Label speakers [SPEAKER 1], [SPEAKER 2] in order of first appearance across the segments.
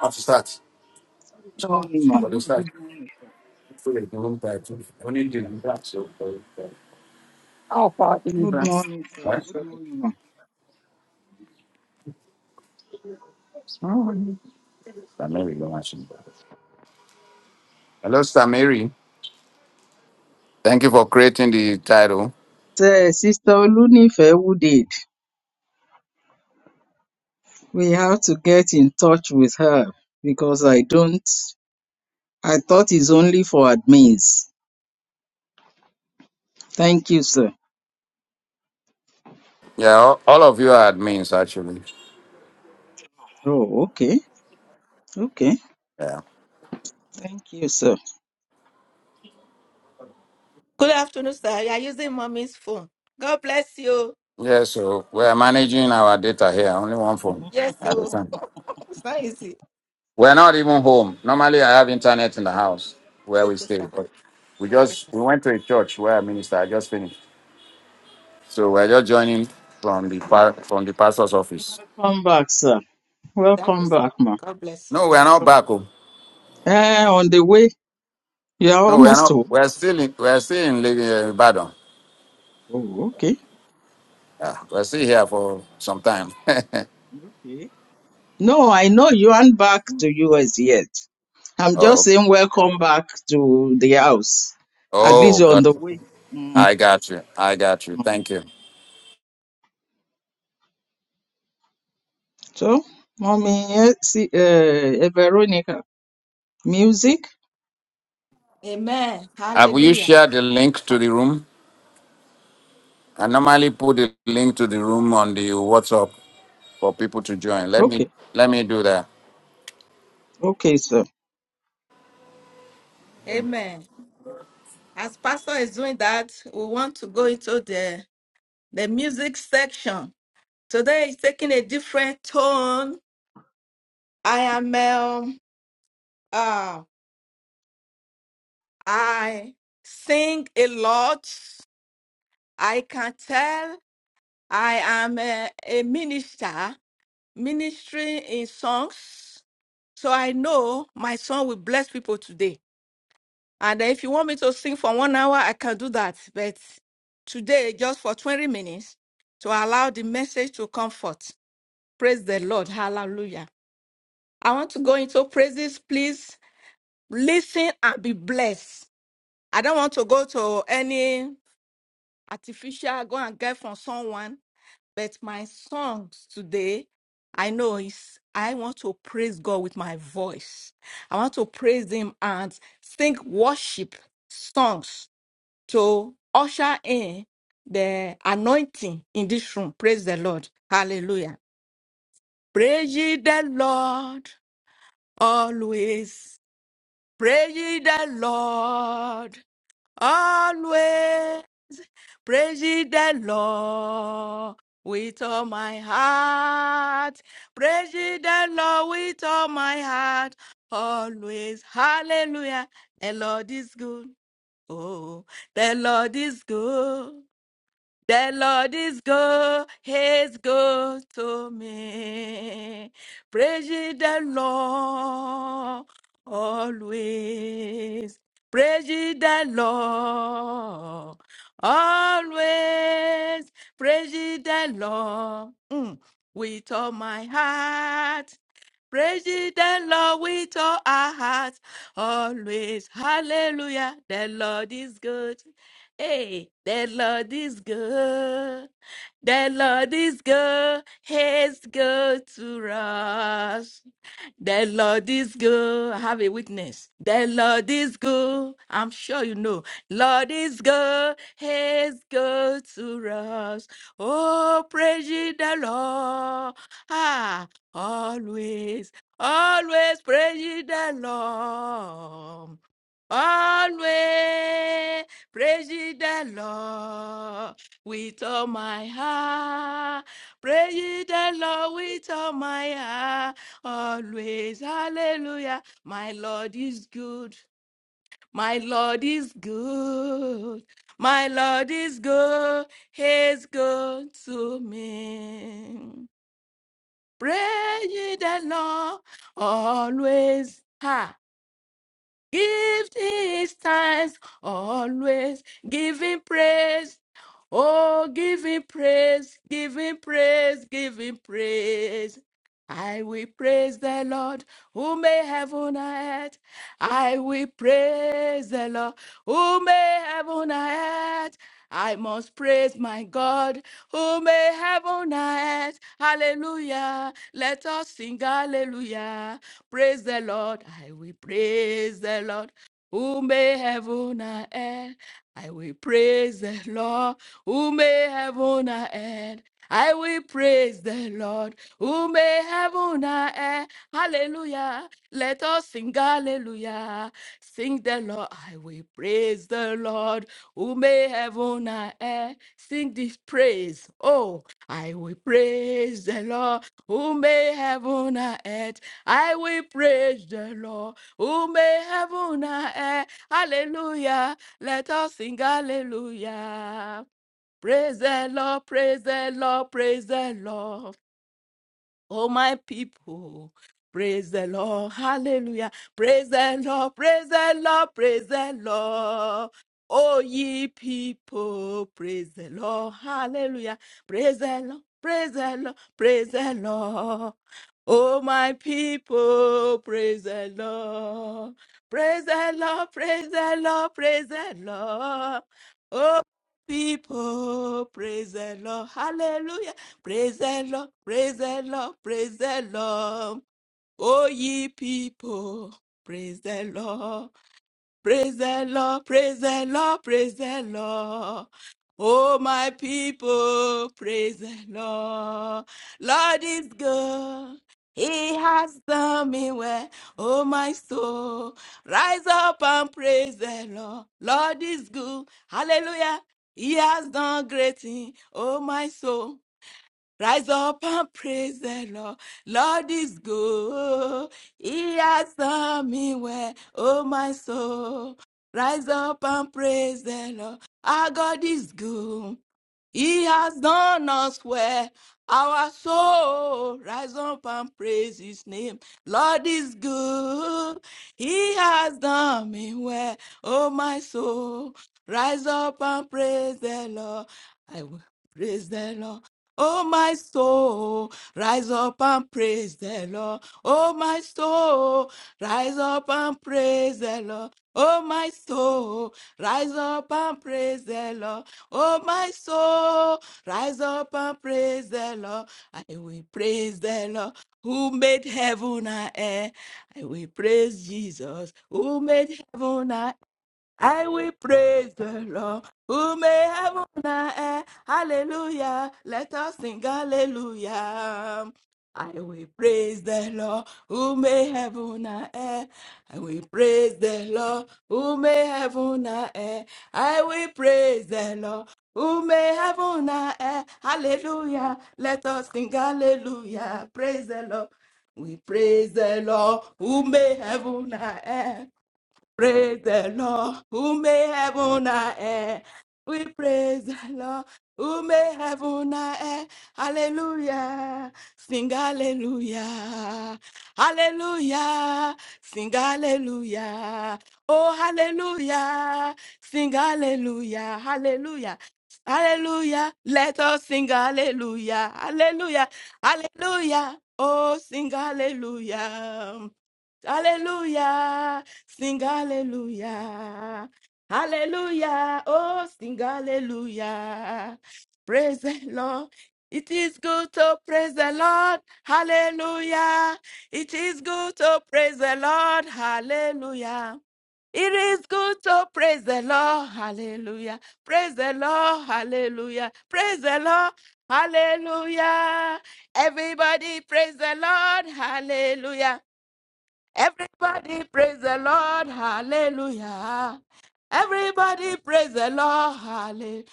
[SPEAKER 1] have to start.
[SPEAKER 2] Good morning, ma.
[SPEAKER 1] But they start.
[SPEAKER 2] Good morning, sir.
[SPEAKER 1] So they don't start. When you do that, so how far in
[SPEAKER 2] Good
[SPEAKER 1] that?
[SPEAKER 2] morning, sir.
[SPEAKER 1] right?
[SPEAKER 2] Good morning, ma.
[SPEAKER 1] Samiri, don't mention that. Hello, Samiri. Thank you for creating the title.
[SPEAKER 2] Sir, Sister Olunife Wooded, we have to get in touch with her because I don't, I thought it's only for admins. Thank you, sir.
[SPEAKER 1] Yeah, all, all of you are admins actually.
[SPEAKER 2] Oh, okay. Okay.
[SPEAKER 1] Yeah.
[SPEAKER 2] Thank you, sir.
[SPEAKER 3] Good afternoon, sir. You are using mommy's phone. God bless you.
[SPEAKER 1] Yeah, so we're managing our data here. Only one phone
[SPEAKER 3] Yes,
[SPEAKER 1] at a
[SPEAKER 3] so
[SPEAKER 1] time.
[SPEAKER 3] it's not easy.
[SPEAKER 1] We're not even home. Normally I have internet in the house where we
[SPEAKER 3] Okay,
[SPEAKER 1] stay,
[SPEAKER 3] sir.
[SPEAKER 1] but we
[SPEAKER 3] Okay,
[SPEAKER 1] just
[SPEAKER 3] sir.
[SPEAKER 1] we went to a church where I minister. I just finished. So we're just joining from the pa- from the pastor's office.
[SPEAKER 2] Welcome back, sir.
[SPEAKER 3] Thank you,
[SPEAKER 2] Welcome
[SPEAKER 3] sir.
[SPEAKER 2] back, ma.
[SPEAKER 3] God bless you.
[SPEAKER 1] No, we are
[SPEAKER 3] Mm.
[SPEAKER 1] not
[SPEAKER 2] So,
[SPEAKER 1] back. Oh.
[SPEAKER 2] eh, on the way, you are
[SPEAKER 1] No, we are
[SPEAKER 2] almost
[SPEAKER 1] not.
[SPEAKER 2] home.
[SPEAKER 1] We are still in. We are still in Lagos, uh, Badon.
[SPEAKER 2] Oh, okay.
[SPEAKER 1] Yeah, we are still here for some time.
[SPEAKER 2] Okay. No, I know you aren't back to US yet. I'm
[SPEAKER 1] oh,
[SPEAKER 2] just
[SPEAKER 1] okay.
[SPEAKER 2] saying welcome back to the house. At least
[SPEAKER 1] oh
[SPEAKER 2] you're on
[SPEAKER 1] God,
[SPEAKER 2] the way. Mm,
[SPEAKER 1] I got you. I got you.
[SPEAKER 2] mm.
[SPEAKER 1] Thank you.
[SPEAKER 2] So, mommy, eh, see, uh, eh, Veronica, music.
[SPEAKER 3] Amen.
[SPEAKER 1] Have you
[SPEAKER 3] Hallelujah.
[SPEAKER 1] shared the link to
[SPEAKER 3] Ah,
[SPEAKER 1] the room? I normally put the link to the room on the WhatsApp for people to join. Let me
[SPEAKER 2] Okay,
[SPEAKER 1] let me do that.
[SPEAKER 2] okay, so
[SPEAKER 3] Amen. As pastor is doing that, we want to go into the the music section. Today is taking a different tone. I am um, uh, I sing a lot. I can tell I am a, a minister ministering in songs. So I know my song will bless people today. And if you want me to sing for one hour, I can do that. But today, just for 20 minutes, to allow the message to comfort. Praise the Lord. Hallelujah. I want to go into praises. Please listen and be blessed. I don't want to go to any artificial, go and get from someone. But my songs today, I know is I want to praise God with my voice. I want to praise Him and sing worship songs to usher in the anointing in this room. Praise the Lord. Hallelujah. Praise ye the Lord always. Praise ye the Lord always. Praising the Lord with all my heart. Praising the Lord with all my heart. Always. Hallelujah. The Lord is good. Oh, the Lord is good. The Lord is good, He's good to me. Praise ye the Lord always. Praise ye the Lord always. Praise ye the Lord mm, with all my heart. Praise the Lord with all our hearts, always. Hallelujah. The Lord is good. Hey, the Lord is good. The Lord is good. He's good to us. The Lord is good. I have a witness. The Lord is good. I'm sure you know. Lord is good. He's good to us. Oh, praise ye the Lord. Ah, always, always praise ye the Lord. Always praise ye the Lord with all my heart. Praise ye the Lord with all my heart. Always, hallelujah. My Lord is good. My Lord is good. My Lord is good. He's good to me. Praise ye the Lord always. Ha. Give his thanks, always giving praise. Oh, giving praise, giving praise, giving praise. I will praise the Lord who made heaven and earth. I will praise the Lord who made heaven and earth. I must praise my God who made heaven and earth. Hallelujah. Let us sing hallelujah. Praise the Lord, I will praise the Lord. Who may heaven and earth, I will praise the Lord. Who may heaven and earth, I will praise the Lord. Who may heaven and earth, hallelujah. Let us sing hallelujah. Sing the Lord, I will praise the Lord. Who may heaven and earth, sing this praise. Oh, I will praise the Lord. Who may heaven and earth, I will praise the Lord who made heaven and earth. Hallelujah. Let us sing hallelujah. Praise the Lord, praise the Lord, praise the Lord. Oh, my people, praise the Lord. Hallelujah. Praise the Lord. Praise the Lord. Praise the Lord. Oh, ye people, praise the Lord. Hallelujah. Praise the Lord. Praise the Lord. Praise the Lord. Oh, my people, praise the Lord. Praise the Lord. Praise the Lord. Praise the Lord. Oh, people, praise the Lord. Hallelujah. Praise the Lord, praise the Lord, praise the Lord. O ye people, praise the Lord, praise the Lord, praise the Lord, praise the Lord. O my people, praise the Lord. Lord is good. He has done me well. O my soul, rise up and praise the Lord. Lord is good. Hallelujah. He has done great thing. O my soul. Rise up and praise the Lord. Lord is good. He has done me well, oh my soul. Rise up and praise the Lord. Our God is good. He has done us well. Our soul rise up and praise his name. Lord is good. He has done me well. Oh, my soul, rise up and praise the Lord. I will praise the Lord. Oh, my soul, rise up and praise the Lord. Oh, my soul, rise up and praise the Lord. Oh, my soul, rise up and praise the Lord. Oh, my soul, rise up and praise the Lord. I will praise the Lord who made heaven and earth. I will praise Jesus who made heaven and I will praise the Lord who made heaven and earth. Hallelujah. Let us sing hallelujah. I will praise the Lord who made heaven and earth. I will praise the Lord who made heaven and earth. I will praise the Lord who made heaven and earth. Hallelujah. Let us sing hallelujah. Praise the Lord. We praise the Lord who made heaven and earth. Praise the Lord who made heaven and earth. We praise the Lord who made heaven and earth. Hallelujah. Sing hallelujah. Hallelujah. Sing hallelujah. Oh, hallelujah. Sing hallelujah. Hallelujah. Hallelujah. Let us sing hallelujah. Hallelujah. Hallelujah. Oh, sing hallelujah. Hallelujah. Sing hallelujah. Hallelujah. Oh, sing hallelujah. Praise the Lord. It is good to praise the Lord. Hallelujah. It is good to praise the Lord. Hallelujah. It is good to praise the Lord. Hallelujah. Praise the Lord. Hallelujah. Praise the Lord. Hallelujah. Everybody praise the Lord. Hallelujah. Everybody praise the Lord. Hallelujah. Everybody praise the Lord. Hallelujah.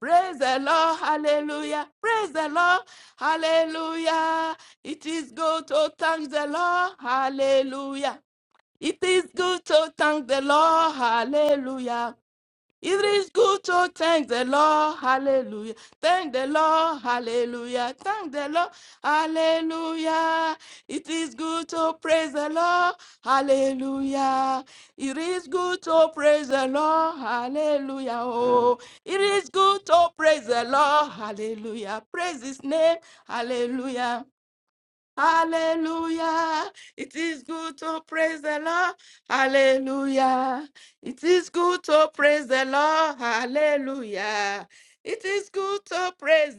[SPEAKER 3] Praise the Lord. Hallelujah. Praise the Lord. Hallelujah. It is good to thank the Lord. Hallelujah. It is good to thank the Lord. Hallelujah. It is good to thank the Lord, hallelujah. Thank the Lord, hallelujah. Thank the Lord, hallelujah. It is good to praise the Lord, hallelujah. It is good to praise the Lord, hallelujah. Oh, it is good to praise the Lord, hallelujah. Praise his name, hallelujah. Hallelujah. It is good to praise the Lord. Hallelujah. It is good to praise the Lord. Hallelujah. It is good to praise.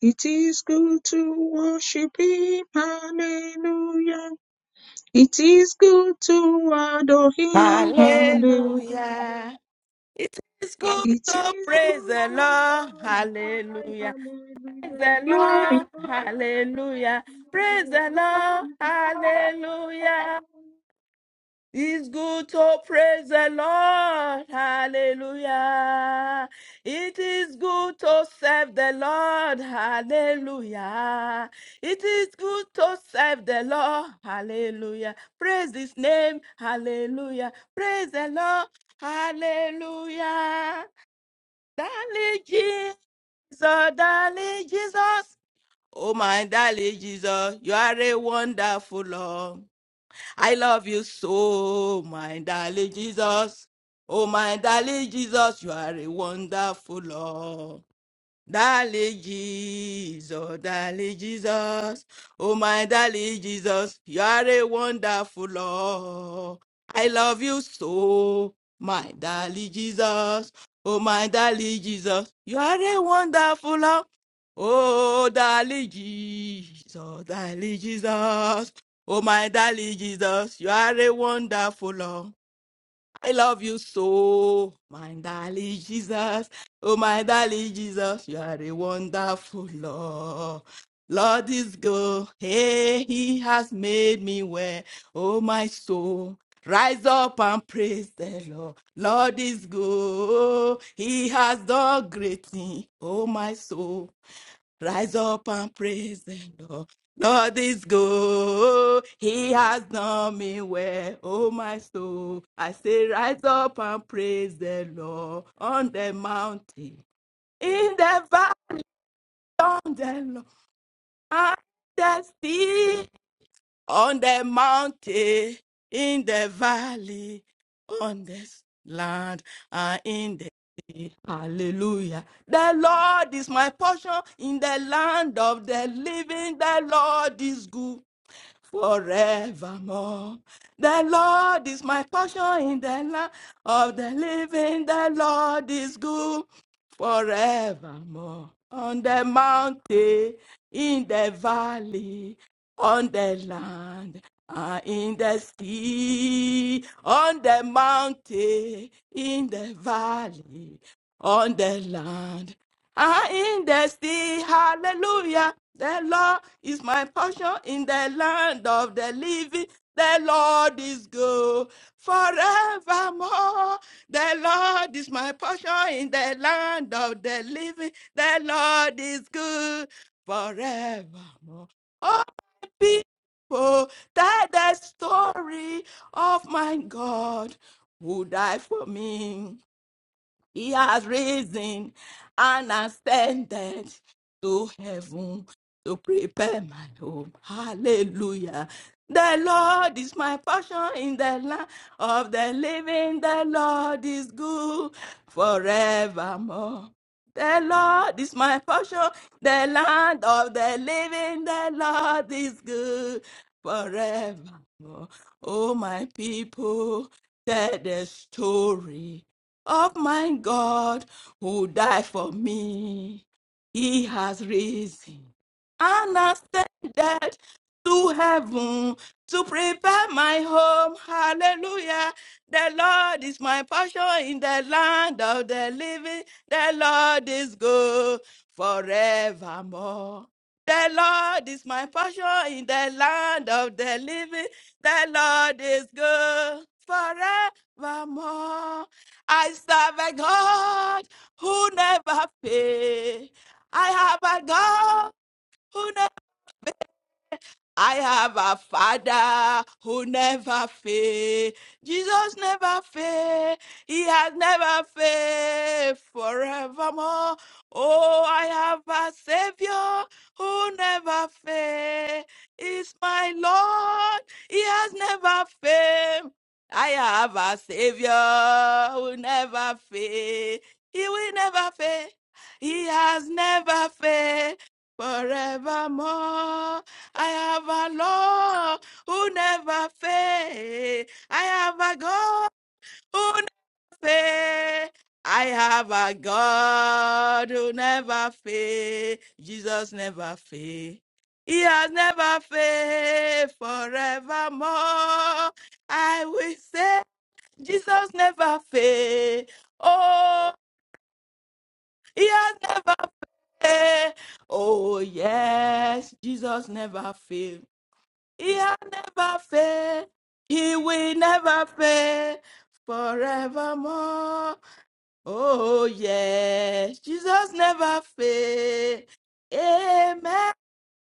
[SPEAKER 2] it is good to worship Him, Hallelujah. It is good to adore Him, Hallelujah.
[SPEAKER 3] Hallelujah. It is good
[SPEAKER 2] It is
[SPEAKER 3] to praise
[SPEAKER 2] good
[SPEAKER 3] the
[SPEAKER 2] to
[SPEAKER 3] Lord.
[SPEAKER 2] glorify,
[SPEAKER 3] Hallelujah. Praise
[SPEAKER 2] hallelujah,
[SPEAKER 3] the Lord.
[SPEAKER 2] glorify,
[SPEAKER 3] Hallelujah. Praise
[SPEAKER 2] hallelujah,
[SPEAKER 3] the Lord.
[SPEAKER 2] glorify,
[SPEAKER 3] Hallelujah.
[SPEAKER 2] hallelujah.
[SPEAKER 3] It's good to praise the Lord. Hallelujah. It is good to serve the Lord. Hallelujah. It is good to serve the Lord. Hallelujah. Praise his name. Hallelujah. Praise the Lord. Hallelujah. Darling Jesus, darling Jesus. Oh, my darling Jesus, you are a wonderful Lord. I love you so, my darling Jesus. Oh, my darling Jesus, you are a wonderful Lord. Darling Jesus, darling Jesus, oh my darling Jesus, you are a wonderful Lord. I love you so, my darling Jesus, oh my darling Jesus, you are a wonderful Lord. Oh, darling Jesus, darling Jesus, oh my darling Jesus, you are a wonderful Lord. I love you so, my darling Jesus. Oh, my darling Jesus, you are a wonderful Lord. Lord is good. Hey, He has made me well. Oh, my soul. Rise up and praise the Lord. Lord is good. He has done great things. Oh, my soul. Rise up and praise the Lord. Lord is good. He has done me well. Oh, my soul. I say, rise up and praise the Lord on the mountain, in the valley, on the Lord, and the sea on the mountain, in the valley, on this land, and in the sea. Hallelujah. The Lord is my portion in the land of the living. The Lord is good forevermore. The Lord is my portion in the land of the living. The Lord is good forevermore. On the mountain, in the valley, on the land, and in the sea, on the mountain, in the valley, on the land. I in the sea, hallelujah. The Lord is my portion in the land of the living. The Lord is good forevermore. The Lord is my portion in the land of the living. The Lord is good forevermore. Oh, my people, tell the story of my God who died for me. He has risen and ascended to heaven to prepare my home. Hallelujah. The Lord is my portion in the land of the living. The Lord is good forevermore. The Lord is my portion, the land of the living. The Lord is good forevermore. Oh, my people, tell the story of my God who died for me. He has risen and ascended to heaven to prepare my home. Hallelujah. The Lord is my portion in the land of the living. The Lord is good forevermore. The Lord is my portion in the land of the living. The Lord is good forevermore. I serve a God who never fails. I have a God who never I have a father who never fails. Jesus never fails. He has never failed forevermore. Oh, I have a savior who never fails. He's my Lord. He has never failed. I have a savior who never fails. He will never fail. He has never failed forevermore. I have a Lord who never fails. I have a God who never fails. I have a God who never fails. Jesus never fails. He has never failed forevermore. I will say, Jesus never fail. Oh, he has never failed. Oh, yes, Jesus never fail. He has never failed. He will never fail forevermore. Oh, yes. Jesus never fail. Amen.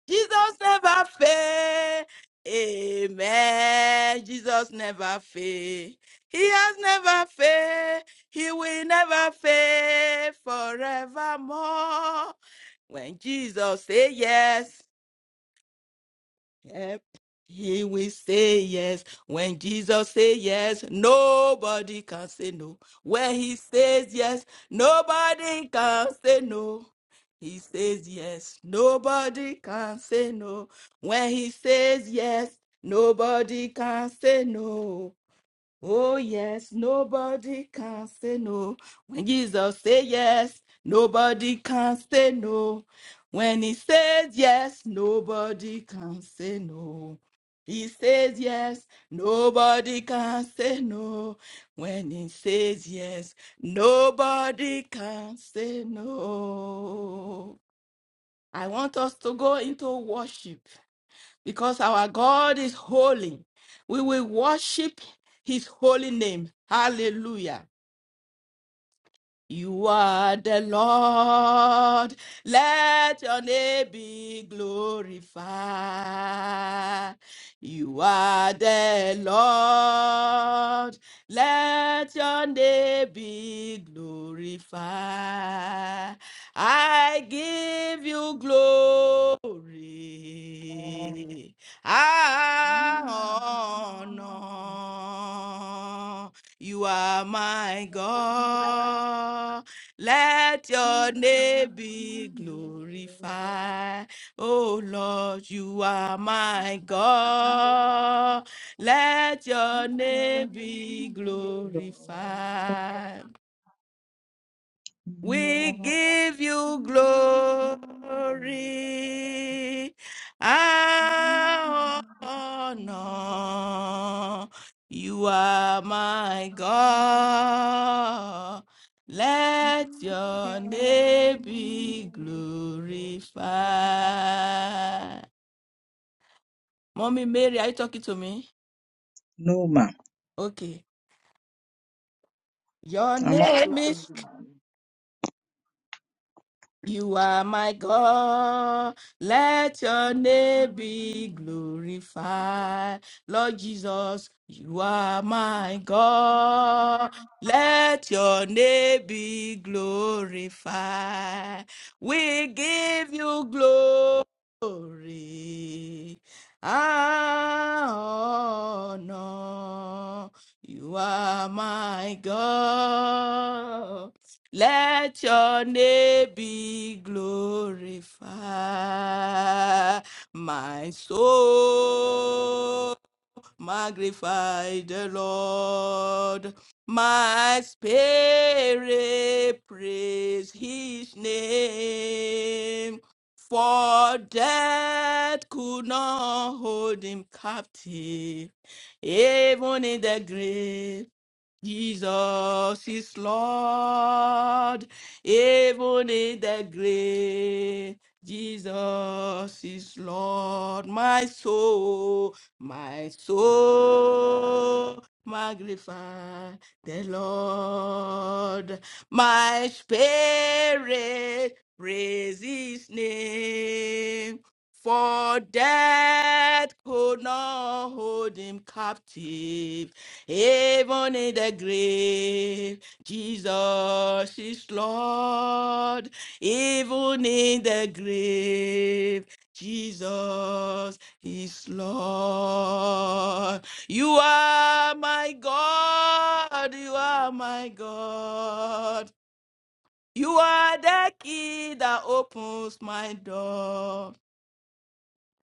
[SPEAKER 3] Jesus never fail. Amen. Jesus never fail. He has never failed. He will never fail forevermore. When Jesus say yes, Yep. He will say yes. When Jesus say yes, nobody can say no. When he says yes, nobody can say no. He says yes, nobody can say no. When he says yes, nobody can say no. Oh yes, nobody can say no. When Jesus say yes, nobody can say no. When he says yes, nobody can say no. He says yes, nobody can say no. When he says yes, nobody can say no. I want us to go into worship because our God is holy. We will worship his holy name. Hallelujah. You are the Lord. Let your name be glorified. You are the Lord. Let your name be glorified. I give you glory. I honor. You are my God. Let your name be glorified. Oh Lord, you are my God. Let your name be glorified. We give you glory, and honor. You are my God. Let your name be glorified. Mommy Mary, are you talking to me?
[SPEAKER 2] No, ma'am.
[SPEAKER 3] Okay. Your
[SPEAKER 2] I'm also
[SPEAKER 3] name is
[SPEAKER 2] single,
[SPEAKER 3] You are my God. Let your name be glorified. Lord Jesus, you are my God. Let your name be glorified. We give you glory and honor. You are my God. Let your name be glorified, my soul. Magnify the Lord. My spirit praise his name. For death could not hold him captive, even in the grave. Jesus is Lord, even in the grave. Jesus is Lord, my soul, my soul magnify the Lord. My spirit praise his name, for death could not hold him captive even in the grave, Jesus is Lord. Even in the grave, Jesus is Lord. You are my God. You are my God. You are the key that opens my door.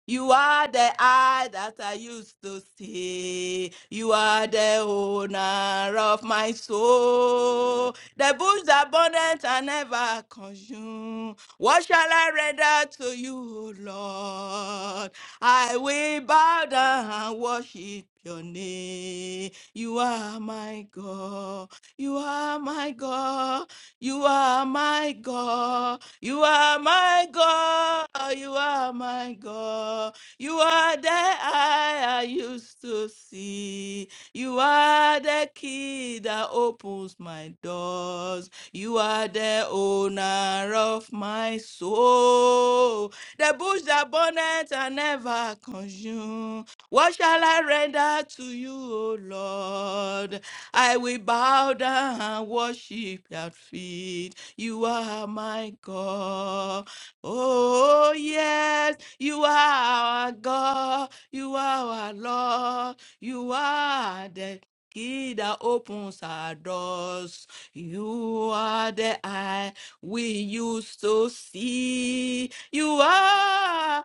[SPEAKER 3] You are the eye that I used to see. You are the owner of my soul. The bush abundant I never consume. What shall I render to you, O Lord? I will bow down and worship your name. You are my God. You are my God. You are my God. You are my God. You are my God. You are the eye I used to see. You are the key that opens my doors. You are the owner of my soul. The bush that burneth I never consume. What shall I render to you, O Lord? I will bow down and worship your feet. You are my God. Oh, yes, you are our God. You are our Lord. You are the key that opens our doors. You are the eye we used to see. You are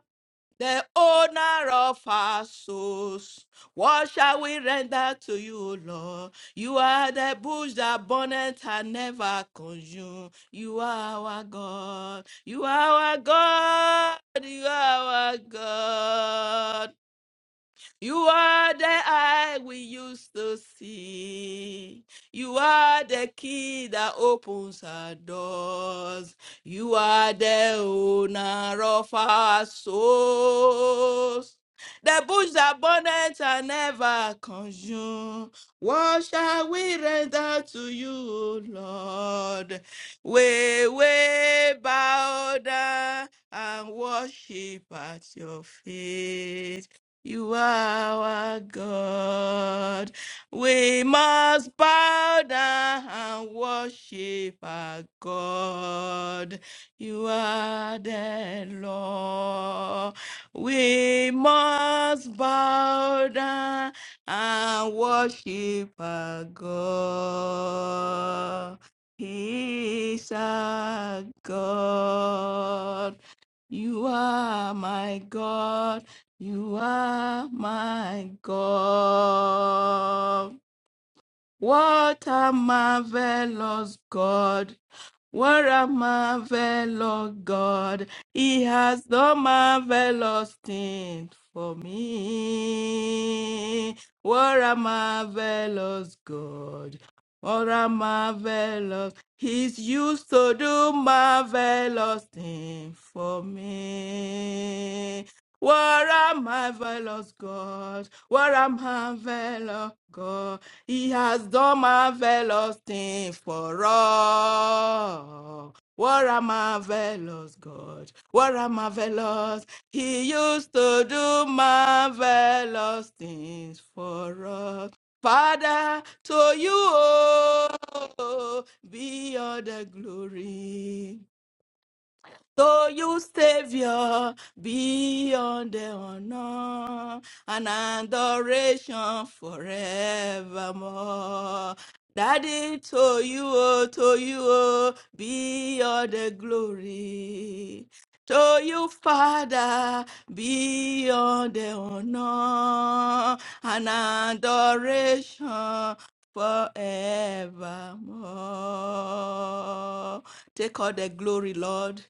[SPEAKER 3] the owner of our souls. What shall we render to you, O Lord? You are the bush that burneth and never consumed. You are our God. You are our God. You are our God. You are the eye we used to see. You are the key that opens our doors. You are the owner of our souls. The bush that burneth and never consumed. What shall we render to you, O Lord? We will bow down and worship at your feet. You are our God. We must bow down and worship our God. You are the Lord. We must bow down and worship our God. He is our God. You are my God. You are my God. What a marvelous God what a marvelous God. He has done marvelous things for me. What a marvelous God. What a marvelous. He's used to do marvelous things for me. What a marvelous God. What a marvelous God. He has done marvelous things for us. What a marvelous God. What a marvelous. He used to do marvelous things for us. Father, to you oh, be all the glory. So you savior beyond the honor and adoration forevermore. Daddy, to you, oh, to you, oh, be all the glory. To you, Father, be all the honor and adoration forevermore. Take all the glory, Lord.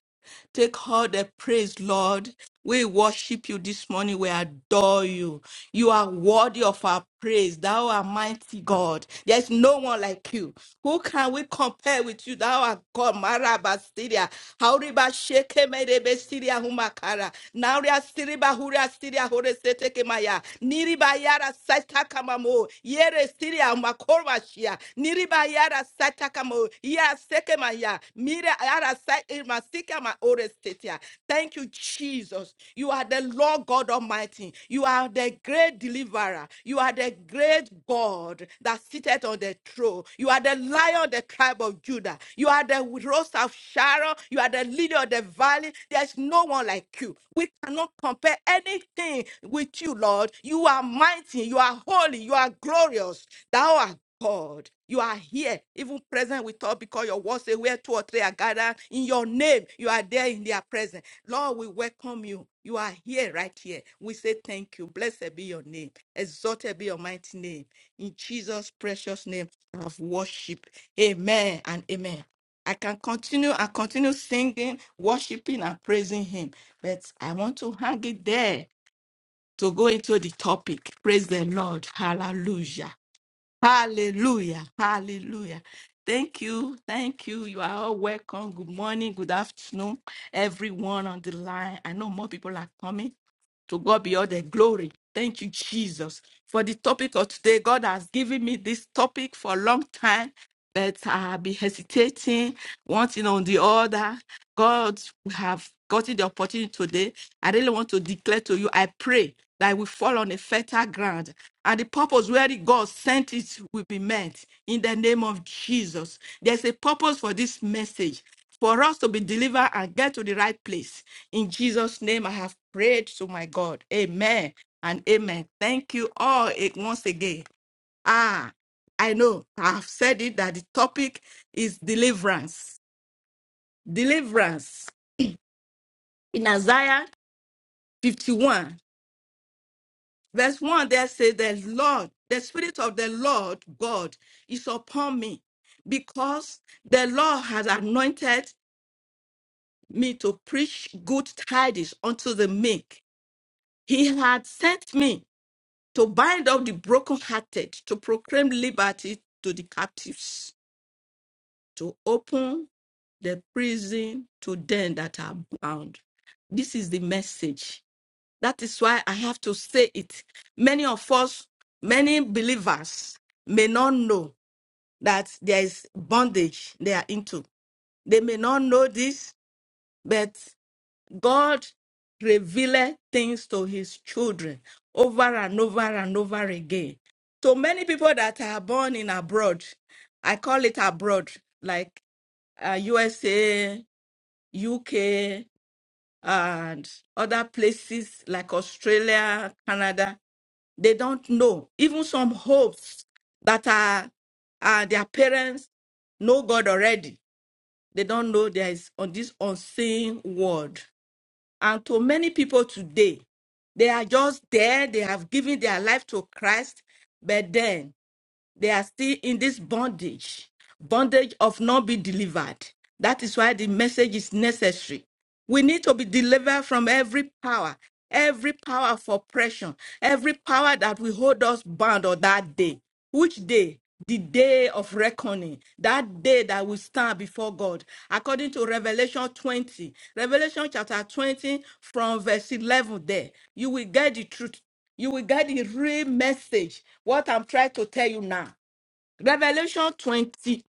[SPEAKER 3] Take all the praise, Lord. We worship you this morning. We adore you. You are worthy of our praise. Thou art mighty God. There is no one like you. Who can we compare with you? Thou art God. Marabastidia. Hauriba sheke merebe stidia humakara. Nauria stiriba huria stidia hore seteke maya. Niriba yara satakamamo. Yere stidia makorwa shia. Niriba yara satakamo. Yara seke maya. Mira yara my oldest state Thank you, Jesus. You are the Lord God Almighty. You are the great deliverer. You are the great God that sitteth on the throne. You are the lion of the tribe of Judah. You are the rose of Sharon. You are the leader of the valley. There's no one like you. We cannot compare anything with you, Lord. You are mighty. You are holy. You are glorious. Thou art God, you are here, even present with us, because your word say where two or three are gathered in your name, you are there in their presence. Lord, we welcome you. You are here, right here. We say thank you. Blessed be your name. Exalted be your mighty name. In Jesus' precious name, I worship. Amen and amen. I can continue and continue singing, worshiping, and praising Him. But I want to hang it there to go into the topic. Praise the Lord. Hallelujah. Hallelujah. Hallelujah. Thank you. Thank you. You are all welcome. Good morning. Good afternoon, everyone on the line. I know more people are coming. To God be all the glory. Thank you, Jesus. For the topic of today, God has given me this topic for a long time that I be hesitating, one thing on the other. God, we have gotten the opportunity today. I really want to declare to you, I pray that we fall on a fertile ground and the purpose where God sent it will be met in the name of Jesus. There's a purpose for this message for us to be delivered and get to the right place. In Jesus' name, I have prayed to my God. Amen and amen. Thank you all eh, once again. Ah, I know. I've said it that the topic is deliverance. Deliverance. In Isaiah 51, verse 1, there says, The Lord, the Spirit of the Lord God is upon me because the Lord has anointed me to preach good tidings unto the meek. He had sent me to bind up the brokenhearted, to proclaim liberty to the captives, to open the prison to them that are bound. This is the message. That is why I have to say it. Many of us, many believers, may not know that there is bondage they are into. They may not know this, but God revealed things to his children over and over and over again. So many people that are born in abroad, I call it abroad, like uh, USA, UK. and other places like Australia, Canada, they don't know. Even some hopes that are, are their parents know God already. They don't know there is on this unseen world. And to many people today, they are just there, they have given their life to Christ, but then they are still in this bondage, bondage of not being delivered. That is why the message is necessary. We need to be delivered from every power, every power of oppression, every power that will hold us bound on that day. Which day? The day of reckoning, that day that we stand before God, according to Revelation 20, Revelation chapter 20, from verse 11. There, you will get the truth you will get the real message. What I'm trying to tell you now. Revelation 20,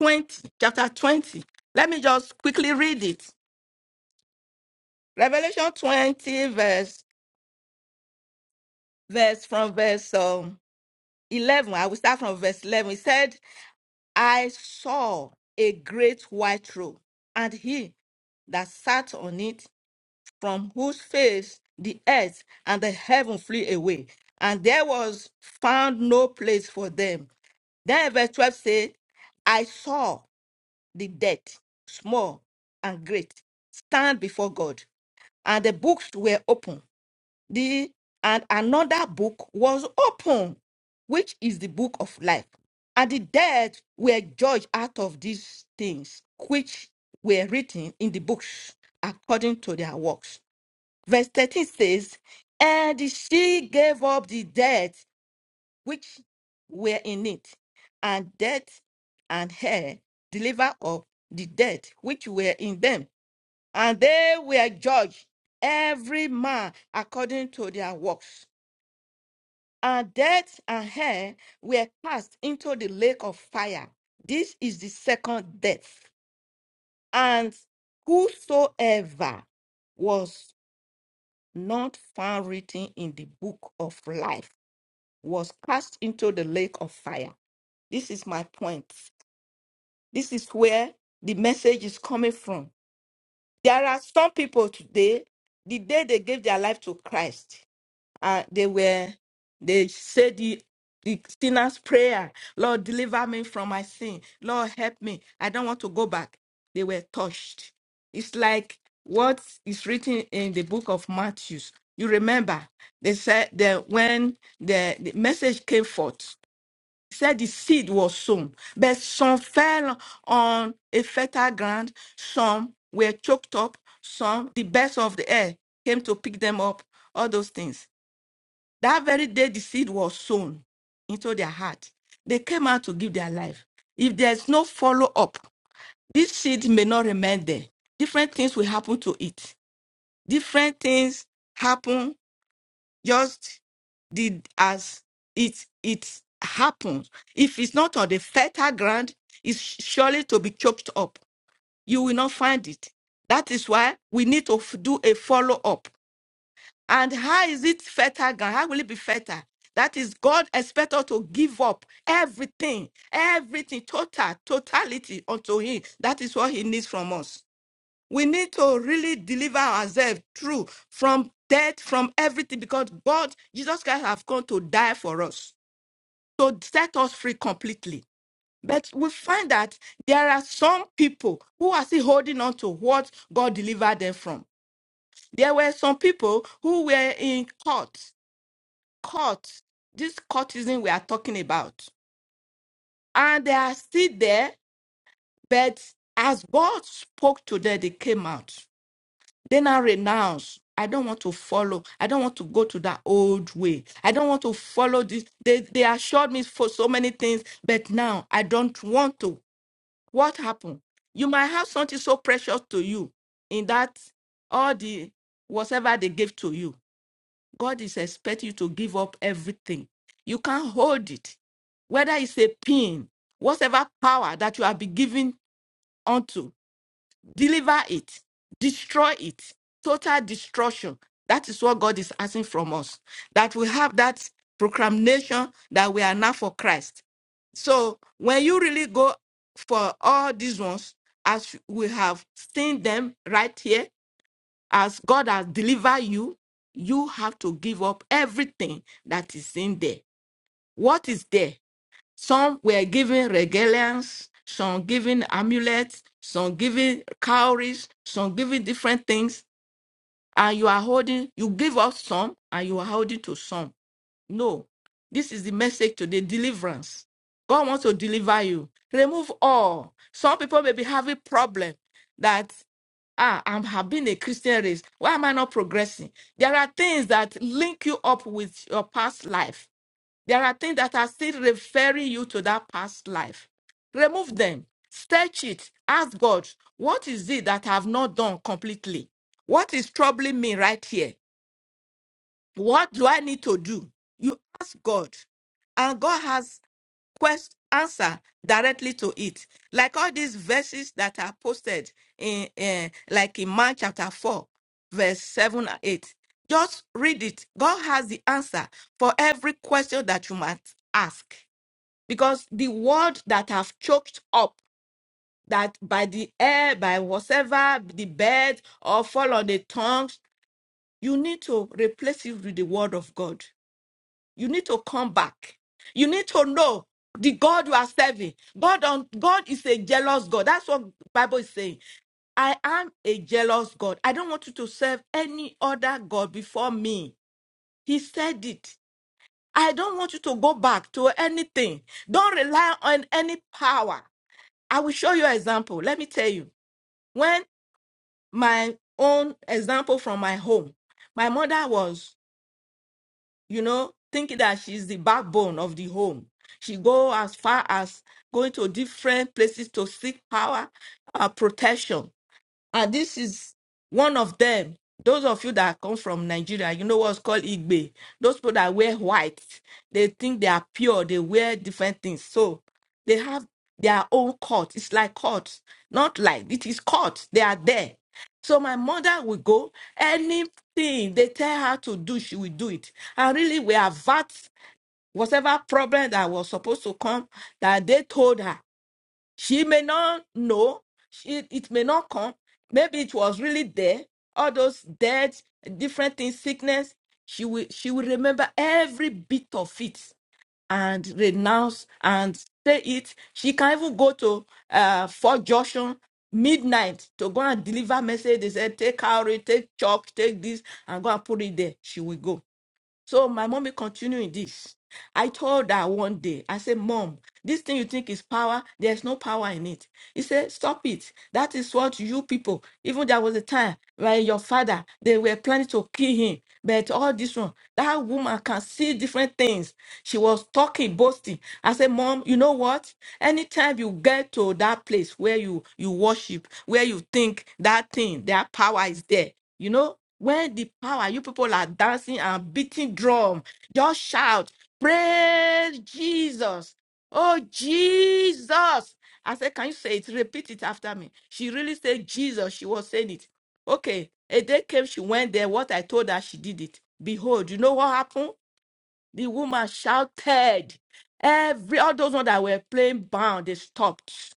[SPEAKER 3] 20, chapter 20. Let me just quickly read it. Revelation 20, verse, verse from verse um, 11. I will start from verse 11. It said, I saw a great white robe, and he that sat on it, from whose face the earth and the heaven flew away, and there was found no place for them. Then verse 12 says, I saw the dead, small and great, stand before God, and the books were open. The and another book was open, which is the book of life. And the dead were judged out of these things which were written in the books according to their works. Verse 13 says, And she gave up the dead which were in it, and death and hell deliver up the dead which were in them, and they were judged every man according to their works. And death and hell were cast into the lake of fire. This is the second death. And whosoever was not found written in the book of life was cast into the lake of fire. This is my point. This is where the message is coming from. There are some people today, the day they gave their life to Christ, uh, they were, they said the, the sinner's prayer, Lord, deliver me from my sin. Lord, help me. I don't want to go back. They were touched. It's like what is written in the book of Matthew. You remember, they said that when the, the message came forth, said the seed was sown, but some fell on a fertile ground, some were choked up, some the birds of the air came to pick them up, all those things. That very day the seed was sown into their heart. They came out to give their life. If there's no follow up, this seed may not remain there. Different things will happen to it. Different things happen just did as it it happens. If it's not on the fertile ground, it's surely to be choked up. You will not find it. That is why we need to f- do a follow up. And how is it fertile ground? How will it be fertile? That is God expects us to give up everything, everything, total, totality unto Him. That is what He needs from us. We need to really deliver ourselves through from death, from everything, because God, Jesus Christ, have come to die for us, to set us free completely. But we find that there are some people who are still holding on to what God delivered them from. There were some people who were in court, court, this courtism we are talking about, and they are still there, but as God spoke to them, they came out. Then I renounce. I don't want to follow. I don't want to go to that old way. I don't want to follow this. They, they assured me for so many things, but now I don't want to. What happened? You might have something so precious to you in that all the whatever they gave to you. God is expecting you to give up everything. You can't hold it. Whether it's a pin, whatever power that you have been given unto deliver it, destroy it, total destruction. That is what God is asking from us. That we have that proclamation that we are now for Christ. So when you really go for all these ones, as we have seen them right here, as God has delivered you, you have to give up everything that is in there. What is there? Some were given regalias, some given amulets, some given cowries, some given different things. And you are holding, you give out some and you are holding to some. No, this is the message today deliverance. God wants to deliver you. Remove all. Some people may be having problem that ah, I'm have been a Christian race. Why am I not progressing? There are things that link you up with your past life there are things that are still referring you to that past life. Remove them. Search it. Ask God, what is it that I have not done completely? What is troubling me right here? What do I need to do? You ask God, and God has quest answer directly to it. Like all these verses that are posted in, in like in Mark chapter 4, verse 7 and 8. Just read it. God has the answer for every question that you might ask because the word that have choked up that by the air, by whatever, the bed, or fall on the tongues, you need to replace it with the word of God. You need to come back. You need to know the God you are serving. God on God is a jealous God. That's what the Bible is saying. I am a jealous God. I don't want you to serve any other God before me. He said it. I don't want you to go back to anything. Don't rely on any power. I will show you an example. Let me tell you. When my own example from my home, my mother was, you know, thinking that she's the backbone of the home. She go as far as going to different places to seek power, uh, protection. And this is one of them. Those of you that come from Nigeria, you know what's called Igbe. Those people that wear white, they think they are pure, they wear different things. So they have their own cult. It's like cult, not like it is cult. They are there. So my mother will go, anything they tell her to do, she will do it. And really, we avert whatever problem that was supposed to come that they told her. She may not know. She, it may not come. Maybe it was really there. All those deaths, different things, sickness. She will she will remember every bit of it and renounce and say it. She can even go to uh Fort Joshua midnight to go and deliver message. They said take cowrie, take chalk, take this, and go and put it there. She will go so my mommy continuing this. I told her one day, I said, Mom, this thing you think is power, there's no power in it. He said, Stop it. That is what you people, even there was a time where your father, they were planning to kill him. But all this one, that woman can see different things. She was talking, boasting. I said, Mom, you know what? Anytime you get to that place where you you worship, where you think that thing, that power is there. You know, when the power, you people are dancing and beating drum, just shout, praise Jesus. Oh, Jesus. I said, can you say it? Repeat it after me. She really said Jesus. She was saying it. Okay. A day came, she went there. What I told her, she did it. Behold, you know what happened? The woman shouted. Every all those ones that were playing bound, they stopped.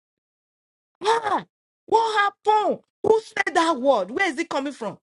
[SPEAKER 3] Ah, what happened? Who said that word? Where is it coming from?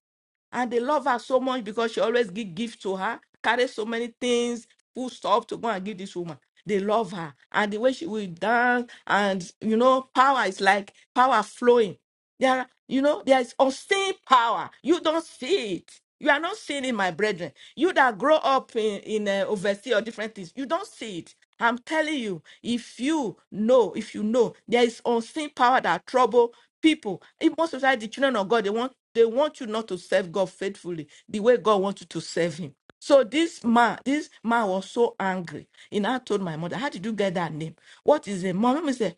[SPEAKER 3] and they love her so much because she always give gift to her, carry so many things, full stuff to go and give this woman. They love her, and the way she will dance, and you know, power is like power flowing. There, are- you know, there is unseen power. You don't see it. You are not seeing it, my brethren. You that grow up in, in uh, overseas or different things, you don't see it. I'm telling you, if you know, if you know, there is unseen power that trouble people. If most of the time, the children of God, they want they want you not to serve God faithfully the way God wants you to serve Him. So this man, this man was so angry. He now told my mother, "How did you get that name? What is it?" My mom said,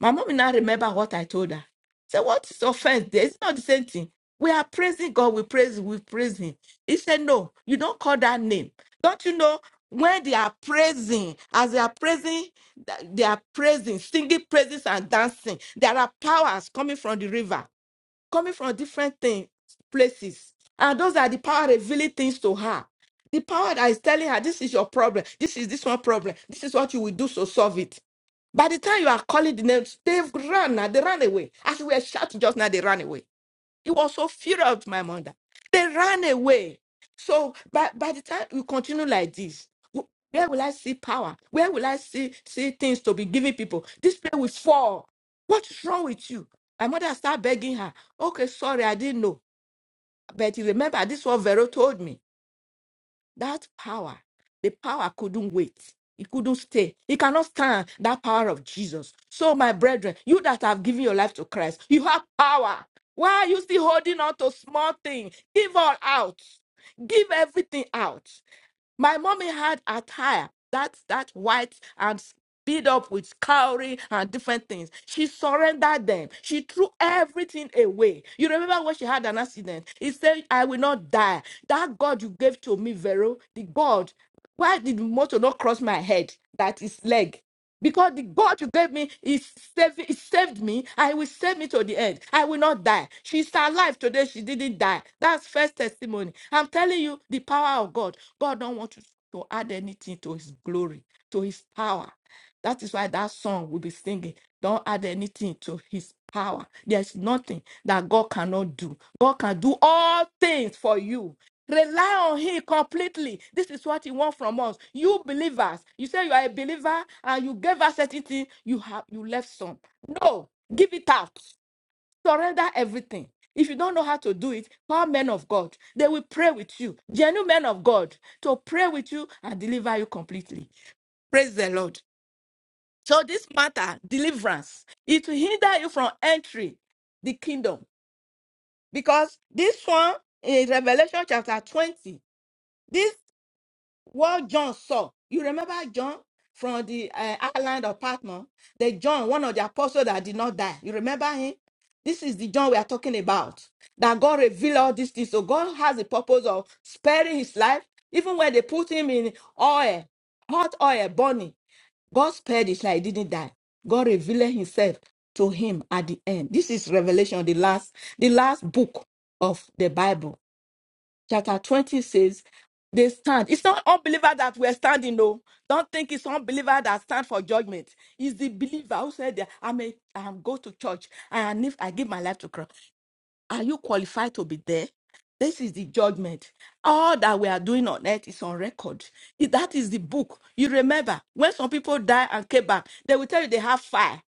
[SPEAKER 3] "My mom now remember what I told her." So what is offense there? It's not the same thing. We are praising God, we praise, we praise Him. He said, No, you don't call that name. Don't you know when they are praising, as they are praising, th- they are praising, singing praises and dancing. There are powers coming from the river, coming from different things, places. And those are the power revealing things to her. The power that is telling her, this is your problem, this is this one problem, this is what you will do to solve it by the time you are calling the names, they've run now. They ran away. As we were shouting just now, they ran away. It was so furious with my mother. They ran away. So by, by the time we continue like this, wh- where will I see power? Where will I see see things to be giving people? This place will fall. What is wrong with you? My mother started begging her. Okay, sorry, I didn't know. But you remember, this is what Vero told me. That power, the power couldn't wait. It couldn't stay. It cannot stand that power of Jesus. So, my brethren, you that have given your life to Christ, you have power. Why are you still holding on to small things? Give all out. Give everything out. My mommy had attire that's that white and beat up with cowrie and different things. She surrendered them. She threw everything away. You remember when she had an accident? He said, I will not die. That God you gave to me, Vero, the God, why did motor not cross my head? That is leg. Because the God you gave me is saved, is saved me and He will save me to the end. I will not die. She's alive today. She didn't die. That's first testimony. I'm telling you the power of God. God don't want you to add anything to his glory, to his power. That is why that song will be singing. Don't add anything to his power. There's nothing that God cannot do. God can do all things for you. Rely on Him completely. This is what He wants from us. You believers, you say you are a believer and you gave us certain thing, you have you left some. No, give it out. Surrender everything. If you don't know how to do it, call men of God. They will pray with you, genuine men of God, to pray with you and deliver you completely. Praise the Lord. So this matter, deliverance, it will hinder you from entry the kingdom because this one in Revelation chapter 20. this. what John saw. You remember John from the uh, island of Patmos? The John, one of the apostles that did not die. You remember him? This is the John we are talking about. That God revealed all these things. So God has the purpose of sparing his life. Even when they put him in oil, hot oil, burning, God spared his life. He didn't die. God revealed himself to him at the end. This is Revelation, the last, the last book of the Bible chapter 20 says they stand. It's not unbeliever that we're standing, no. Don't think it's unbeliever that stand for judgment. It's the believer who said, that, I'm a, I'm go to church and if I give my life to Christ, are you qualified to be there? This is the judgment. All that we are doing on earth is on record. If That is the book. You remember when some people die and came back, they will tell you they have fire.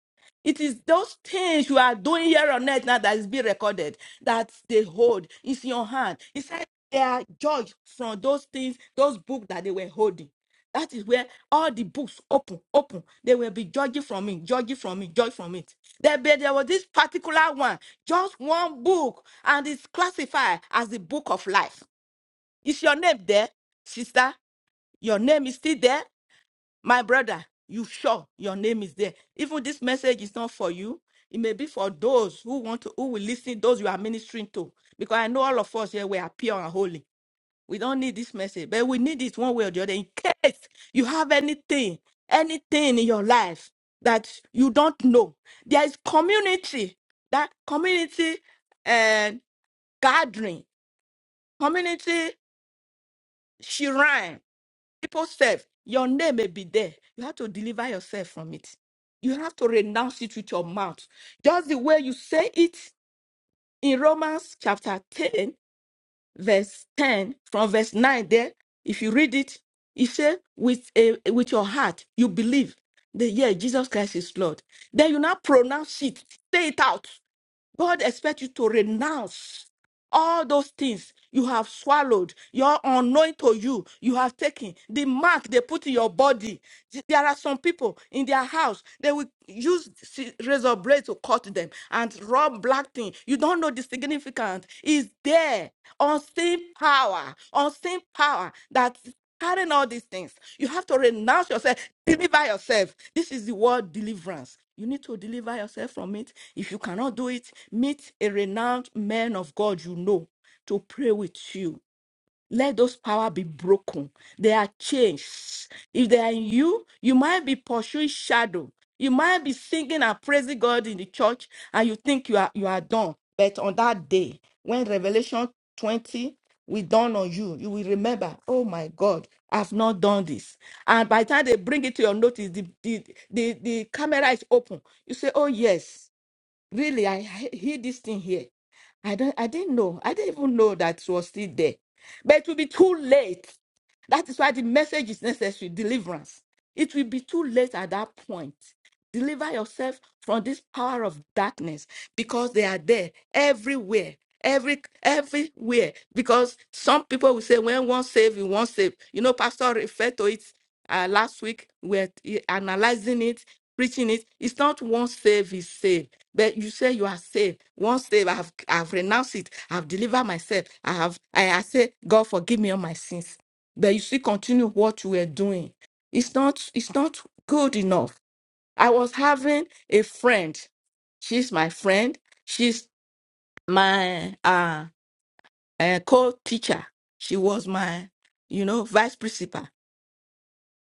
[SPEAKER 3] It is those things you are doing here on earth now that is being recorded, that they hold. It's in your hand. He said they are judged from those things, those books that they were holding. That is where all the books open, open. They will be judging from it, judging from it, judging from it. There, be- there was this particular one, just one book, and it's classified as the book of life. Is your name there, sister? Your name is still there. My brother, you sure your name is there. Even this message is not for you. It may be for those who want to, who will listen, those you are ministering to. Because I know all of us here, we are pure and holy. We don't need this message, but we need it one way or the other. In case you have anything, anything in your life that you don't know, there is community, that community and gathering, community shrine people self, your name may be there. You have to deliver yourself from it. You have to renounce it with your mouth. Just the way you say it in Romans chapter 10, verse 10, from verse 9 there, if you read it, it says, with, a, with your heart, you believe that, yeah, Jesus Christ is Lord. Then you now pronounce it, say it out. God expects you to renounce all those things you have swallowed, your unknown to you, you have taken, the mark they put in your body. There are some people in their house, they will use si- razor blade to cut them and rub black thing. You don't know the significance. It's there, unseen power, unseen power that Carrying all these things, you have to renounce yourself, deliver yourself. This is the word deliverance. You need to deliver yourself from it. If you cannot do it, meet a renowned man of God you know to pray with you let those power be broken. They are changed. If they are in you, you might be pursuing shadow. You might be singing and praising God in the church, and you think you are you are done. But on that day, when Revelation 20 will dawn on you, you will remember, oh my God, I've not done this. And by the time they bring it to your notice, the, the, the, the camera is open. You say, Oh yes. Really, I he- hear this thing here. I don't I didn't know. I didn't even know that it was still there. But it will be too late. That is why the message is necessary, deliverance. It will be too late at that point. Deliver yourself from this power of darkness because they are there everywhere. Every everywhere. Because some people will say, when one save, you won't save. You know, Pastor referred to it uh, last week. We're t- analyzing it, preaching it. It's not once saved is saved, but you say you are saved. Once saved, I have I've renounced it. I've delivered myself. I have. I, I say, God forgive me all my sins. But you still continue what you were doing. It's not. It's not good enough. I was having a friend. She's my friend. She's my uh, uh co-teacher. She was my, you know, vice principal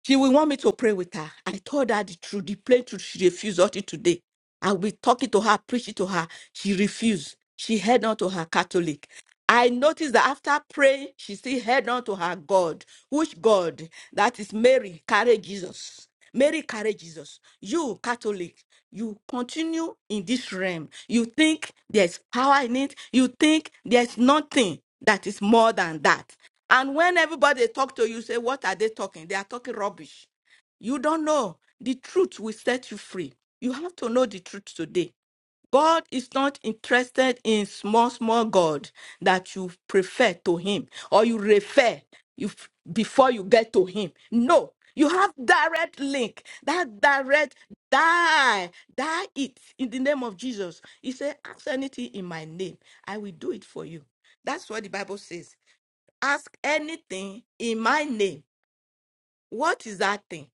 [SPEAKER 3] she will want me to pray with her. I told her the truth, the plain truth. She refused until today. I will be talking to her, preaching to her. She refused. She held on to her Catholic. I noticed that after praying, she still held on to her God. Which God? That is Mary, carry Jesus. Mary, carry Jesus. You, Catholic, you continue in this realm. You think there's power in it. You think there's nothing that is more than that. And when everybody talk to you, say, What are they talking? They are talking rubbish. You don't know. The truth will set you free. You have to know the truth today. God is not interested in small, small God that you prefer to Him or you refer you f- before you get to Him. No, you have direct link. That direct die, die it in the name of Jesus. He said, "Ask anything in my name, I will do it for you." That's what the Bible says ask anything in my name. What is that thing?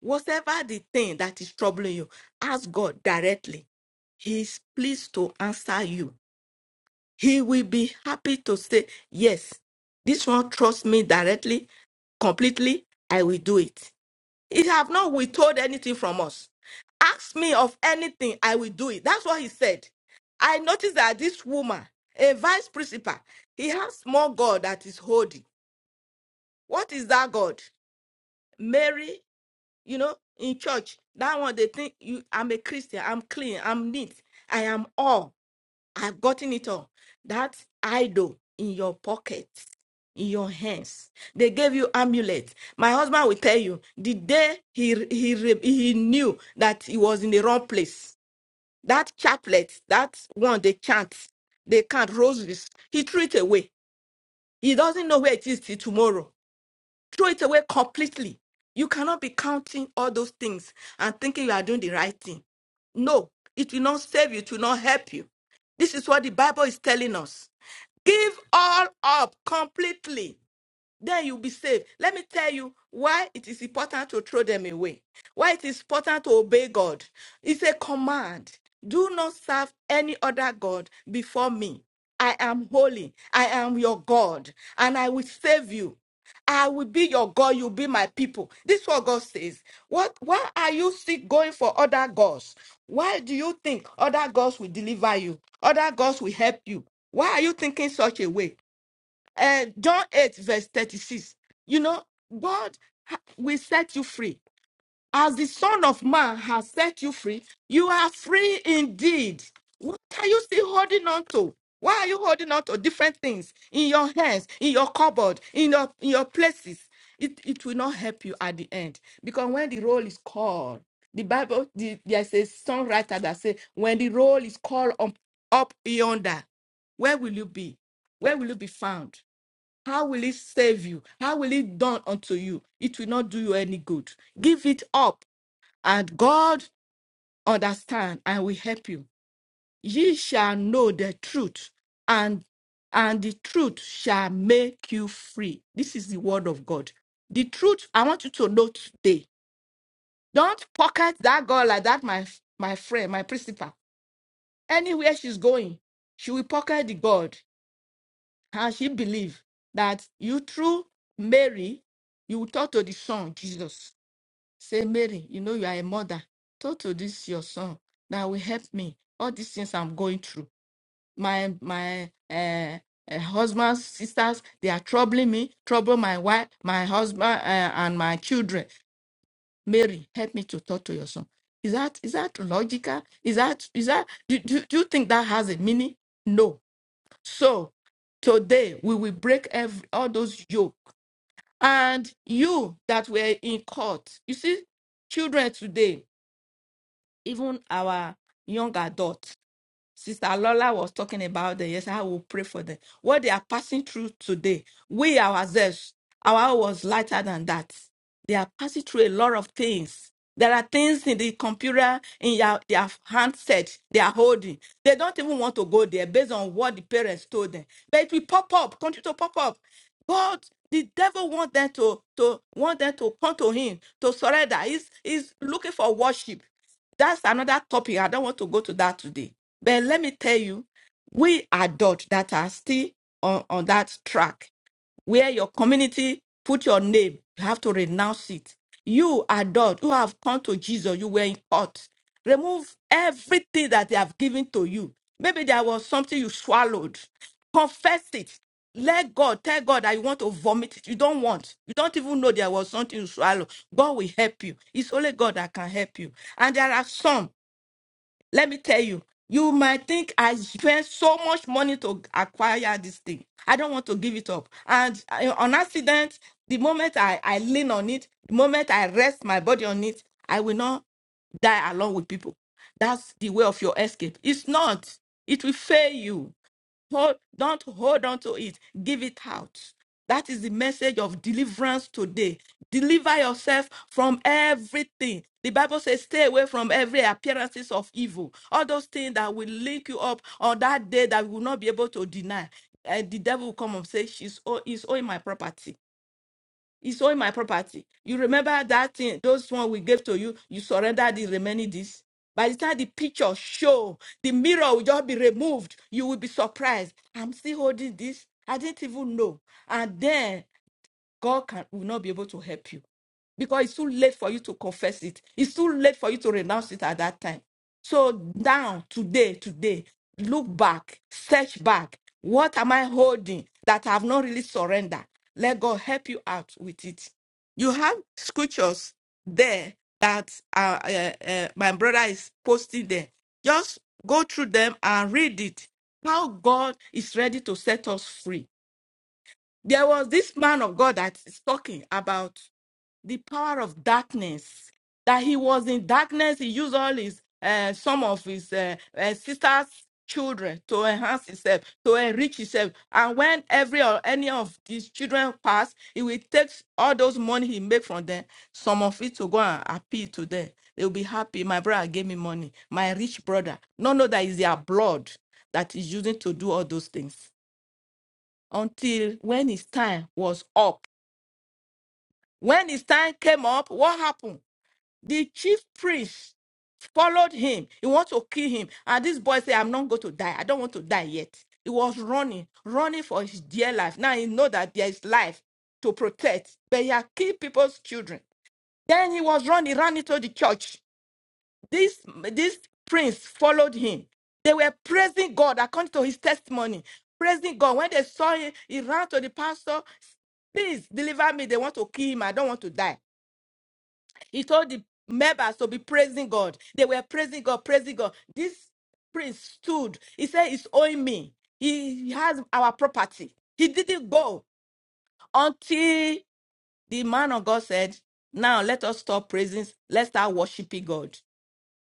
[SPEAKER 3] Whatever the thing that is troubling you, ask God directly. He is pleased to answer you. He will be happy to say, Yes, this one trusts me directly, completely. I will do it. He have not withheld anything from us. Ask me of anything, I will do it. That's what he said. I noticed that this woman, a vice principal, he has more God that is holding. What is that God? Mary, you know, in church, that one they think you I'm a Christian, I'm clean, I'm neat, I am all, I've gotten it all. That's idol in your pocket, in your hands. They gave you amulet. My husband will tell you the day he he re- he knew that he was in the wrong place. That chaplet, that one they chant, they can't roses. He threw it away. He doesn't know where it is till tomorrow throw it away completely. You cannot be counting all those things and thinking you are doing the right thing. No, it will not save you, it will not help you. This is what the Bible is telling us. Give all up completely then you'll be saved. Let me tell you why it is important to throw them away, why it is important to obey God. It's a command. Do not serve any other God before me. I am holy. I am your God, and I will save you. I will be your God. You'll be my people. This is what God says. What? Why are you still going for other gods? Why do you think other gods will deliver you? Other gods will help you? Why are you thinking such a way? uh, John 8, verse 36. You know, God ha- will set you free. As the Son of Man has set you free, you are free indeed. What are you still holding on to? Why are you holding on to different things in your hands, in your cupboard, in your, in your places? It, it will not help you at the end. Because when the roll is called, the Bible, the, there's a songwriter that says, when the roll is called up, up yonder, where will you be? Where will you be found? How will it save you? How will it done unto you? It will not do you any good. Give it up, and God understand and will help you. Ye shall know the truth, and and the truth shall make you free. This is the word of God. The truth I want you to know today. Don't pocket that girl like that, my my friend, my principal. Anywhere she's going, she will pocket the God. How she believe that you through Mary, you will talk to the son, Jesus. Say, Mary, you know you are a mother. Talk to this your son that will help me. All these things I'm going through. My my uh, uh, husband's sisters, they are troubling me, trouble my wife, my husband, uh, and my children. Mary, help me to talk to your son. Is that is that logical? Is that is that do, do, do you think that has a meaning? No so today we will break every, all those yoke. And you that were in court, you see, children today, even our young adults, Sister Lola was talking about them. Yes, I will pray for them. What they are passing through today, we ourselves, our hour was lighter than that. They are passing through a lot of things. There are things in the computer, in your, their handset, they are holding. They don't even want to go there based on what the parents told them. But it will pop up, continue to pop up. God, the devil want them to, to want them to come to him, to surrender. He's, he's looking for worship. That's another topic. I don't want to go to that today. But let me tell you, we adults that are still on, on that track, where your community put your name, you have to renounce it. You, adult, who have come to Jesus, you were in court. Remove everything that they have given to you. Maybe there was something you swallowed. Confess it. Let God tell God that you want to vomit it. You don't want. You don't even know there was something you swallowed. God will help you. It's only God that can help you. And there are some. Let me tell you, you might think I spent so much money to acquire this thing. I don't want to give it up. And I- on accident, the moment I, I lean on it, the moment I rest my body on it, I will not die along with people. That's the way of your escape. It's not. It will fail you. Hold, don't hold on to it. Give it out. That is the message of deliverance today. Deliver yourself from everything. The Bible says, stay away from every appearances of evil. All those things that will link you up on that day that you will not be able to deny. And the devil will come and say, She's ow- he's owing my property. He sold my property. You remember that thing, those one we gave to you, you surrendered the remaining this. By the time the picture show, the mirror will just be removed. You will be surprised. I'm still holding this. I didn't even know. And then God can will not be able to help you because it's too late for you to confess it. It's too late for you to renounce it at that time. So now, today, today, look back, search back. What am I holding that I have not really surrendered? Let God help you out with it. You have scriptures there that uh, uh, uh, my brother is posting there. Just go through them and read it. How God is ready to set us free there was this man of God that is talking about the power of darkness. That he was in darkness, he used all his uh, some of his uh, uh, sisters' children to enhance himself, to enrich himself. And when every or any of these children pass, he will take all those money he make from them, some of it to go and appeal to them. They will be happy. My brother gave me money. My rich brother, no, no, that is their blood that is using to do all those things until when his time was up. When his time came up, what happened? The chief priest followed him. He wanted to kill him. And this boy said, I'm not going to die. I don't want to die yet. He was running, running for his dear life. Now he know that there is life to protect, but he had killed people's children. Then he was running, He ran into the church. This this prince followed him. They were praising God according to his testimony. Praising God. When they saw him, he ran to the pastor. Please deliver me. They want to kill him. I don't want to die. He told the members to be praising God. They were praising God, praising God. This prince stood. He said, It's owing me. He has our property. He didn't go until the man of God said, Now let us stop praising. Let's start worshiping God.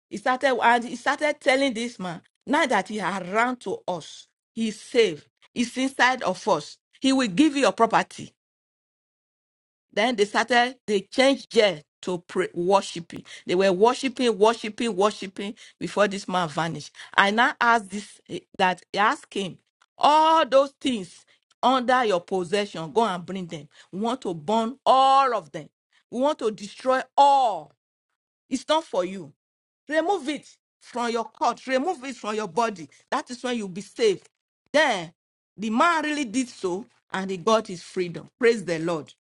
[SPEAKER 3] He started and he started telling this man, now that he had run to us, he's safe, he's inside of us. He will give you your property. Then they started, they changed jail to pray, worshiping. They were worshiping, worshiping, worshiping before this man vanished. I now asked this eh, that ask him, all those things under your possession, go and bring them. We want to burn all of them. We want to destroy all. It's not for you. Remove it from your court. Remove it from your body. That is when you'll be safe. Then the man really did so, and he got his freedom. Praise the Lord.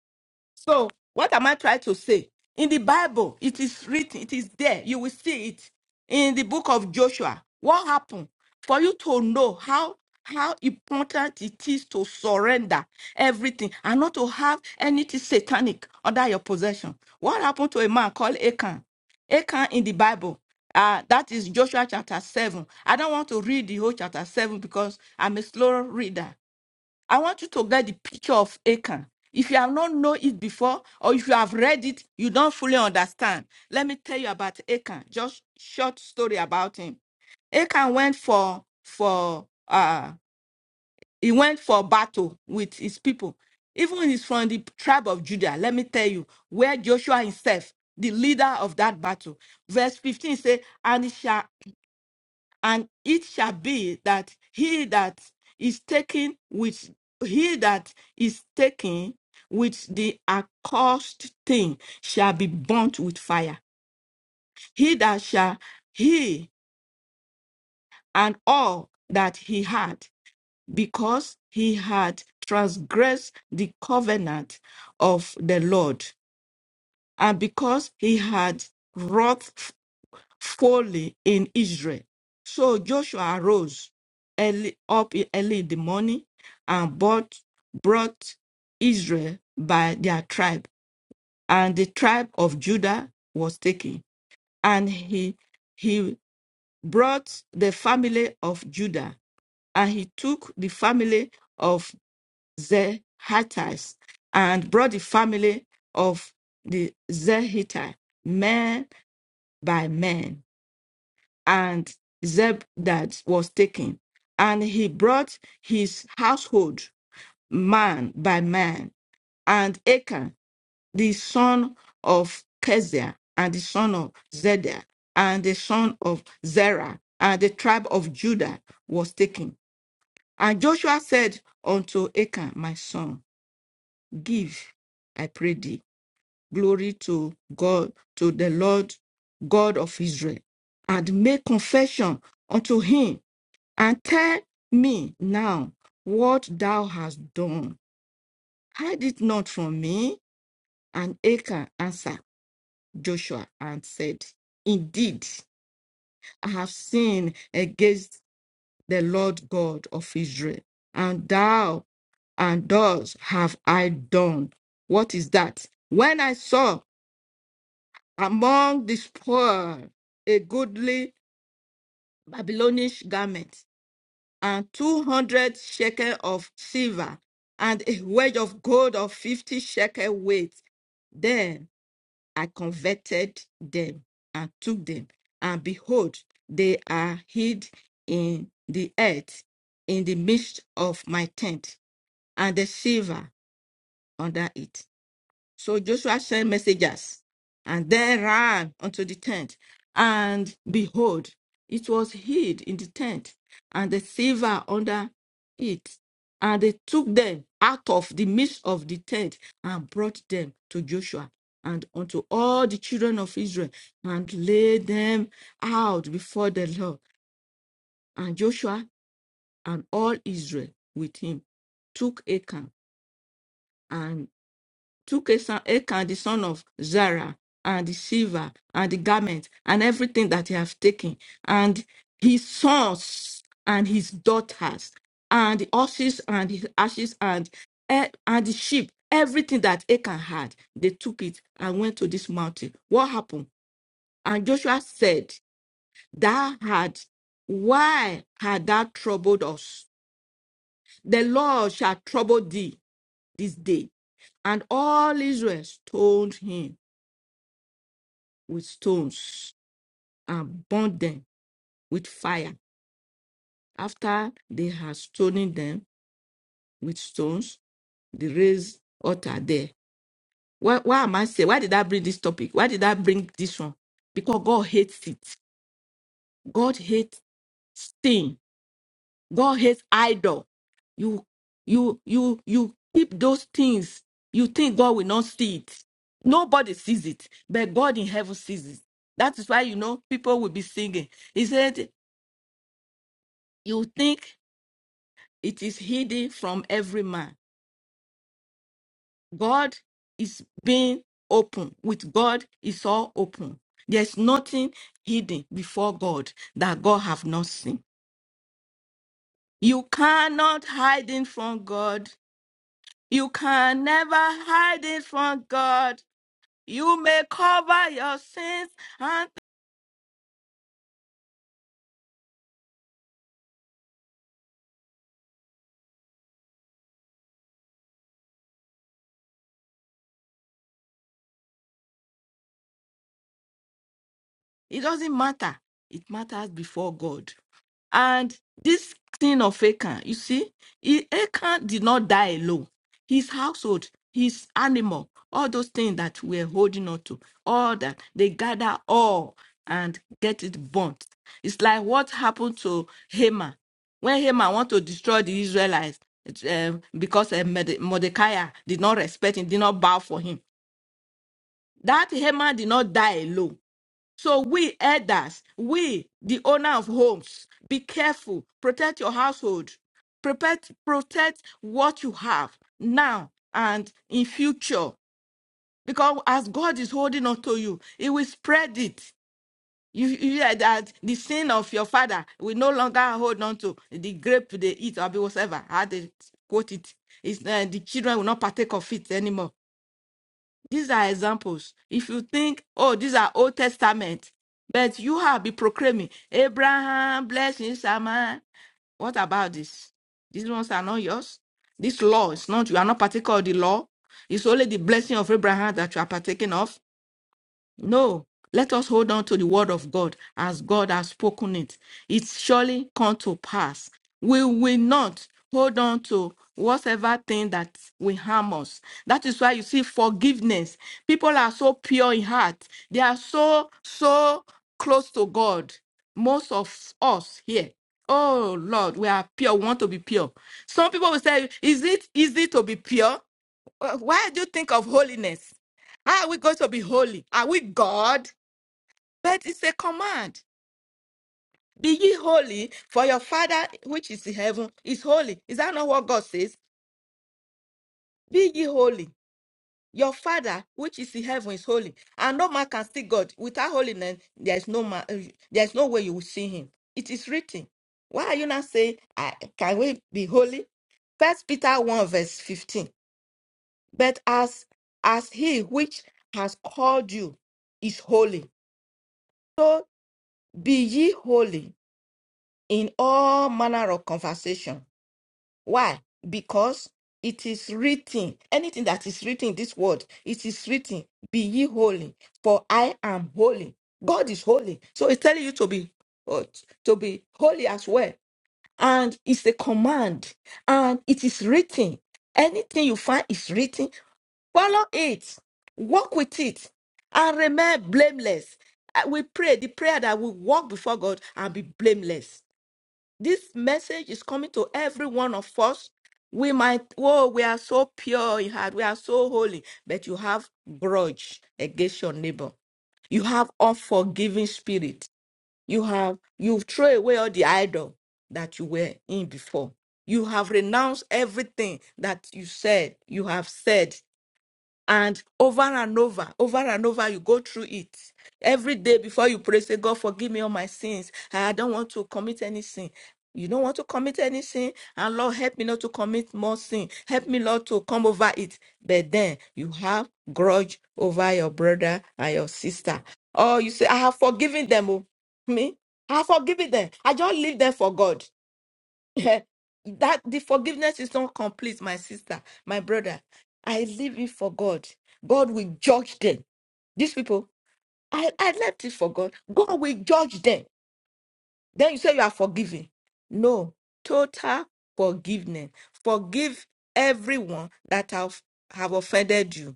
[SPEAKER 3] So, what am I trying to say? In the Bible, it is written, it is there. You will see it in the book of Joshua. What happened? For you to know how how important it is to surrender everything and not to have anything satanic under your possession. What happened to a man called Achan? Achan in the Bible. Uh, that is Joshua chapter 7. I don't want to read the whole chapter 7 because I'm a slow reader. I want you to get the picture of Achan. If you have not known it before, or if you have read it, you don't fully understand. Let me tell you about Achan. Just short story about him. Achan went for for uh he went for battle with his people. Even he's from the tribe of Judah. Let me tell you where Joshua himself, the leader of that battle. Verse 15 says, "And it shall." and it shall be that he that is taken with he that is taken with the accursed thing shall be burnt with fire he that shall he and all that he had because he had transgressed the covenant of the lord and because he had wrought folly in Israel. So Joshua arose early, up early in the morning and bought, brought Israel by their tribe. And the tribe of Judah was taken. And he, he brought the family of Judah. And he took the family of Zehathites and brought the family of the Zehathite, man by man and Zeb that was taken. And he brought his household man by man, and Achan, the son of Keziah, and the son of Zedek, and the son of Zerah, and the tribe of Judah was taken. And Joshua said unto Achan, My son, give, I pray thee, glory to God, to the Lord God of Israel, and make confession unto him and tell me now what thou hast done. Hide it not from me. And Achan answered Joshua and said, Indeed, I have sinned against the Lord God of Israel, and thou and thus have I done. What is that? When I saw among the spoil a goodly Babylonish garment, and two hundred shekel of silver, and a wedge of gold of fifty shekel weight. Then I converted them and took them, and behold, they are hid in the earth, in the midst of my tent, and the silver under it. So Joshua sent messengers and they ran unto the tent. And behold, it was hid in the tent, and the silver under it. And they took them out of the midst of the tent and brought them to Joshua and unto all the children of Israel and laid them out before the Lord. And Joshua and all Israel with him took Achan and took Asan- Achan the son of Zara and the silver and the garment and everything that he have taken and his sons and his daughters and the horses and his ashes and e- and the sheep everything that Achan had they took it and went to this mountain what happened and Joshua said thou had why had thou troubled us the Lord shall trouble thee this day and all Israel stoned him with stones and burn them with fire. After they had stoning them with stones, they raised altar there. Why, why am I saying? Why did I bring this topic? Why did I bring this one? Because God hates it. God hates sin. God hates idol. You, you, you, you keep those things. You think God will not see it. Nobody sees it, but God in heaven sees it. That is why you know people will be singing. He said, "You think." it is hidden from every man. God is being open. With God, it's all open. There's nothing hidden before God that God have not seen. You cannot hide it from God. You can never hide it from God. You may cover your sins and it doesn't matter. It matters before God. And this thing of Achan, you see, he, Achan did not die alone. His household, his animal, all those things that we're holding on to, all that they gather all and get it burnt. It's like what happened to Haman when Haman want to destroy the Israelites uh, because uh, Morde- Mordecai did not respect him, did not bow for him. That Haman did not die alone so we elders, we the owner of homes, be careful, protect your household, protect protect what you have now and in future. Because as God is holding on to you, He will spread it. You, you hear that the sin of your father will no longer hold on to the grape they eat or whatever. How they quote it is uh, the children will not partake of it anymore these are examples. If you think, oh, these are Old Testament, but you have been proclaiming Abraham, blessing Sama. What about this? These ones are not yours. This law is not, you are not partaker of the law. It's only the blessing of Abraham that you are partaking of. No, let us hold on to the word of God as God has spoken it. It surely come to pass. We will not hold on to whatever thing that will harm us. That is why you see forgiveness. People are so pure in heart. They are so, so close to God. Most of us here. Oh Lord, we are pure. We want to be pure. Some people will say, Is it easy to be pure? Uh, Why do you think of holiness? How are we going to be holy? Are we God? But it's a command. Be ye holy, for your Father which is in heaven is holy. Is that not what God says? Be ye holy. Your Father which is in heaven is holy. And no man can see God. Without holiness, there is no man, uh, there is no way you will see him. It is written. Why are you not saying, I, can we be holy? First Peter 1, verse 15. But as as he which has called you is holy, so be ye holy in all manner of conversation. Why? Because it is written, anything that is written in this word, it is written, be ye holy, for I am holy. God is holy. So it's telling you to be uh, to be holy as well. And it's a command, and it is written. Anything you find is written, Follow it. Walk with it. And remain blameless. Uh, We pray the prayer that we walk before God and be blameless. This message is coming to every one of us. We might, oh, we are so pure in heart, we are so holy, but you have grudge against your neighbor. You have unforgiving spirit. You have you throw away all the idol that you were in before. You have renounced everything that you said, you have said and over and over, over and over, you go through it. Every day before you pray, say, God, forgive me all my sins. I don't want to commit any sin. You don't want to commit any sin. And Lord, help me not to commit more sin. Help me, Lord, to come over it. But then you have grudge over your brother and your sister. Oh, you say, I have forgiven them. oh." Me? I have forgiven them. I just leave them for God. that the forgiveness is not complete, my sister, my brother. I leave it for God. God will judge them. These people, I, I left it for God. God will judge them. Then you say you are forgiven. No, total forgiveness. Forgive everyone that have, have offended you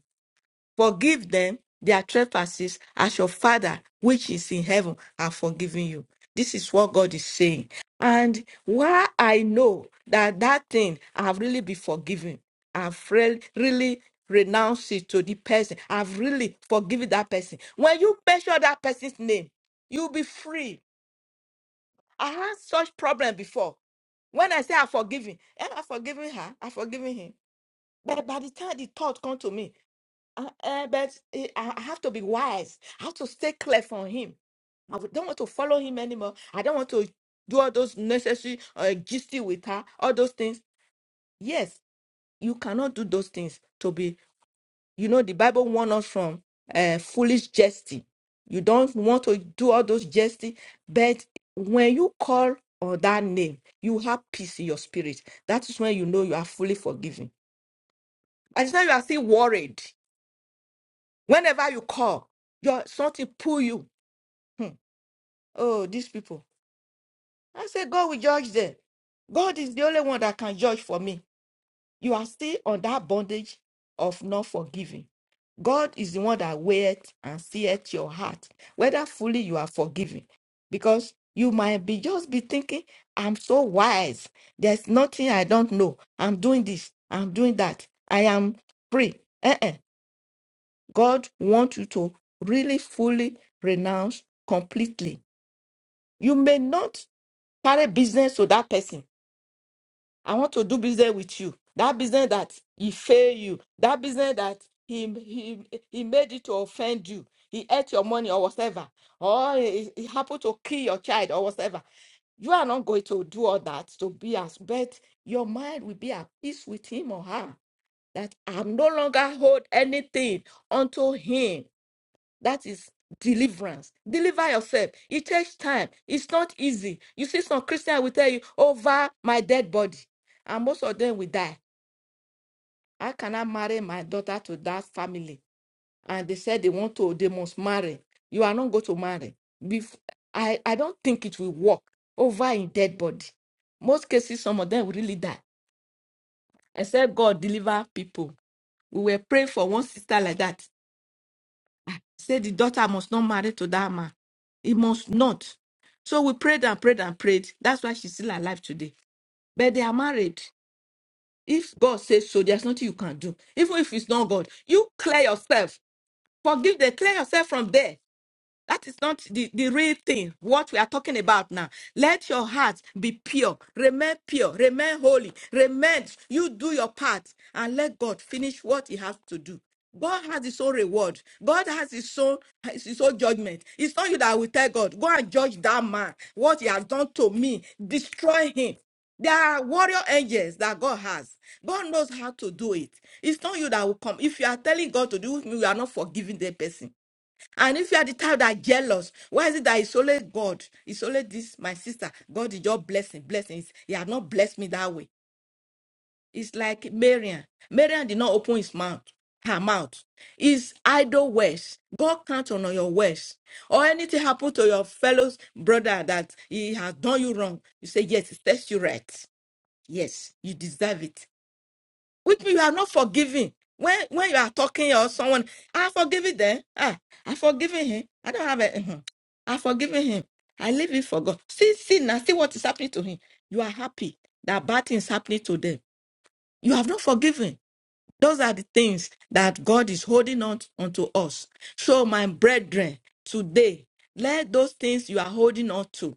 [SPEAKER 3] Forgive them their trespasses as your Father, which is in heaven, are forgiven you. This is what God is saying. And why I know that that thing I've really been forgiven, I've re- really renounced it to the person, I've really forgiven that person. When you mention that person's name, you'll be free. I had such problem before. When I say I've forgiven, eh, I've forgiven her, I've forgiven him. But by the time the thought come to me, uh, uh, but eh, I I have to be wise. I have to stay clear from him. I would- don't want to follow him anymore. I don't want to do all those necessary uh, gisty with her, all those things. Yes, you cannot do those things to be, you know, the Bible warns us from uh, foolish jesting. You don't want to do all those jesting, but when you call on that name, you have peace in your spirit. That is when you know you are fully forgiven. And now you are still worried. Whenever you call, your something pull you. Hmm. Oh, these people. I say God will judge them. God is the only one that can judge for me. You are still on that bondage of not forgiving. God is the one that weigheth and seeth your heart, whether fully you are forgiving. Because you might be just be thinking, I'm so wise. There's nothing I don't know. I'm doing this. I'm doing that. I am free. Eh-eh. God wants you to really fully renounce completely. You may not carry business to that person. I want to do business with you. That business that he failed you, that business that he, he, he made it to offend you, he ate your money or whatever, or he, he happened to kill your child or whatever. You are not going to do all that to be as but your mind will be at peace with him or her. That I'm no longer hold anything unto him that is deliverance. Deliver yourself. It takes time. It's not easy. You see, some Christian will tell you, over my dead body. And most of them will die. How can I cannot marry my daughter to that family. And they said they want to, they must marry. You are not going to marry. Bef- I, I don't think it will work over in dead body. Most cases, some of them will really die. Except God deliver people. We were praying for one sister like that. Say the daughter must not marry to that man. He must not. So we prayed and prayed and prayed. That's why she's still alive today. But they are married. If God says so, there's nothing you can do. Even if it's not God, you clear yourself. Forgive them, clear yourself from there. That is not the, the real thing, what we are talking about now. Let your heart be pure, remain pure, remain holy, remain. You do your part and let God finish what He has to do. God has His own reward, God has His own, has his own judgment. It's not you that will tell God, go and judge that man, what he has done to me, destroy him. There are warrior angels that God has. God knows how to do it. It's not you that will come. If you are telling God to do with me, you are not forgiving the person. And if you are the type that are jealous, why is it that it's only God? It's only this, my sister. God is just blessing, blessings. He has not blessed me that way. It's like Marian. Marian did not open his mouth, her mouth. It's idle words. God counts on your words. Or anything happen to your fellow brother that he has done you wrong. You say, Yes, it sets you right. Yes, you deserve it which you are not forgiving when when you are talking or someone i forgive it. Then ah i forgiven him i don't have a mhm. I forgiven him i leave it for god see see now see what is happening to him you are happy that bad things happening to them you have not forgiven those are the things that god is holding on unto us so my brethren today let those things you are holding on to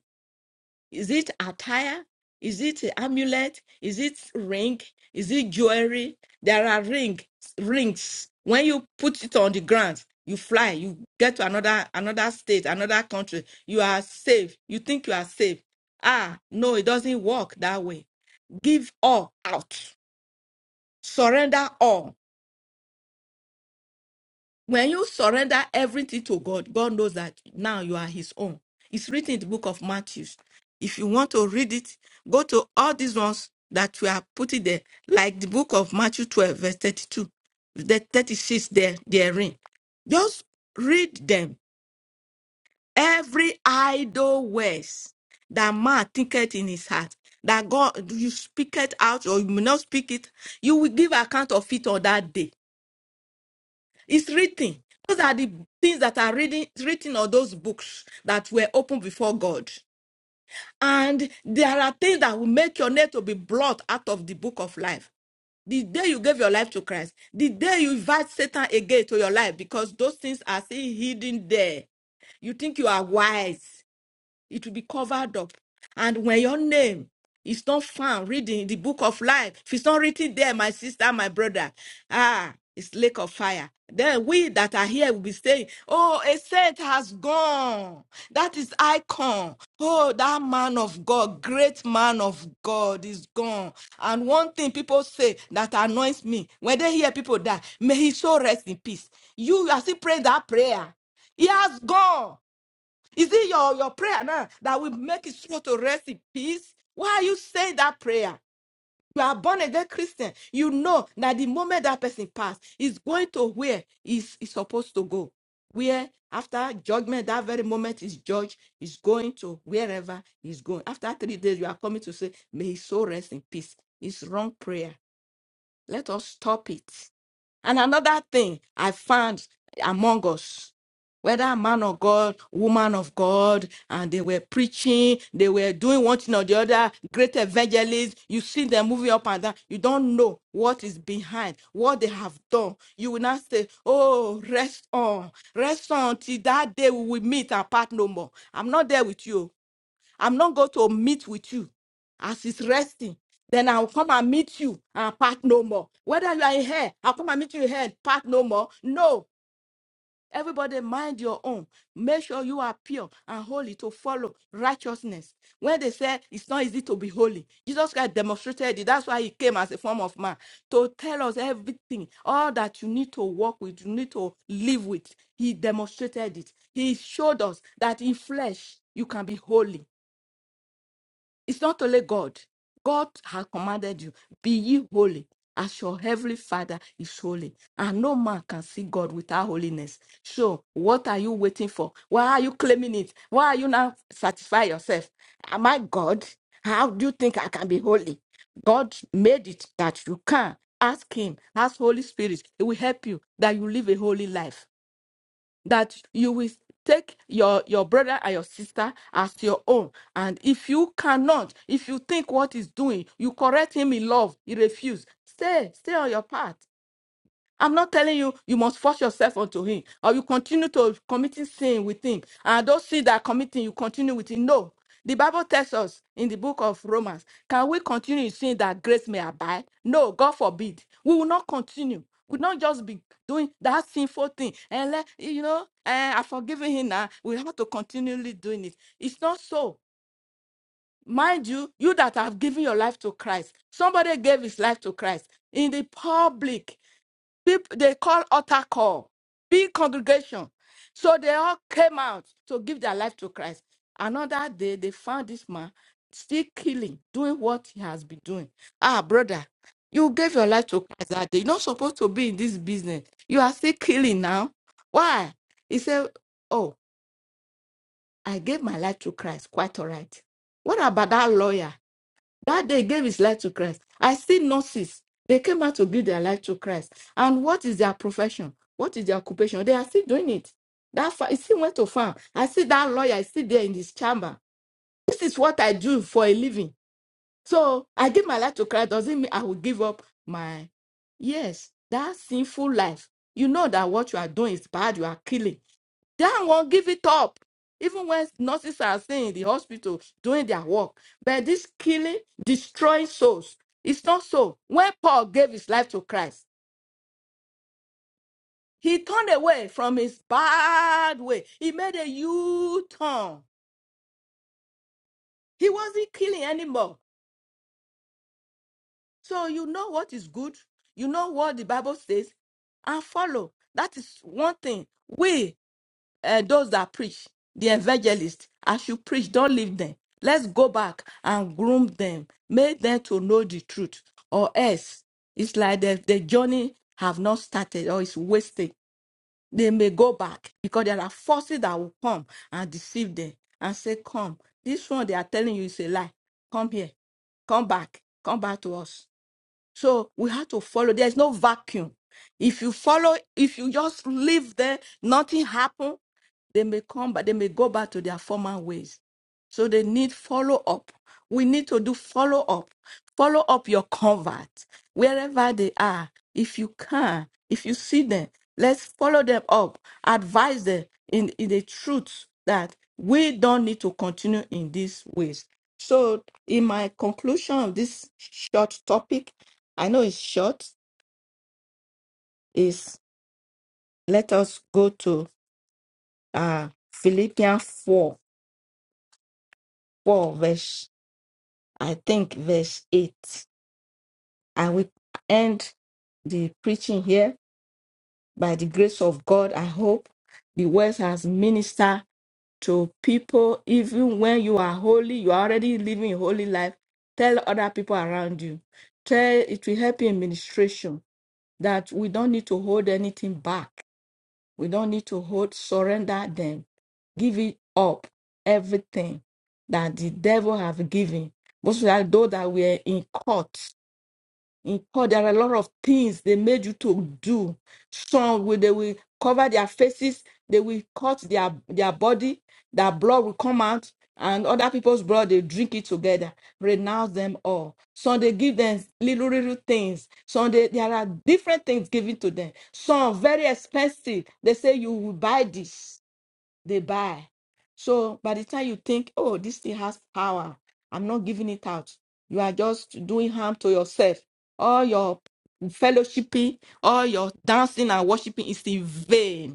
[SPEAKER 3] is it attire? Is it amulet? Is it ring? Is it jewelry? There are ring rings. When you put it on the ground, you fly, you get to another another state, another country. You are safe. You think you are safe. Ah, no, it doesn't work that way. Give all out. Surrender all. When you surrender everything to God, God knows that now you are His own. It's written in the book of Matthew. If you want to read it, go to all these ones that we are putting there, like the book of Matthew 12, verse 32, the 36 there, therein. Just read them. Every idle words that man thinketh in his heart, that God you speak it out or you may not speak it, you will give account of it on that day it's written. Those are the things that are reading, written or those books that were opened before God. And there are things that will make your name to be blot out of the book of life. The day you gave your life to Christ, the day you invite Satan again to your life, because those things are still hidden there. You think you are wise it will be covered up. And when your name is not found, reading the book of life, if it's not written there, my sister, my brother, ah, it's lake of fire. Then we that are here will be saying, Oh, a saint has gone. That is icon. Oh, that man of God, great man of God is gone. And one thing people say that annoys me when they hear people die, may he so rest in peace. You are still praying that prayer. He has gone. Is it your, your prayer now that will make his soul to rest in peace? Why are you saying that prayer? You are born again Christian. You know that the moment that person passed, he's going to where he's, he's supposed to go. Where after judgment, that very moment is judged, is going to wherever he's going. After three days, you are coming to say, May his soul rest in peace. It's wrong prayer. Let us stop it. And another thing I found among us, whether man of God, woman of God, and they were preaching, they were doing one thing or the other, great evangelists. You see them moving up and down. You don't know what is behind, what they have done. You will not say, Oh, rest on, rest on till that day we will meet and part no more. I'm not there with you. I'm not going to meet with you as it's resting. Then I'll come and meet you and part no more. Whether you are in here, I'll come and meet you in here and part no more. No. Everybody mind your own. Make sure you are pure and holy to follow righteousness. When they say it's not easy to be holy, Jesus Christ demonstrated it. That's why he came as a form of man to tell us everything, all that you need to walk with, you need to live with. He demonstrated it. He showed us that in flesh you can be holy it's not only God. God has commanded you, be ye holy, as your heavenly Father is holy. And no man can see God without holiness. So, what are you waiting for? Why are you claiming it? Why are you now satisfy yourself? Am I God? How do you think I can be holy? God made it that you can. Ask Him, ask Holy Spirit. It will help you that you live a holy life that you will take your your brother and your sister as your own and if you cannot if you think what he's doing you correct him in love he refuse stay stay on your path I'm not telling you you must force yourself onto him or you continue to committing sin with him. And those sin that are committing, you continue with him. No. The Bible tells us in the book of Romans, can we continue in sin that grace may abide? No, God forbid. We will not continue. We will not just be doing that sinful thing. And let you know, eh, I've forgiven him now. We have to continually doing it. It's not so. Mind you, you that have given your life to Christ, somebody gave his life to Christ in the public People they call altar call, big congregation. So they all came out to give their life to Christ. Another day they found this man still killing, doing what he has been doing. Ah, brother, you gave your life to Christ that day. You're not supposed to be in this business. You are still killing now. Why? He said, Oh, I gave my life to Christ. Quite all right. What about that lawyer? That day gave his life to Christ. I see nurses. They came out to give their life to Christ. And what is their profession? What is their occupation? They are still doing it. That fa- he still went to farm. I see that lawyer is still there in his chamber. This is what I do for a living. So I give my life to Christ. Doesn't mean I will give up my yes, that sinful life. You know that what you are doing is bad. You are killing. That one give it up. Even when nurses are staying in the hospital doing their work. But this killing, destroying souls, it's not so. When Paul gave his life to Christ, he turned away from his bad way. He made a U turn. He wasn't killing anymore. So you know what is good, you know what the Bible says, and follow. That is one thing. We uh, those that preach, the evangelists, as you preach, don't leave them. Let's go back and groom them, make them to know the truth, or else it's like the, the journey have not started or it's wasted. They may go back because there are forces that will come and deceive them and say, Come, this one they are telling you is a lie. Come here, come back, come back to us. So we have to follow. There's no vacuum. If you follow, if you just live there, nothing happen, they may come back, they may go back to their former ways. So they need follow up. We need to do follow up. Follow up your convert wherever they are. If you can, if you see them, let's follow them up. Advise them in, in the truth that we don't need to continue in these ways. So, in my conclusion of this short topic, I know it's short. Is let us go to uh Philippians 4, 4 verse, I think verse 8. I will end the preaching here by the grace of God. I hope the words has ministered to people, even when you are holy, you are already living a holy life. Tell other people around you. Tell it will help you in ministration that we don't need to hold anything back We don't need to hold, surrender them. Give it up, everything that the devil have given. Most of that, though that we're in court. Mm, Oh, there are a lot of things they made you to do. Some will they will cover their faces, they will cut their their body, their blood will come out, and other people's blood they drink it together. Renounce them all. Some they give them little little things. Some they, there are different things given to them. Some very expensive. They say you will buy this they buy. So by the time you think, oh, this thing has power, I'm not giving it out. You are just doing harm to yourself. All your fellowshipping, all your dancing and worshiping is in vain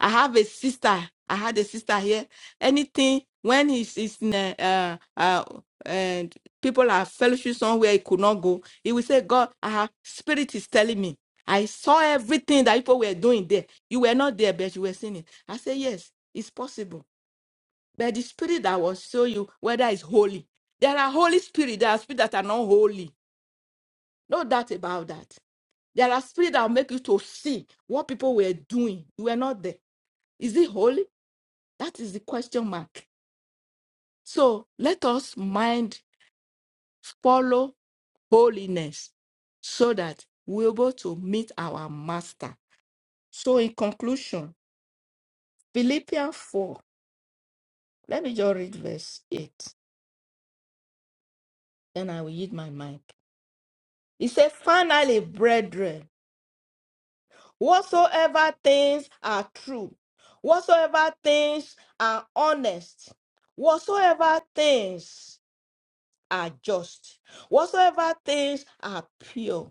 [SPEAKER 3] I have a sister. I had a sister here. Anything when he's, he's in a, uh, uh, and people are fellowship somewhere, he could not go. He will say, God, our spirit is telling me. I saw everything that people were doing there. You were not there, but you were seeing it. I say, yes, it's possible. But the spirit that will show you whether it's holy. There are holy spirit. There are spirits that are not holy. No doubt about that. There are spirits that will make you to see what people were doing. You were not there. Is it holy? That is the question mark. So let us mind follow holiness so that we're able to meet our master. So in conclusion, Philippians 4, let me just read verse 8, then I will yield my mic. It says, Finally, brethren, whatsoever things are true, whatsoever things are honest, whatsoever things are just, whatsoever things are pure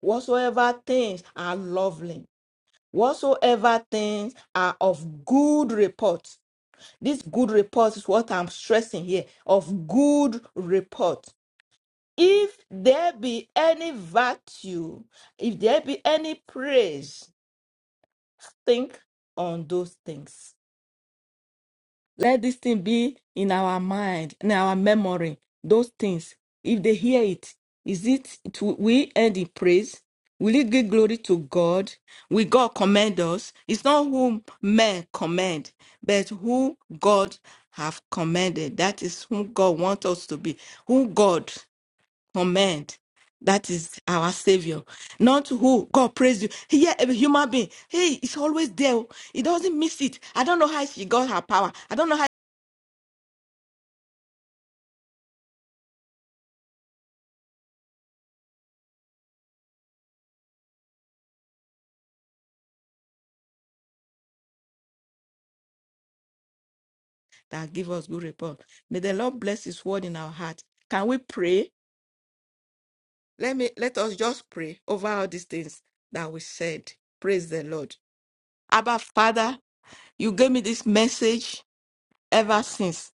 [SPEAKER 3] Whatsoever things are lovely, whatsoever things are of good report. This good report is what I'm stressing here of good report. If there be any virtue, if there be any praise, think on those things. Let this thing be in our mind, in our memory. Those things, if they hear it, is it, it will we end in praise? Will it give glory to God? Will God commend us? It's not whom men commend, but who God have commended. That is whom God wants us to be. Who God commend. That is our savior. Not who God praise you. Here, a human being, hey, it's always there. oh. He doesn't miss it. I don't know how she got her power. I don't know how. that give us good report. May the Lord bless his word in our heart. Can we pray? Let me let us just pray over all these things that we said. Praise the Lord. Abba Father, you gave me this message ever since.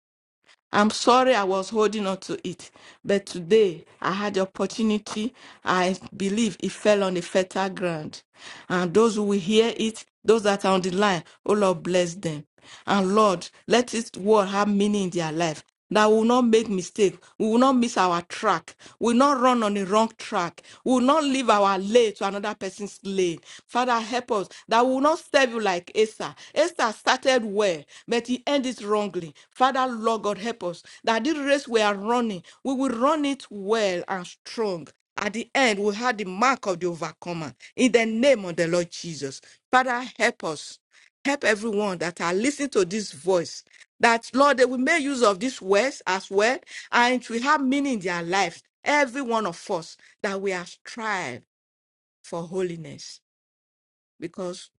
[SPEAKER 3] I'm sorry I was holding on to it, but today I had the opportunity. I believe it fell on the fertile ground. And those who will hear it, those that are on the line, oh Lord, bless them. And Lord, let this word have meaning in their life that we will not make mistake we will not miss our track we will not run on the wrong track we will not leave our lane to another person's lane father help us that we will not serve you like esther esther started well but he ended wrongly father lord god help us that this race we are running we will run it well and strong at the end we have the mark of the overcomer in the name of the lord jesus father help us help everyone that are listening to this voice that lord they will make use of these words as well and it will have meaning in their lives every one of us that we have strived for holiness because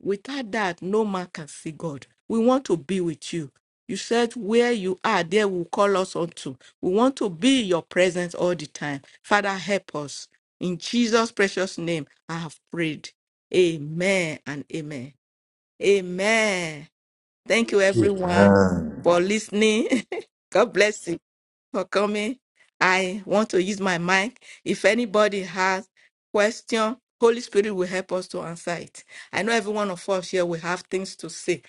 [SPEAKER 3] without that no man can see god we want to be with you you said where you are there will call us unto we want to be in your presence all the time father help us in jesus precious name i have prayed amen and amen amen Thank you, everyone,
[SPEAKER 4] Amen.
[SPEAKER 3] for listening. God bless you for coming. I want to use my mic. If anybody has question, Holy Spirit will help us to answer it. I know every one of us here will have things to say.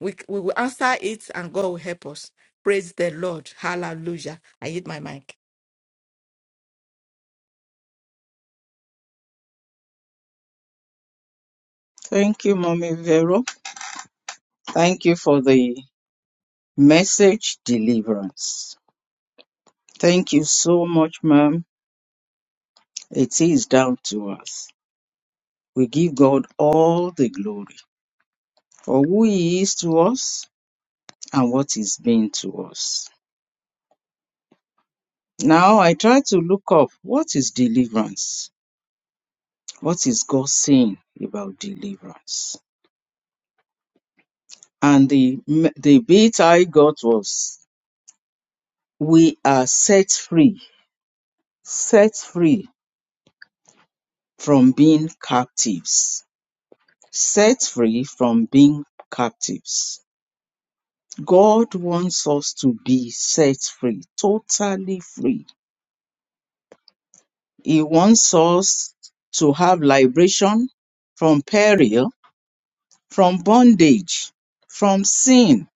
[SPEAKER 3] We, we will answer it and God will help us. Praise the Lord. Hallelujah. I hit my mic.
[SPEAKER 2] Thank you, Mommy Vero. Thank you for the message deliverance. Thank you so much, ma'am. It is down to us. We give God all the glory for who He is to us and what He's been to us. Now I try to look up what is deliverance? What is God saying about deliverance? And the the bit I got was we are set free, set free from being captives, set free from being captives. God wants us to be set free, totally free. He wants us to have liberation from peril, from bondage, from sin,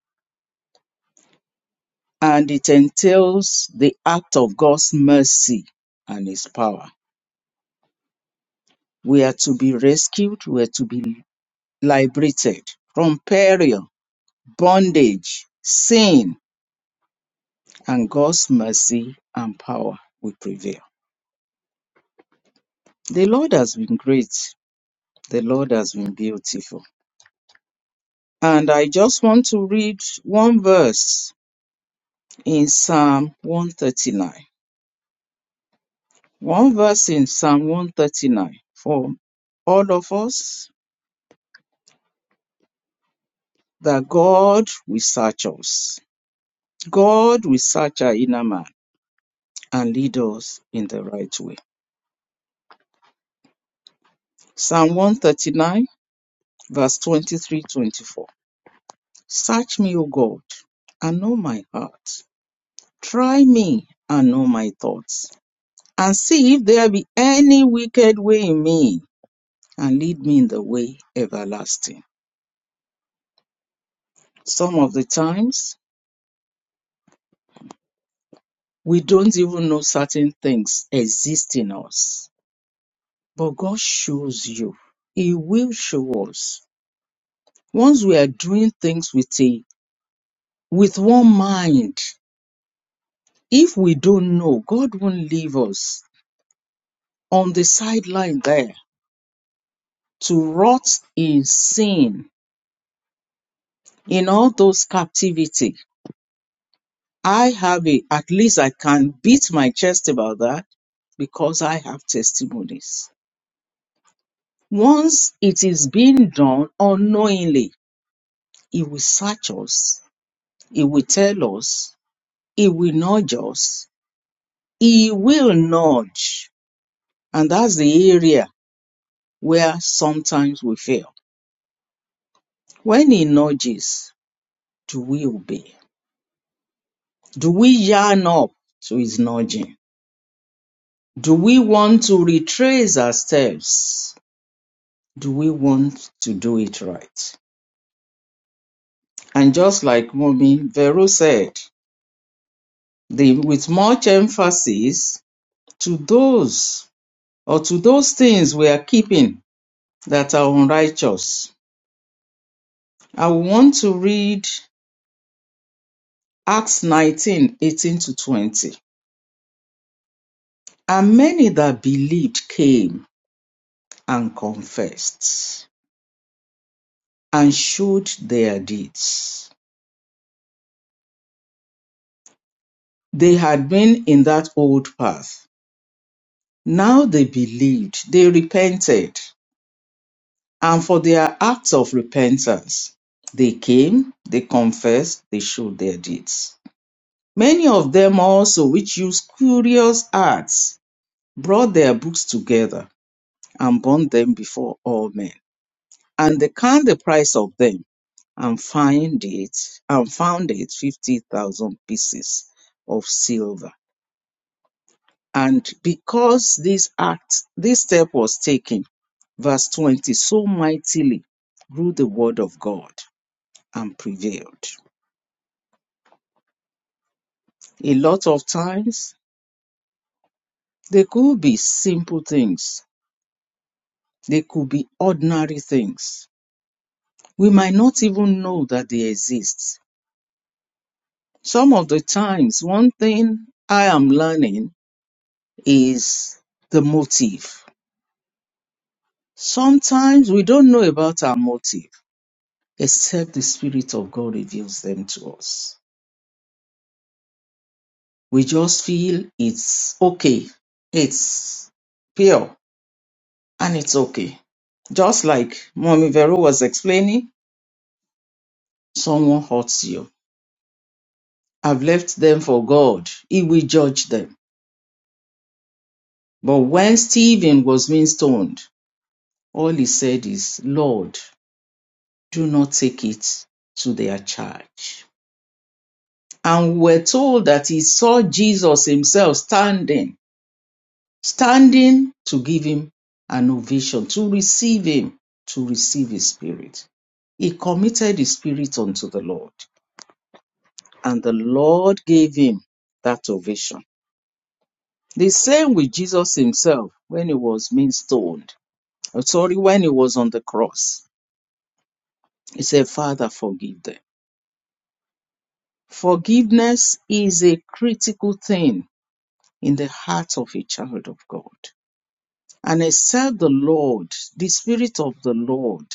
[SPEAKER 2] and it entails the act of God's mercy and His power. We are to be rescued, we are to be liberated from peril, bondage, sin, and God's mercy and power will prevail. The Lord has been great The Lord has been beautiful. And I just want to read one verse in Psalm 139. One verse in Psalm 139 for all of us that God will search us. God will search our inner man and lead us in the right way. Psalm 139, verse 23 24. Search me, O God, and know my heart. Try me and know my thoughts and see if there be any wicked way in me, and lead me in the way everlasting. Some of the times, we don't even know certain things exist in us, but God shows you. He will show us. Once we are doing things with a with one mind, if we don't know, God won't leave us on the sideline there to rot in sin, in all those captivity I have it. At least I can beat my chest about that because I have testimonies. Once it is being done unknowingly, He will search us. He will tell us. He will nudge us. He will nudge. And that's the area where sometimes we fail. When He nudges, do we obey? Do we yarn up to His nudging? Do we want to retrace our steps? Do we want to do it right? And just like Mommy Vero said, the, with much emphasis to those or to those things we are keeping that are unrighteous. I want to read Acts 19 18 to 20. And many that believed came and confessed and showed their deeds. They had been in that old path. Now they believed, they repented, and for their acts of repentance. They came, they confessed, they showed their deeds. Many of them also, which used curious arts, brought their books together and burned them before all men. And they count the price of them and find it and found it fifty thousand pieces of silver. And because this act, this step was taken, verse 20, so mightily grew the word of God and prevailed. A lot of times, they could be simple things, they could be ordinary things. We might not even know that they exist. Some of the times, one thing I am learning is the motive. Sometimes we don't know about our motive except the Spirit of God reveals them to us. We just feel it's okay, it's pure, and it's okay. Just like Mommy Vero was explaining, someone hurts you. I've left them for God. He will judge them. But when Stephen was being stoned, all he said is, Lord, do not take it to their charge. And we're told that he saw Jesus himself standing, standing to give him an ovation, to receive him, to receive his spirit. He committed his spirit unto the Lord. and the Lord gave him that ovation. The same with Jesus himself when he was being stoned. uh, Sorry, when he was on the cross. He said, Father, forgive them. Forgiveness is a critical thing in the heart of a child of God. And except the Lord, the Spirit of the Lord,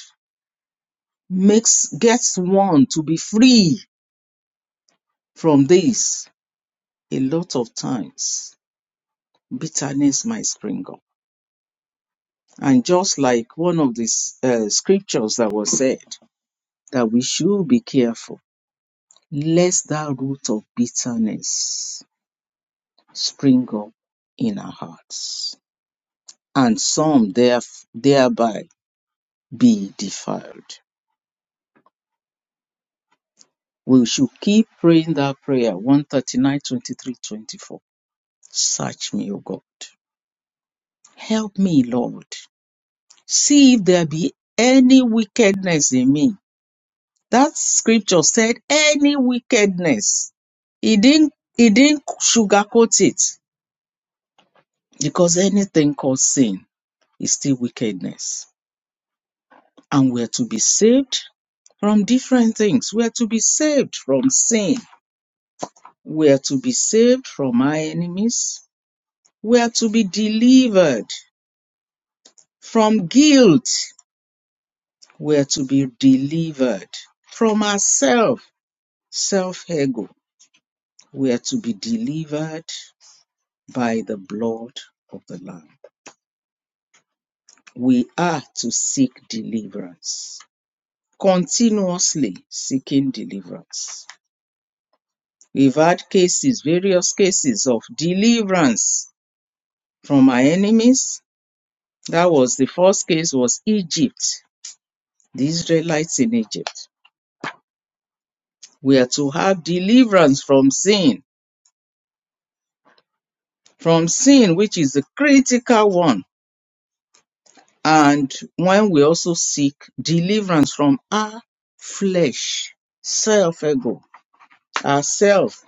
[SPEAKER 2] makes gets one to be free from this, a lot of times bitterness might spring up And just like one of the s- uh, scriptures that was said, that we should be careful lest that root of bitterness spring up in our hearts, and some theref- thereby be defiled. We should keep praying that prayer one thirty nine twenty three twenty four. Search me, O God. Help me, Lord. See if there be any wickedness in me That scripture said any wickedness. He didn't he didn't sugarcoat it because anything called sin is still wickedness. And we're to be saved from different things. We are to be saved from sin. We are to be saved from our enemies. We are to be delivered from guilt. We are to be delivered from ourselves, self ego. We are to be delivered by the blood of the Lamb. We are to seek deliverance, continuously seeking deliverance. We've had cases, various cases of deliverance from our enemies. That was the first case was Egypt, the Israelites in Egypt. We are to have deliverance from sin, from sin, which is the critical one. And when we also seek deliverance from our flesh, self ego, Ourself,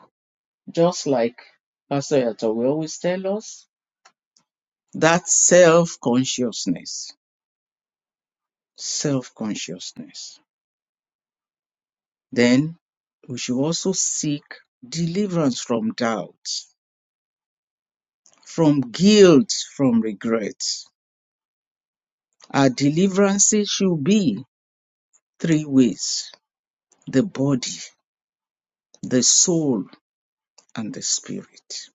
[SPEAKER 2] just like Pastor Yato will always tell us, that self consciousness, self consciousness. Then we should also seek deliverance from doubt, from guilt, from regret. Our deliverances should be three ways the body, the soul, and the spirit.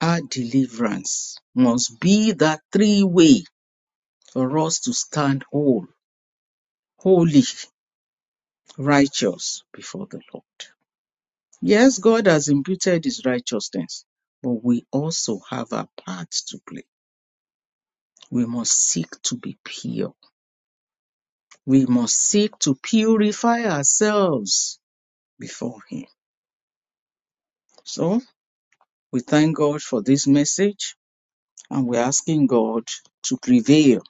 [SPEAKER 2] Our deliverance must be that three way for us to stand whole, holy righteous before the Lord. Yes, God has imputed his righteousness, but we also have a part to play. We must seek to be pure. We must seek to purify ourselves before him. So we thank God for this message and we're asking God to prevail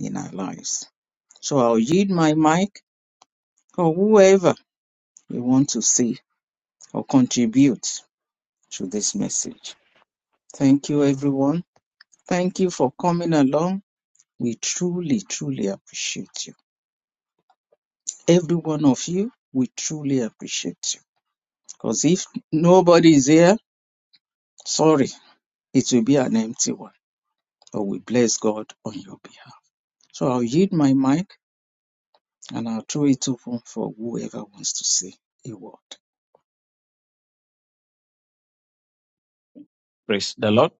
[SPEAKER 2] in our lives. So I'll yield my mic or whoever you want to see or contribute to this message. Thank you, everyone. Thank you for coming along. We truly, truly appreciate you. Every one of you, we truly appreciate you. Because if nobody is here, sorry, it will be an empty one. But we bless God on your behalf. So I'll yield my mic and I'll throw it open for whoever wants to say a word.
[SPEAKER 5] Praise the Lord.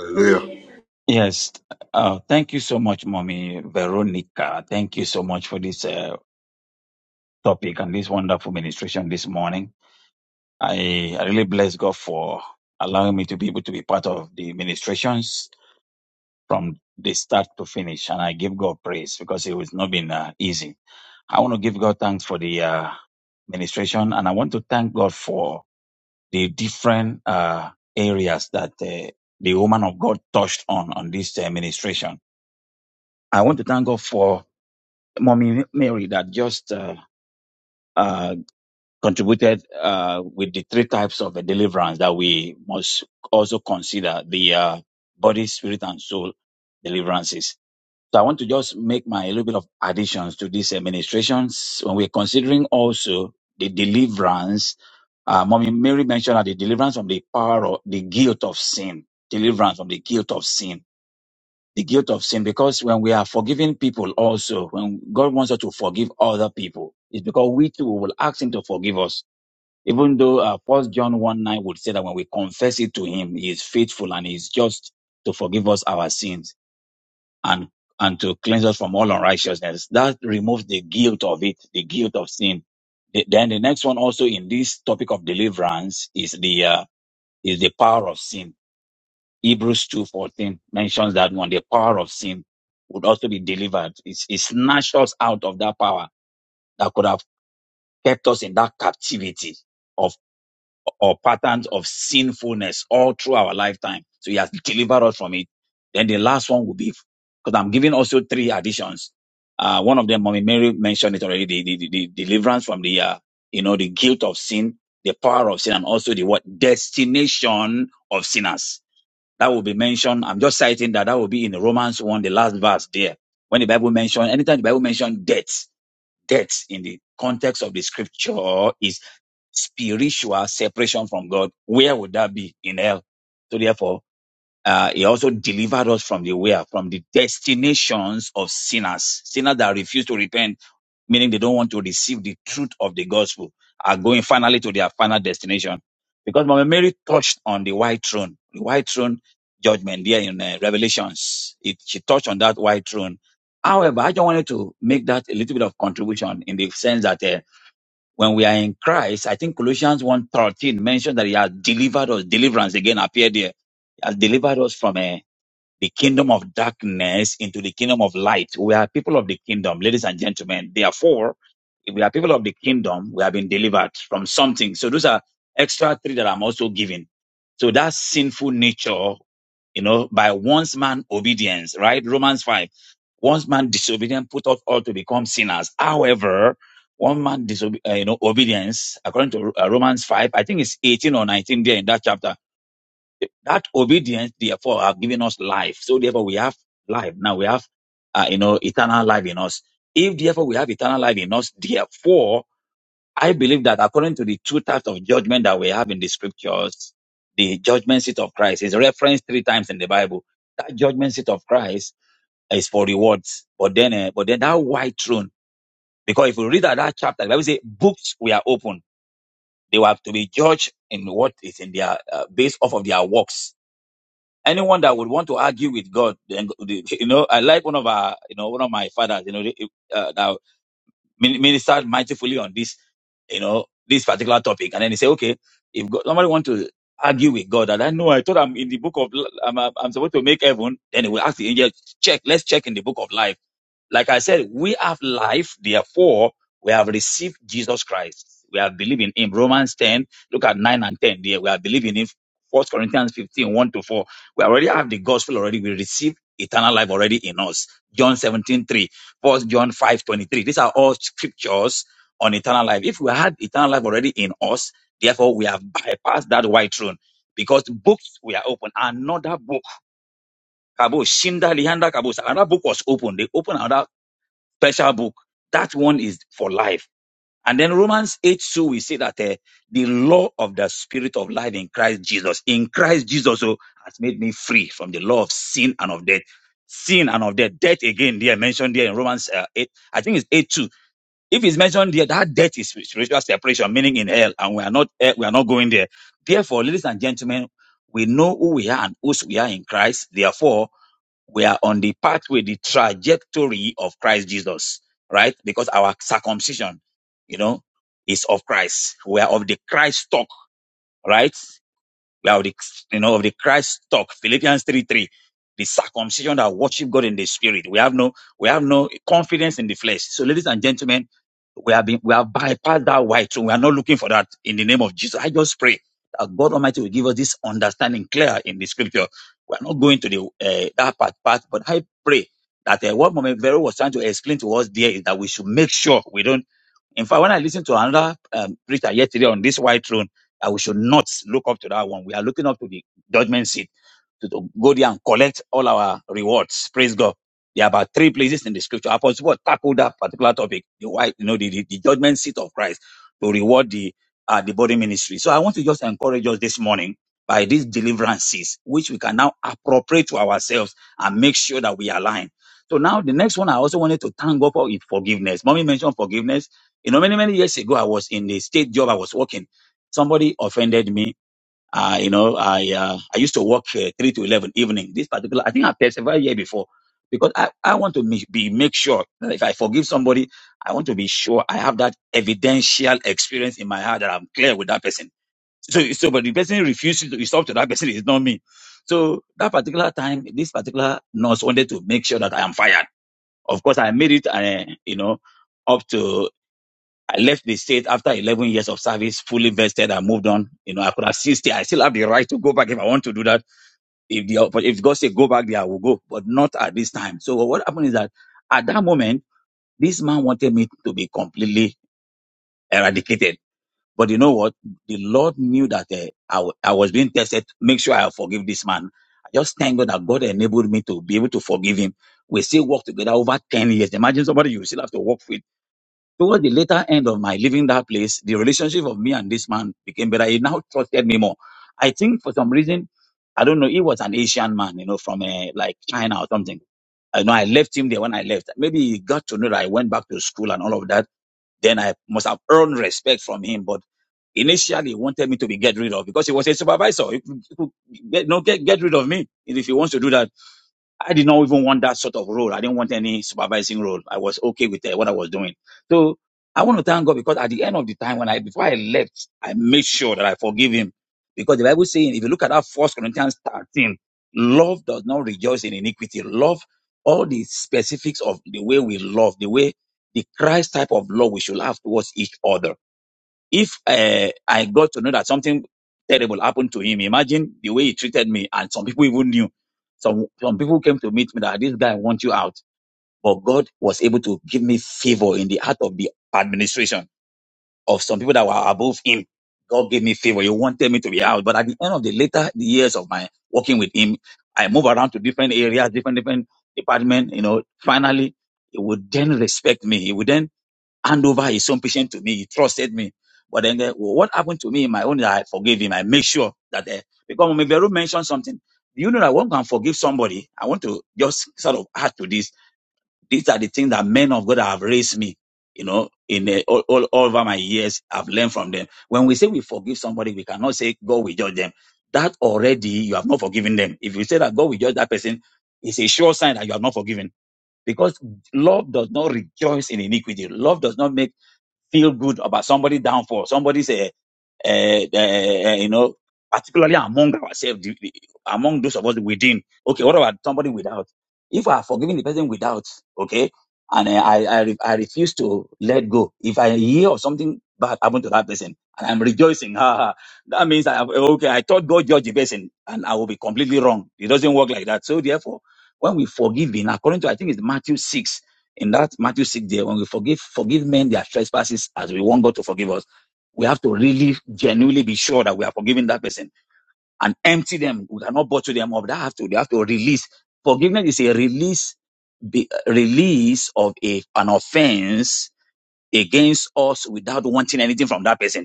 [SPEAKER 4] Hallelujah.
[SPEAKER 5] Yes. Uh, thank you so much, Mommy Veronica. Thank you so much for this uh, topic and this wonderful ministration this morning. I, I really bless God for allowing me to be able to be part of the ministrations from the start to finish. And I give God praise because it has not been uh, easy. I want to give God thanks for the uh, ministration and I want to thank God for the different uh, areas that uh, the woman of God touched on on this uh, ministration I want to thank God for Mommy Mary that just uh, uh, contributed uh, with the three types of uh, deliverance that we must also consider the uh, body, spirit, and soul deliverances. So I want to just make my little bit of additions to these administrations when we're considering also the deliverance. Uh, Mommy Mary mentioned that the deliverance from the power of the guilt of sin, deliverance from the guilt of sin the guilt of sin because when we are forgiving people also, when God wants us to forgive other people, it's because we too will ask Him to forgive us. Even though uh, 1 John 1 9 would say that when we confess it to Him, He is faithful and He is just to forgive us our sins and, and to cleanse us from all unrighteousness. That removes the guilt of it, the guilt of sin. The- then the next one also in this topic of deliverance is the, uh, is the power of sin Hebrews 2.14 mentions that when the power of sin would also be delivered. It, it snatched us out of that power that could have kept us in that captivity of or patterns of sinfulness all through our lifetime. So he has delivered us from it. Then the last one will be, because I'm giving also three additions. Uh, one of them, Mommy Mary mentioned it already, the, the, the, the deliverance from the, uh, you know, the guilt of sin, the power of sin, and also the what destination of sinners that will be mentioned. I'm just citing that. That will be in Romans 1, the last verse there. When the Bible mentions, anytime the Bible mentions death, death in the context of the scripture is spiritual separation from God. Where would that be? In hell. So therefore, uh, he also delivered us from the where, from the destinations of sinners, sinners that refuse to repent meaning they don't want to receive the truth of the gospel, are going finally to their final destination. Because Mama Mary touched on the white throne, the white throne judgment there in uh, Revelations. It, she touched on that white throne. However, I just wanted to make that a little bit of contribution in the sense that uh, when we are in Christ, I think Colossians one thirteen mentioned that he has delivered us, deliverance again appeared there. He has delivered us from uh, the kingdom of darkness into the kingdom of light. We are people of the kingdom, ladies and gentlemen. Therefore, if we are people of the kingdom, we have been delivered from something. So those are extra three that I'm also giving. So that sinful nature, you know, by once man obedience, right? Romans 5. Once man disobedient put us all to become sinners. However, one man disobe- uh, you know, obedience, according to uh, Romans 5, I think it's 18 or 19 there in that chapter that obedience, therefore, have given us life. So therefore, we have life. Now we have, uh, you know, eternal life in us. If therefore we have eternal life in us, therefore, I believe that according to the two types of judgment that we have in the scriptures, the judgment seat of Christ is referenced three times in the Bible. That judgment seat of Christ is for rewards. But then, uh, but then that white throne, because if we read that, that chapter, the Bible says books were open. They were to be judged in what is in their, uh, based off of their works anyone that would want to argue with God, then go- the- you know, I like one of our, you know, one of my fathers, you know, the- uh, that min- ministered mightifully on this, you know, this particular topic, and then he say, okay, if God, somebody want to argue with God, and I know I thought I'm in the book of, l- I'm, I'm I'm supposed to make heaven, then he will ask the angel, check, let's check in the book of life like I said, we have life, therefore we have received Jesus Christ. We are believing in Romans 10, look at 9 and 10 there. We are believing in First Corinthians 15, one to 4. We already have the gospel already. We receive eternal life already in us. John 17, 3, First John 5:23. These are all scriptures on eternal life. If we had eternal life already in us, therefore we have bypassed that white throne because books were open. Another book, Kabo, Shinda, Lihanda, Kabo, another book was open. They opened another special book. That one is for life. And then Romans 8 2, we see that eh, the law of the spirit of life in Christ Jesus, in Christ Jesus oh, has made me free from the law of sin and of death. Sin and of death. Death again, there mentioned there in Romans uh, 8, I think it's 8 2. If it's mentioned there, that death is spiritual separation, meaning in hell, and we are not eh, we are not going there. Therefore, ladies and gentlemen, we know who we are and whose we are in Christ. Therefore, we are on the pathway, the trajectory of Christ Jesus, right? Because our circumcision, you know, is of Christ. We are of the Christ stock, right? We are of the, you know, of the Christ stock. Philippians 3 3. The circumcision that worship God in the spirit. We have no, we have no confidence in the flesh. So ladies and gentlemen, we have been we have bypassed that white throne. We are not looking for that in the name of Jesus. I just pray that God Almighty will give us this understanding clear in the scripture. We are not going to the uh, that part part, but I pray that uh, what Mama Vero was trying to explain to us there is that we should make sure we don't. In fact, when I listened to another um, preacher yesterday on this white throne, that we should not look up to that one. We are looking up to the judgment seat to, go there and collect all our rewards. Praise God. There are about three places in the scripture. Apostle Paul tackled that particular topic, the white, you know, the, the, the judgment seat of Christ to reward the uh, the body ministry. So I want to just encourage us this morning by these deliverances, which we can now appropriate to ourselves and make sure that we align. So now the next one I also wanted to thank God for is forgiveness. Mommy mentioned forgiveness. You know, many, many years ago, I was in the state job I was working. Somebody offended me uh, you know, I uh, I used to work uh, three to eleven evening. This particular, I think I persevered here before because I, I want to make, be make sure that if I forgive somebody, I want to be sure I have that evidential experience in my heart that I'm clear with that person. So so, but the person refuses to it's up to that person. It's not me. So that particular time, this particular nurse wanted to make sure that I am fired. Of course, I made it. Uh, you know, up to I left the state after 11 years of service, fully vested. I moved on. You know, I could have still stayed. I still have the right to go back if I want to do that. If the oppor- if God say go back there, I will go, but not at this time. So what happened is that at that moment, this man wanted me to be completely eradicated. But you know what? The Lord knew that uh, I, w- I was being tested. Make sure I forgive this man. I just thank God that God enabled me to be able to forgive him. We still work together over 10 years. Imagine somebody you still have to work with Toward the later end of my leaving that place, the relationship of me and this man became better. He now trusted me more. I think for some reason, I don't know, he was an Asian man, you know, from uh, like China or something. I know I left him there when I left. Maybe he got to know that I went back to school and all of that. Then I must have earned respect from him. But initially, he wanted me to be get rid of because he was a supervisor. He could, he could get, no, get, get rid of me if he wants to do that I did not even want that sort of role. I didn't want any supervising role. I was okay with uh, what I was doing. So I want to thank God because at the end of the time, when I before I left, I made sure that I forgive him because the Bible saying, if you look at that First Corinthians thirteen, love does not rejoice in iniquity. Love all the specifics of the way we love, the way the Christ type of love we should have towards each other. If uh, I got to know that something terrible happened to him, imagine the way he treated me, and some people even knew. Some some people came to meet me that this guy wants you out, but God was able to give me favor in the heart of the administration of some people that were above him. God gave me favor. He wanted me to be out, but at the end of the later years of my working with him, I move around to different areas, different different departments. You know, finally, he would then respect me. He would then hand over his own patient to me. He trusted me. But then eh, what happened to me in my own, I forgave him. I make sure that, uh, because when Veru mentioned something, you know that one can forgive somebody. I want to just sort of add to this. These are the things that men of God have raised me, you know, in eh, all, all, all over my years. I've learned from them. When we say we forgive somebody, we cannot say God will judge them. That already you have not forgiven them. If you say that God will judge that person, it's a sure sign that you are not forgiven because love does not rejoice in iniquity. Love does not make feel good about somebody downfall, somebody's uh, uh, uh, you know, particularly among ourselves, the- the- among those of us within. Okay, what about somebody without? If I have forgiven the person without, okay, and uh, I, I, re- I refuse to let go, if I hear of something bad happen to that person, and I'm rejoicing, ha, ha, that means I have, okay, I thought God judged the person, and I will be completely wrong. It doesn't work like that. So therefore, when we forgive, in according to I think it's Matthew six, in that Matthew six there, when we forgive, forgive men their trespasses as we want God to forgive us we have to really genuinely be sure that we are forgiving that person and empty them. We cannot bottle them up. They have to, they have to release. Forgiveness is a release, be, release of a, an offense against us without wanting anything from that person.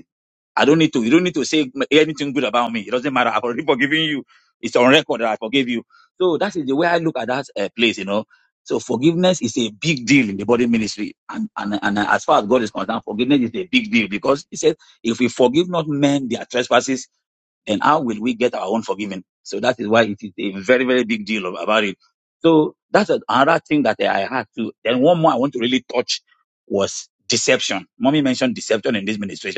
[SPEAKER 5] I don't need to. You don't need to say anything good about me. It doesn't matter. I've already forgiven you. It's on record that I forgave you. So that is the way I look at that uh, place. You know. So forgiveness is a big deal in the body ministry, and, and and as far as God is concerned, forgiveness is a big deal because He said, "If we forgive not men their trespasses, then how will we get our own forgiven?" So that is why it is a very very big deal of- about it. So that's another thing that I had to. Then one more I want to really touch was deception. Mommy mentioned deception in this ministry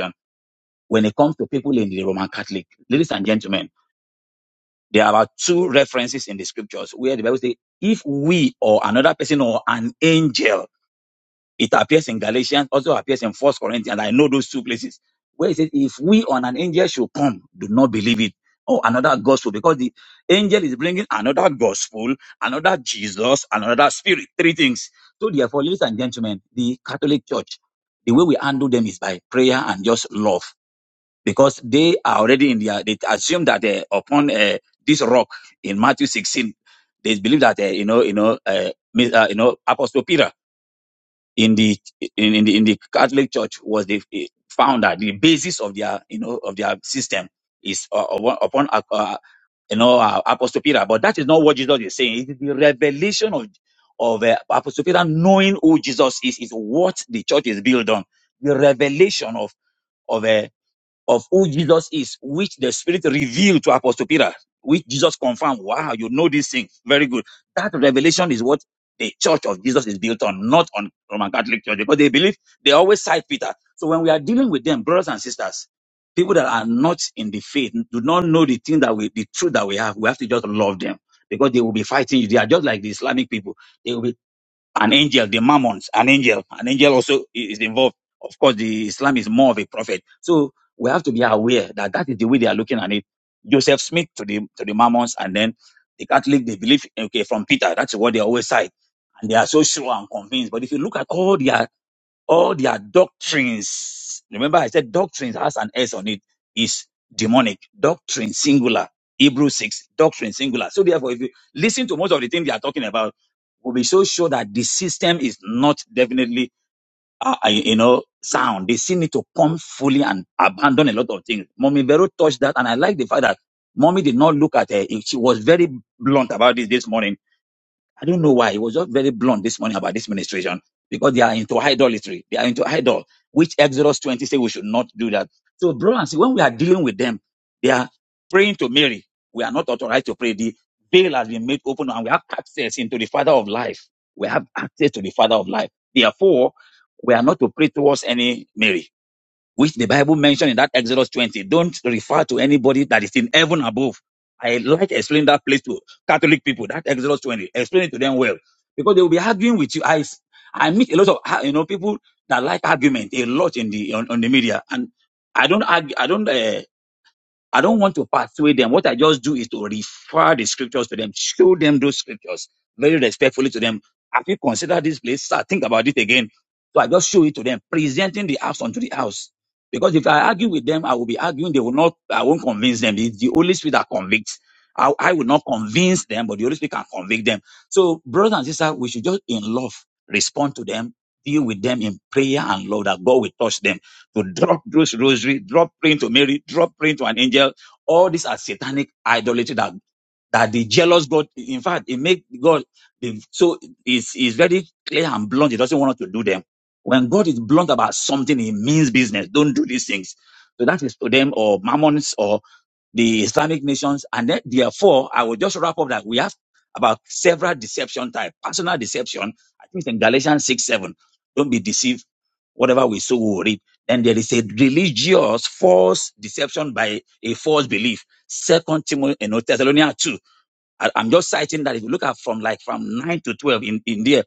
[SPEAKER 5] when it comes to people in the Roman Catholic, ladies and gentlemen, there are two references in the scriptures where the Bible says, if we or another person or an angel, it appears in Galatians, also appears in First Corinthians. I know those two places where it says, if we or an angel should come, do not believe it. Oh, another gospel, because the angel is bringing another gospel, another Jesus, another spirit, three things. So therefore, ladies and gentlemen, the Catholic Church, the way we handle them is by prayer and just love because they are already in their, they assume that uh, upon uh, this rock in Matthew 16, they believe that, uh, you know, you know, uh, mi- uh, you know, Apostle Peter in the, in, in the, in the Catholic Church was the eh, founder, the basis of their, you know, of their system is uh, upon, upon, uh, uh, you know, uh, Apostle Peter. But that is not what Jesus is saying. It is the revelation of, of uh, Apostle Peter knowing who Jesus is, is what the church is built on. The revelation of, of uh, of who Jesus is, which the Spirit revealed to Apostle Peter, which Jesus confirmed. Wow, you know this thing. Very good. That revelation is what the church of Jesus is built on, not on Roman Catholic Church, because they believe they always cite Peter. So when we are dealing with them, brothers and sisters, people that are not in the faith, do not know the thing that we, the truth that we have, we have to just love them because they will be fighting you. They are just like the Islamic people an angel, the mammons, an angel. An angel also is involved. Of course, the Islam is more of a prophet. So we have to be aware that that is the way they are looking at it. Joseph Smith to the to the mammons, and then the Catholic they believe okay from Peter. That's what they always say, and they are so sure and convinced. But if you look at all their all their doctrines. Remember, I said doctrines has an S on it, is demonic. Doctrine singular. Hebrew 6, doctrine singular. So therefore, if you listen to most of the things they are talking about, we'll be so sure that the system is not definitely, uh, uh, you know, sound. They still need to come fully and abandon a lot of things. Mommy Vero touched that, and I like the fact that Mommy did not look at her. She was very blunt about this this morning I don't know why. He was just very blunt this morning about this ministration because they are into idolatry. They are into idol, which Exodus 20 says we should not do that. So, bro and see, when we are dealing with them, they are praying to Mary. We are not authorized to pray. The veil has been made open and we have access into the Father of life. We have access to the Father of life. Therefore, we are not to pray towards any Mary which the Bible mentioned in that Exodus 20, don't refer to anybody that is in heaven above. I like to explain that place to Catholic people, that Exodus 20. Explain it to them well. Because they will be arguing with you. I, s- I meet a lot of, ah, you know, people that like argument a lot in the, on, on the media. And I don't argue, I don't, Uh, I don't want to persuade them. What I just do is to refer the scriptures to them, show them those scriptures very respectfully to them. Have you considered this place? Sir, think about it again. So I just show it to them, presenting the house unto the house. Because if I argue with them, I will be arguing. They will not, I won't convince them. It's the Holy Spirit that convicts. I, I will not convince them, but the Holy Spirit can convict them. So, brothers and sisters, we should just in love respond to them, deal with them in prayer and love that God will touch them to drop those rosary, drop praying to Mary, drop praying to an angel. All these are satanic idolatry that, that the jealous God, in fact, it make God, the- so it's, it's very clear and blunt. He doesn't want us to do them. When God is blunt about something, he means business. Don't do these things. So that is to them or mammons the Islamic nations. And then, therefore, I will just wrap up that we have about several deception type, personal deception. I think it's in Galatians 6, 7. Don't be deceived. Whatever we sow, we will reap. Then there is a religious false deception by a false belief. Second Timothy, you know, Thessalonians 2. I, am just citing that if you look at from like from 9 to 12 in, in there,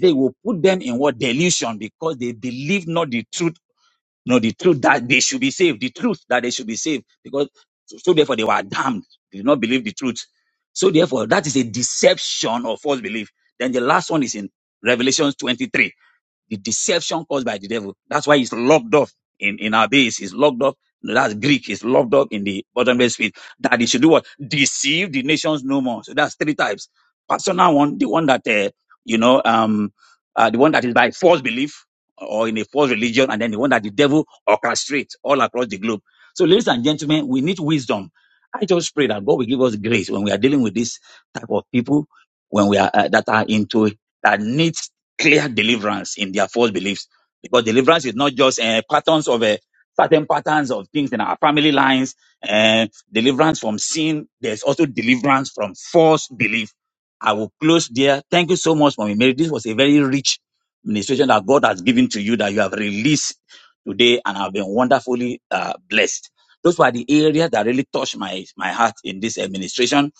[SPEAKER 5] they will put them in what delusion because they believe not the truth no, the truth that they should be saved, the truth that they should be saved, because so so therefore they were damned. They did not believe the truth. So therefore, that is a deception or false belief. Then the last one is in Revelation 23 the deception caused by the devil. That's why it's locked up in, in our base. It's locked up. That's Greek. It's locked up in the bottomless pit. That it should do what? Deceive the nations no more. So that's three types. Personal one, the one that, uh, you know, um, uh, the one that is by false belief or in a false religion, and then the one that the devil orchestrates all across the globe. So, ladies and gentlemen, we need wisdom. I just pray that God will give us grace when we are dealing with this type of people, when we are uh, that are into that needs clear deliverance in their false beliefs. Because deliverance is not just uh, patterns of uh, certain patterns of things in our family lines, uh, deliverance from sin. There's also deliverance from false belief. I will close there. Thank you so much, Mommy Mary. This was a very rich ministration that God has given to you that you have released today and have been wonderfully uh, blessed. Those were the areas that really touched my, my heart in this administration.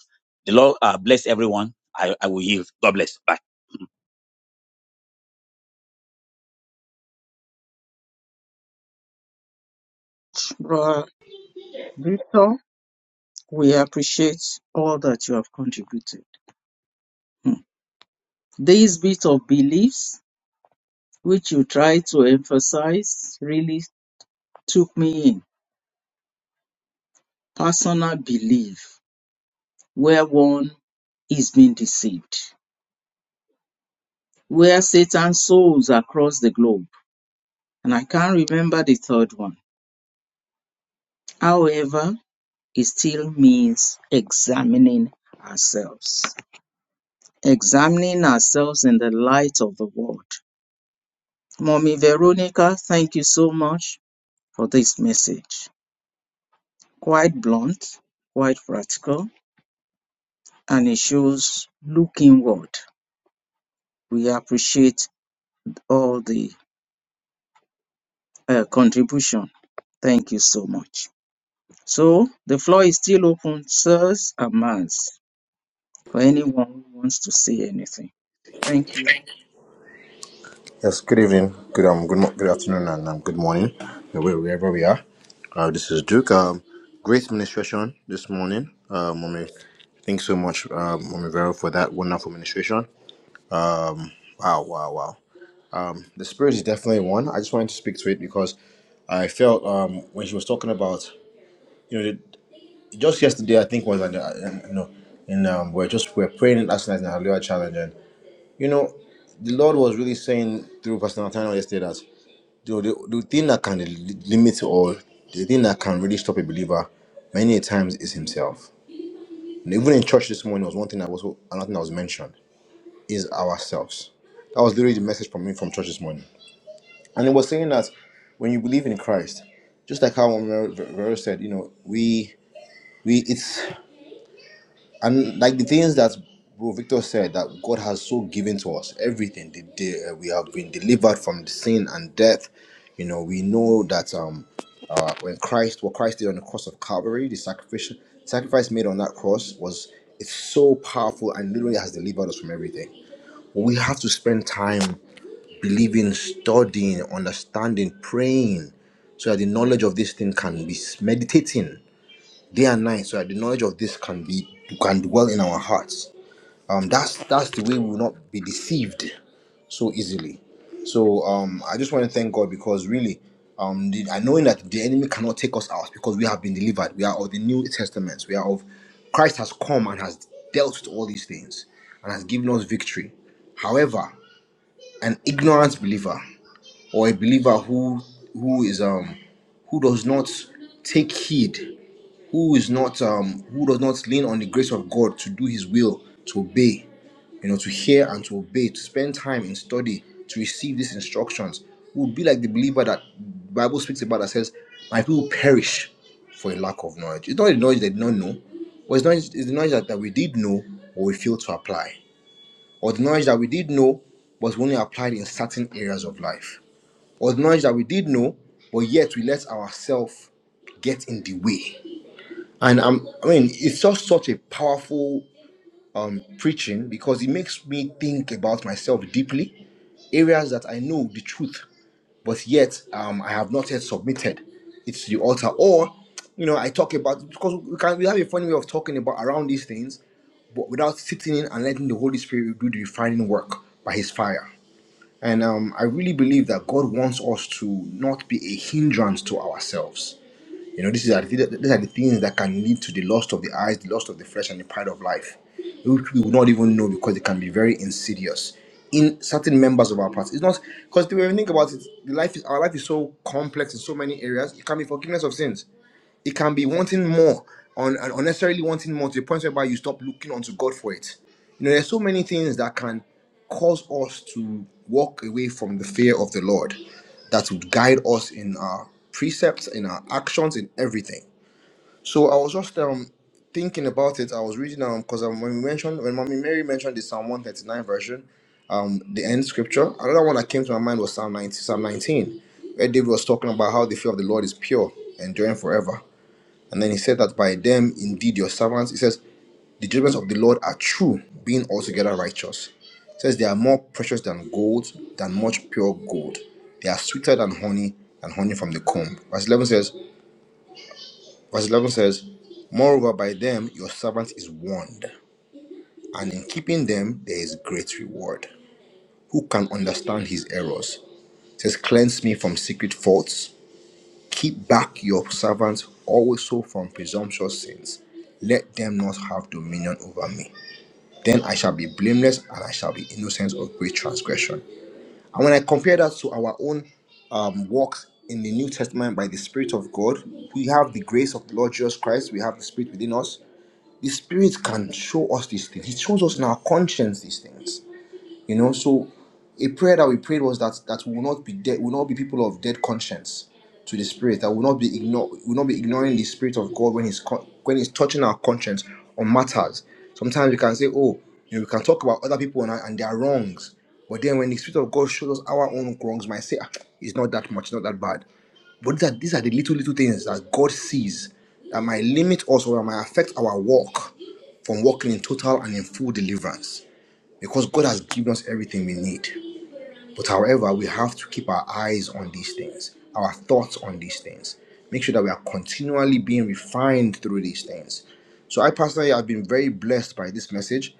[SPEAKER 5] The Lord uh, bless everyone. I, I will yield. God bless. Bye.
[SPEAKER 2] Brother Victor, we appreciate all that you have contributed. Hmm. This bit of beliefs which you try to emphasize really took me in personal belief where one is being deceived, where Satan sows across the globe. And I can't remember the third one. However, it still means examining ourselves, examining ourselves in the light of the word. Mommy Veronica, thank you so much for this message. Quite blunt, quite practical, and it shows look inward. We appreciate all the uh, contribution. Thank you so much. So the floor is still open, sirs and mans, for anyone who wants to say anything. Thank you.
[SPEAKER 4] Yes, good evening, good um, good, mo- good afternoon, and um, good morning, uh, where- wherever we are. Uh, this is Duke. Um, great ministration this morning. Uh, Mommy, thanks so much, uh, Mommy Vero, for that wonderful ministration. Wow, wow, wow. The Spirit is definitely one. I just wanted to speak to it because I felt um, when she was talking about, you know, the- just yesterday, I think was, and uh, and, you know, and um, we're just we're praying last night in the Hallelujah Challenge, and you know, the Lord was really saying through Pastor Nathaniel yesterday that. the, the, the thing that can limit it all, the thing that can really stop a believer many a times is himself. And even in church this morning was one thing that was another thing that was mentioned is ourselves. That was literally the message from me from church this morning. And it was saying that when you believe in Christ, just like how Vero said, you know, we we it's and like the things that bro victor said that god has so given to us everything the, the, uh, we have been delivered from the sin and death you know we know that um uh, when christ what christ did on the cross of calvary the sacrifice sacrifice made on that cross was it's so powerful and literally has delivered us from everything we have to spend time believing studying understanding praying so that the knowledge of this thing can be meditating day and night so that the knowledge of this can be can dwell in our hearts um that's that's the way we will not be deceived so easily so um i just want to thank god because really um the, i knowing that the enemy cannot take us out because we have been delivered we are of the new testaments we are of christ has come and has dealt with all these things and has given us victory however an ignorant believer or a believer who who is um who does not take heed who is not um who does not lean on the grace of God to do his will, to obey, you know, to hear and to obey, to spend time in study, to receive these instructions, would be like the believer that the Bible speaks about that says, My people perish for a lack of knowledge. It's not the knowledge they did not know, but it's, knowledge, it's the knowledge that, that we did know but we failed to apply. Or the knowledge that we did know but we only applied in certain areas of life. Or the knowledge that we did know, but yet we let ourselves get in the way and I'm, I mean, it's just such a powerful um, preaching because it makes me think about myself deeply, areas that I know the truth, but yet um, I have not yet submitted it to the altar. Or, you know, I talk about because we can we have a funny way of talking about around these things, but without sitting in and letting the Holy Spirit do the refining work by His fire. And um, I really believe that God wants us to not be a hindrance to ourselves you know, these are, the, these are the things that can lead to the lust of the eyes, the lust of the flesh, and the pride of life, which we would not even know because it can be very insidious in certain members of our past. It's not because when you think about it, the life is, our life is so complex in so many areas. It can be forgiveness of sins it can be wanting more, on and unnecessarily wanting more to the point whereby you stop looking unto God for it. You know, there's so many things that can cause us to walk away from the fear of the Lord that would guide us in our precepts, in our actions, in everything. So I was just um thinking about it. I was reading um because um, when we mentioned when Mommy Mary mentioned the Psalm 139 version, um the end scripture. Another one that came to my mind was Psalm 19, Psalm 19, where David was talking about how the fear of the Lord is pure, enduring forever. And then he said that by them, indeed, your servants, he says, the judgments of the Lord are true, being altogether righteous. It says they are more precious than gold, than much pure gold. They are sweeter than honey, than honey from the comb. Verse 11 says, verse 11 says, Moreover, by them your servant is warned, and in keeping them there is great reward. Who can understand his errors? It says, Cleanse me from secret faults Keep back your servants also from presumptuous sins. Let them not have dominion over me. Then I shall be blameless and I shall be innocent of great transgression. And when I compare that to our own um, walks in the New Testament by the Spirit of God, we have the grace of the Lord Jesus Christ, we have the Spirit within us. The Spirit can show us these things. He shows us in our conscience these things you know, so a prayer that we prayed was that that we will not be dead, will not be people of dead conscience to the spirit. That will not be ignore, will not be ignoring the spirit of God when he's con- when he's touching our conscience on matters. Sometimes we can say, oh, you know, we can talk about other people and, and their wrongs, but then when the spirit of God shows us our own wrongs, we might say, "Ah, it's not that much, not that bad. But these are these are the little little things that God sees that might limit us or that might affect our walk from walking in total and in full deliverance because God has given us everything we need. But however, we have to keep our eyes on these things, our thoughts on these things. Make sure that we are continually being refined through these things. So I personally have been very blessed by this message.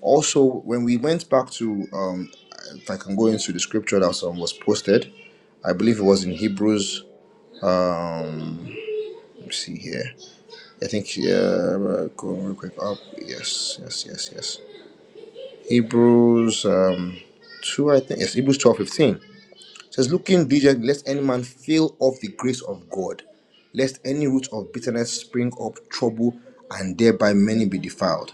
[SPEAKER 4] Also, when we went back to, um, if I can go into the scripture that um, was posted, I believe it was in Hebrews. Let me see here. I think yeah, uh, go real quick up. Yes, yes, yes, yes. Hebrews um, two, I think. Yes, Hebrews twelve fifteen. says, looking diligently, lest any man fail of the grace of God, lest any root of bitterness spring up trouble, and thereby many be defiled.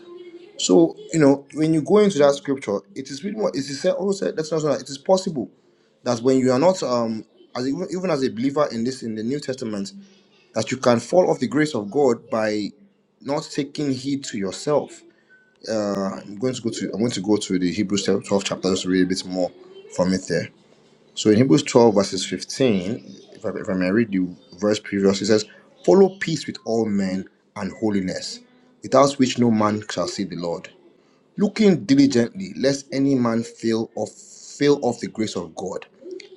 [SPEAKER 4] So, you know, when you go into that scripture, it is really more, it is said, also said, that's not it is possible that when you are not, um, as even, even as a believer in this, in the New Testament, that you can fall off the grace of God by not taking heed to yourself. Uh, I'm going to go to I'm going to go to the Hebrews 12 chapter just to read a bit more from it there. So in Hebrews 12, verses 15, if I, if I may read the verse previous, it says, Follow peace with all men and holiness, without which no man shall see the Lord. Looking diligently, lest any man fail of fail of the grace of God,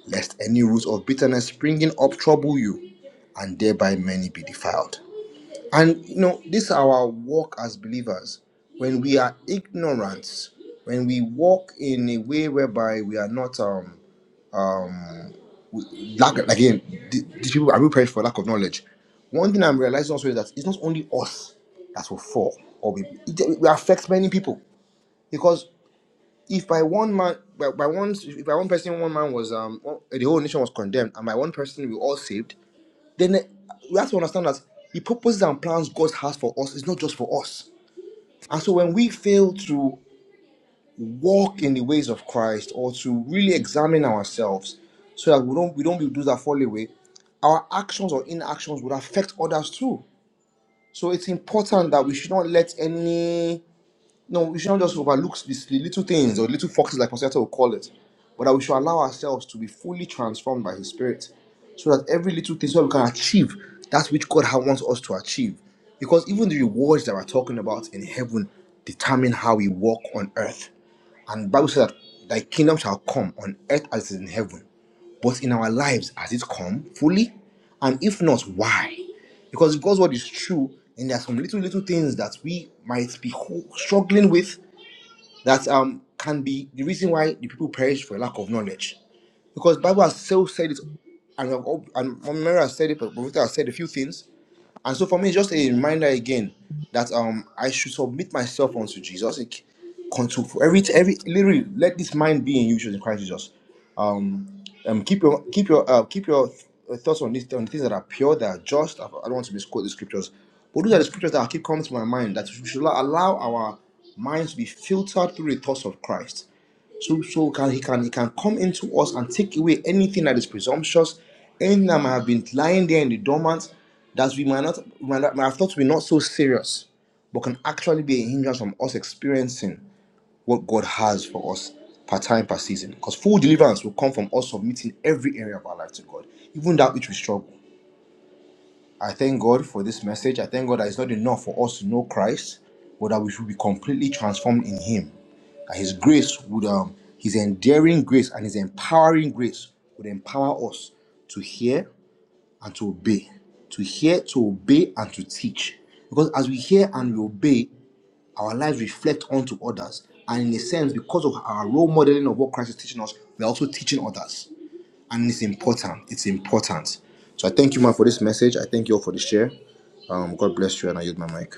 [SPEAKER 4] lest any root of bitterness springing up trouble you, and thereby many be defiled. And you know, this is our walk as believers. When we are ignorant, when we walk in a way whereby we are not um, um, lack again th- these people are we praying for lack of knowledge one thing i'm realizing also is that it's not only us that will fall or we, it, we affect many people because if by one man by, by one if by one person one man was um one- the whole nation was condemned and by one person we were all saved then eh, we have to understand that the purposes and plans god has for us is not just for us and so when we fail to walk in the ways of Christ or to really examine ourselves so that we don't we don't be those that fall away, our actions or inactions would affect others too. So it's important that we should not let any no, we should not just overlook these little things or little foxes like Pastor Ete will call it, but that we should allow ourselves to be fully transformed by his spirit so that every little thing so that we can achieve that which God ha- wants us to achieve. Because even the rewards that we're talking about in heaven determine how we walk on earth. And the Bible says that thy kingdom shall come on earth as it is in heaven. But in our lives, has it come fully? And if not, why? Because if God's word is true, and there are some little little things that we might be ho- struggling with that um can be the reason why the people perish for lack of knowledge. Because Bible has still said it, and, we have all- and Mary has said it, but Professor has said a few things and so for me, it's just a reminder again that um I should submit myself unto Jesus. Like, control for every every literally let this mind be in you which is in Christ Jesus. Um, um keep your keep your uh, keep your uh, thoughts on these on things that are pure, that are just. I I don't want to misquote the scriptures, but those are the scriptures that keep coming to my mind. That we should allow allow our minds to be filtered through the thoughts of Christ so, so can he can he can come into us and take away anything that is presumptuous, anything that might have been lying there in the dormant, that we might not might, not- might have thought we're not so serious, but can actually be a hindrance from us experiencing what God has for us per time per season. Because full deliverance will come from us submitting every area of our life to God, even that which we struggle. I thank God for this message. I thank God that it's not enough for us to know Christ, but that we should be completely transformed in Him. That His grace would, um, His endearing grace and His empowering grace would empower us to hear and to obey, to hear, to obey, and to teach. Because as we hear and we obey, our lives reflect onto others. And in a sense, because of our role modeling of what Christ is teaching us, we're also teaching others and it's important. It's important. So I thank you, man, for this message. I thank you all for the share. Um, God bless you, and I use my mic.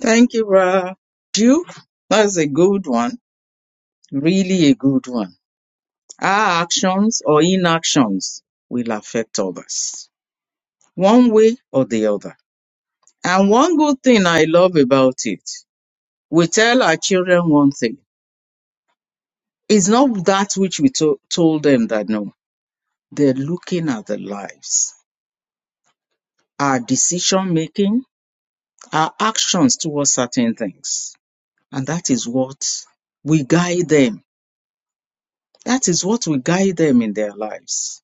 [SPEAKER 2] Thank you, Ra. You, that's a good one. Really a good one. Our actions or inactions will affect others, one way or the other. And one good thing I love about it, we tell our children one thing. It's not that which we to- told them that no. They're looking at the lives our decision making, our actions towards certain things. And that is what we guide them. That is what we guide them in their lives.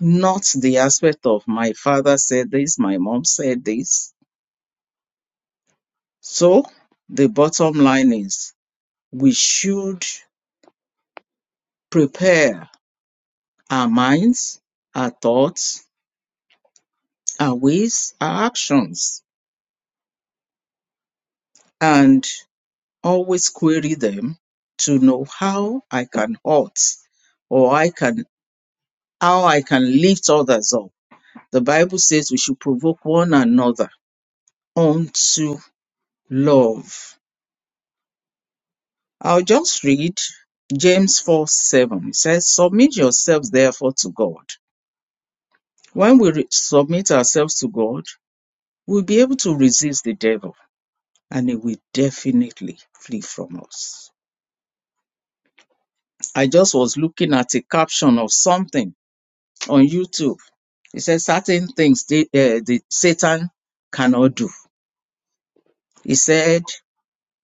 [SPEAKER 2] Not the aspect of my father said this, my mom said this. So the bottom line is we should prepare our minds, our thoughts, our ways, our actions, and always query them to know how I can halt or I can how I can lift others up. The Bible says we should provoke one another unto love. I'll just read James 4 7. It says, Submit yourselves therefore to God. When we re- submit ourselves to God, we'll be able to resist the devil and he will definitely flee from us. I just was looking at a caption of something on YouTube. It says, Certain things the, uh, the Satan cannot do. He said,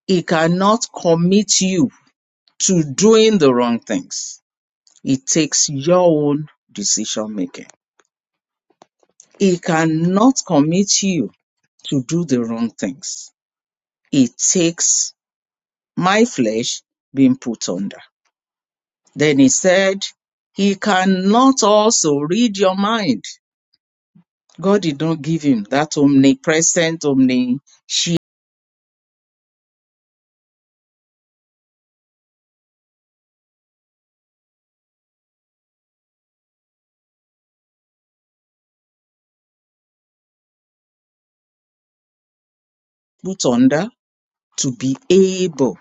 [SPEAKER 2] It cannot commit you to doing the wrong things. It takes your own decision making. It cannot commit you to do the wrong things. It takes my flesh being put under. Then he said, He cannot also read your mind. God did not give him that omnipresent, omniscient put under to be able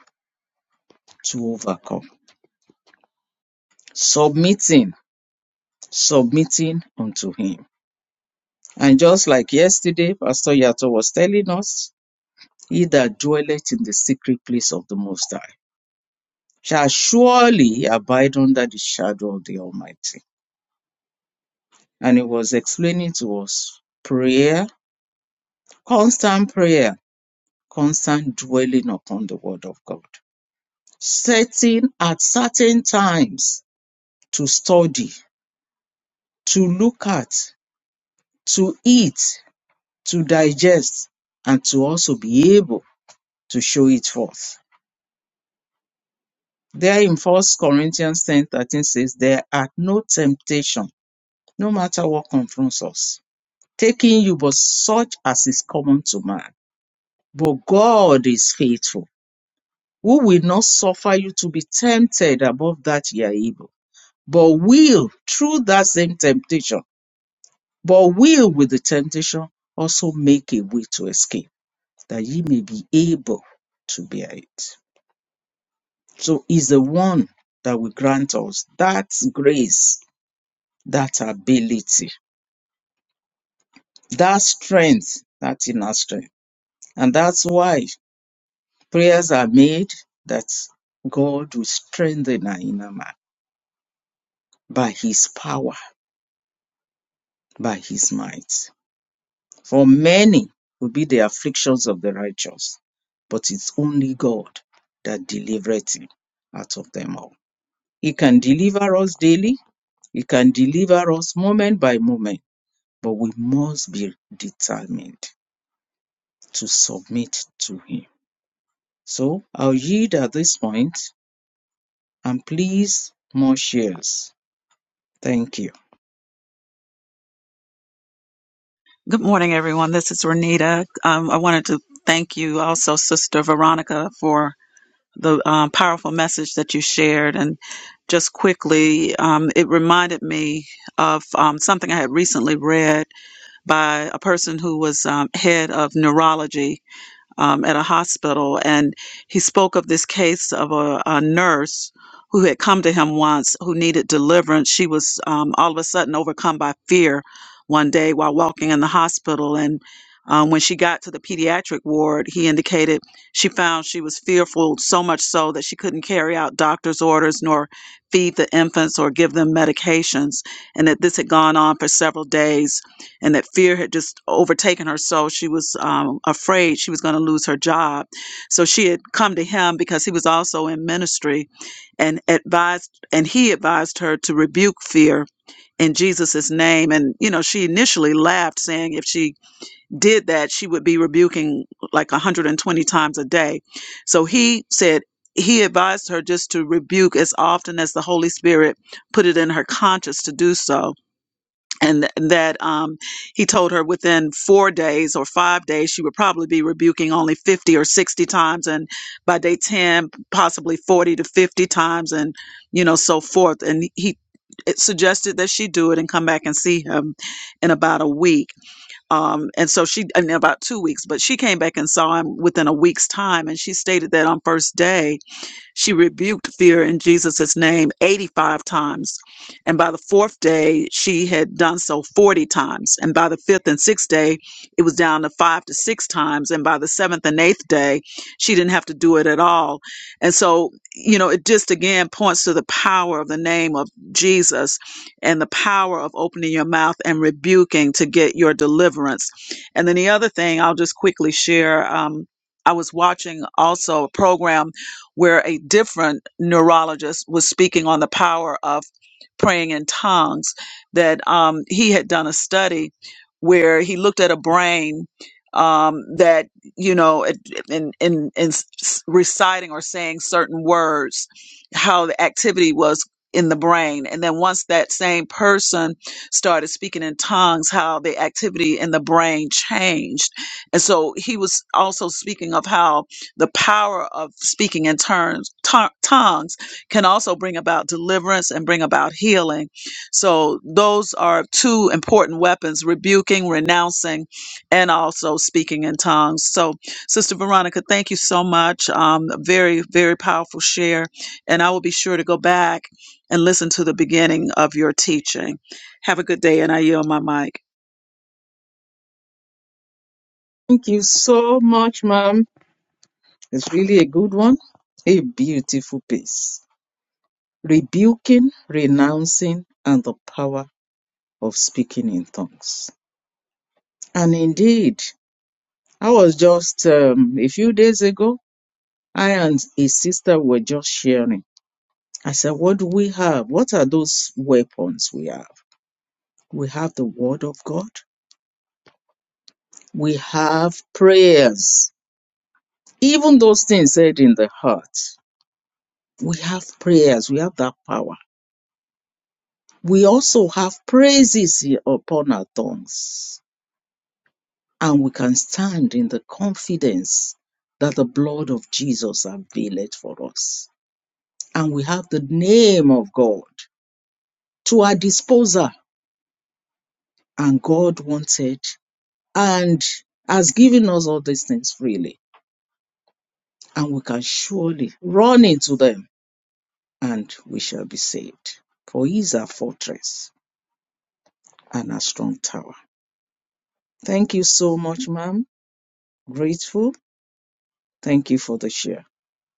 [SPEAKER 2] to overcome. Submitting, submitting unto him And just like yesterday, Pastor Yato was telling us, he that dwelleth in the secret place of the Most High shall surely abide under the shadow of the Almighty. And he was explaining to us prayer, constant prayer, constant dwelling upon the Word of God, setting at certain times to study, to look at, to eat, to digest, and to also be able to show it forth There in First Corinthians ten thirteen says, There are no temptation, no matter what confronts us, taking you but such as is common to man. But God is faithful, who will not suffer you to be tempted above that ye are able, but will, through that same temptation, but will with the temptation also make a way to escape, that ye may be able to bear it. So is the one that will grant us that grace that ability, that strength, that inner strength. And that's why prayers are made that God will strengthen our inner man by his power, by his might. For many will be the afflictions of the righteous, but it's only God that delivereth him out of them all. He can deliver us daily, he can deliver us moment by moment, but we must be determined to submit to him So I'll yield at this point and please more shares. Thank you.
[SPEAKER 6] Good morning, everyone. This is Renita. Um, I wanted to thank you also, Sister Veronica, for the um, powerful message that you shared. And just quickly, um, it reminded me of um, something I had recently read by a person who was um, head of neurology um, at a hospital, and he spoke of this case of a, a nurse who had come to him once who needed deliverance. She was um, all of a sudden overcome by fear one day while walking in the hospital, and um, when she got to the pediatric ward, he indicated she found she was fearful so much so that she couldn't carry out doctor's orders nor feed the infants or give them medications, and that this had gone on for several days and that fear had just overtaken her so she was um, afraid she was going to lose her job so she had come to him because he was also in ministry and advised and he advised her to rebuke fear in jesus' name and you know she initially laughed saying if she did that she would be rebuking like 120 times a day so he said he advised her just to rebuke as often as the holy spirit put it in her conscience to do so and th- that um, he told her within four days or five days she would probably be rebuking only 50 or 60 times and by day 10 possibly 40 to 50 times and you know so forth and he it suggested that she do it and come back and see him in about a week um, and so she in about two weeks but she came back and saw him within a week's time and she stated that on first day she rebuked fear in Jesus' name 85 times. And by the fourth day, she had done so 40 times. And by the fifth and sixth day, it was down to five to six times. And by the seventh and eighth day, she didn't have to do it at all. And so, you know, it just again points to the power of the name of Jesus and the power of opening your mouth and rebuking to get your deliverance. And then the other thing I'll just quickly share. Um, I was watching also a program where a different neurologist was speaking on the power of praying in tongues. That um, he had done a study where he looked at a brain um, that you know it- in in in s- reciting or saying certain words, how the activity was in the brain, and then once that same person started speaking in tongues, how the activity in the brain changed. And so he was also speaking of how the power of speaking in terms, to- tongues can also bring about deliverance and bring about healing. So those are two important weapons, rebuking, renouncing, and also speaking in tongues. So Sister Veronica, thank you so much. Um, very, very powerful share. And I will be sure to go back and listen to the beginning of your teaching. Have a good day, and I yield my mic.
[SPEAKER 2] Thank you so much, ma'am. It's really a good one. A beautiful piece. Rebuking, renouncing, and the power of speaking in tongues. And indeed, I was just um, a few days ago, I and a sister were just sharing. I said, What do we have? What are those weapons we have? We have the Word of God, we have prayers Even those things said in the heart, we have prayers, we have that power. We also have praises upon our tongues, and we can stand in the confidence that the blood of Jesus availeth for us. And we have the name of God to our disposal, and God wanted and has given us all these things freely, and we can surely run into them and we shall be saved. For He is our fortress and a strong tower. Thank you so much, ma'am. Grateful. Thank you for the share.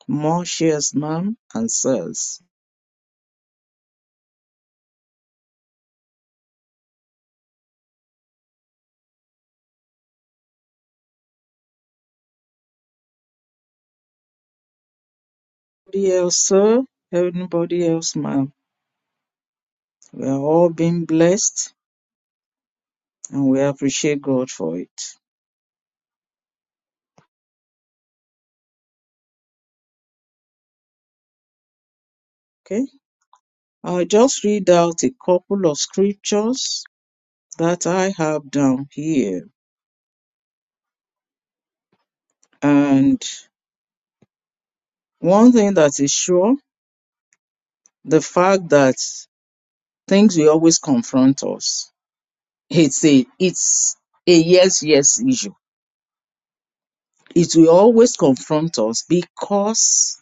[SPEAKER 2] More shares, ma'am, and sirs. Anybody else, sir? Anybody else, ma'am? We are all being blessed and we appreciate God for it. Okay? I'll just read out a couple of scriptures that I have down here. And one thing that is sure, the fact that things will always confront us. It's a it's a yes, yes issue It will always confront us because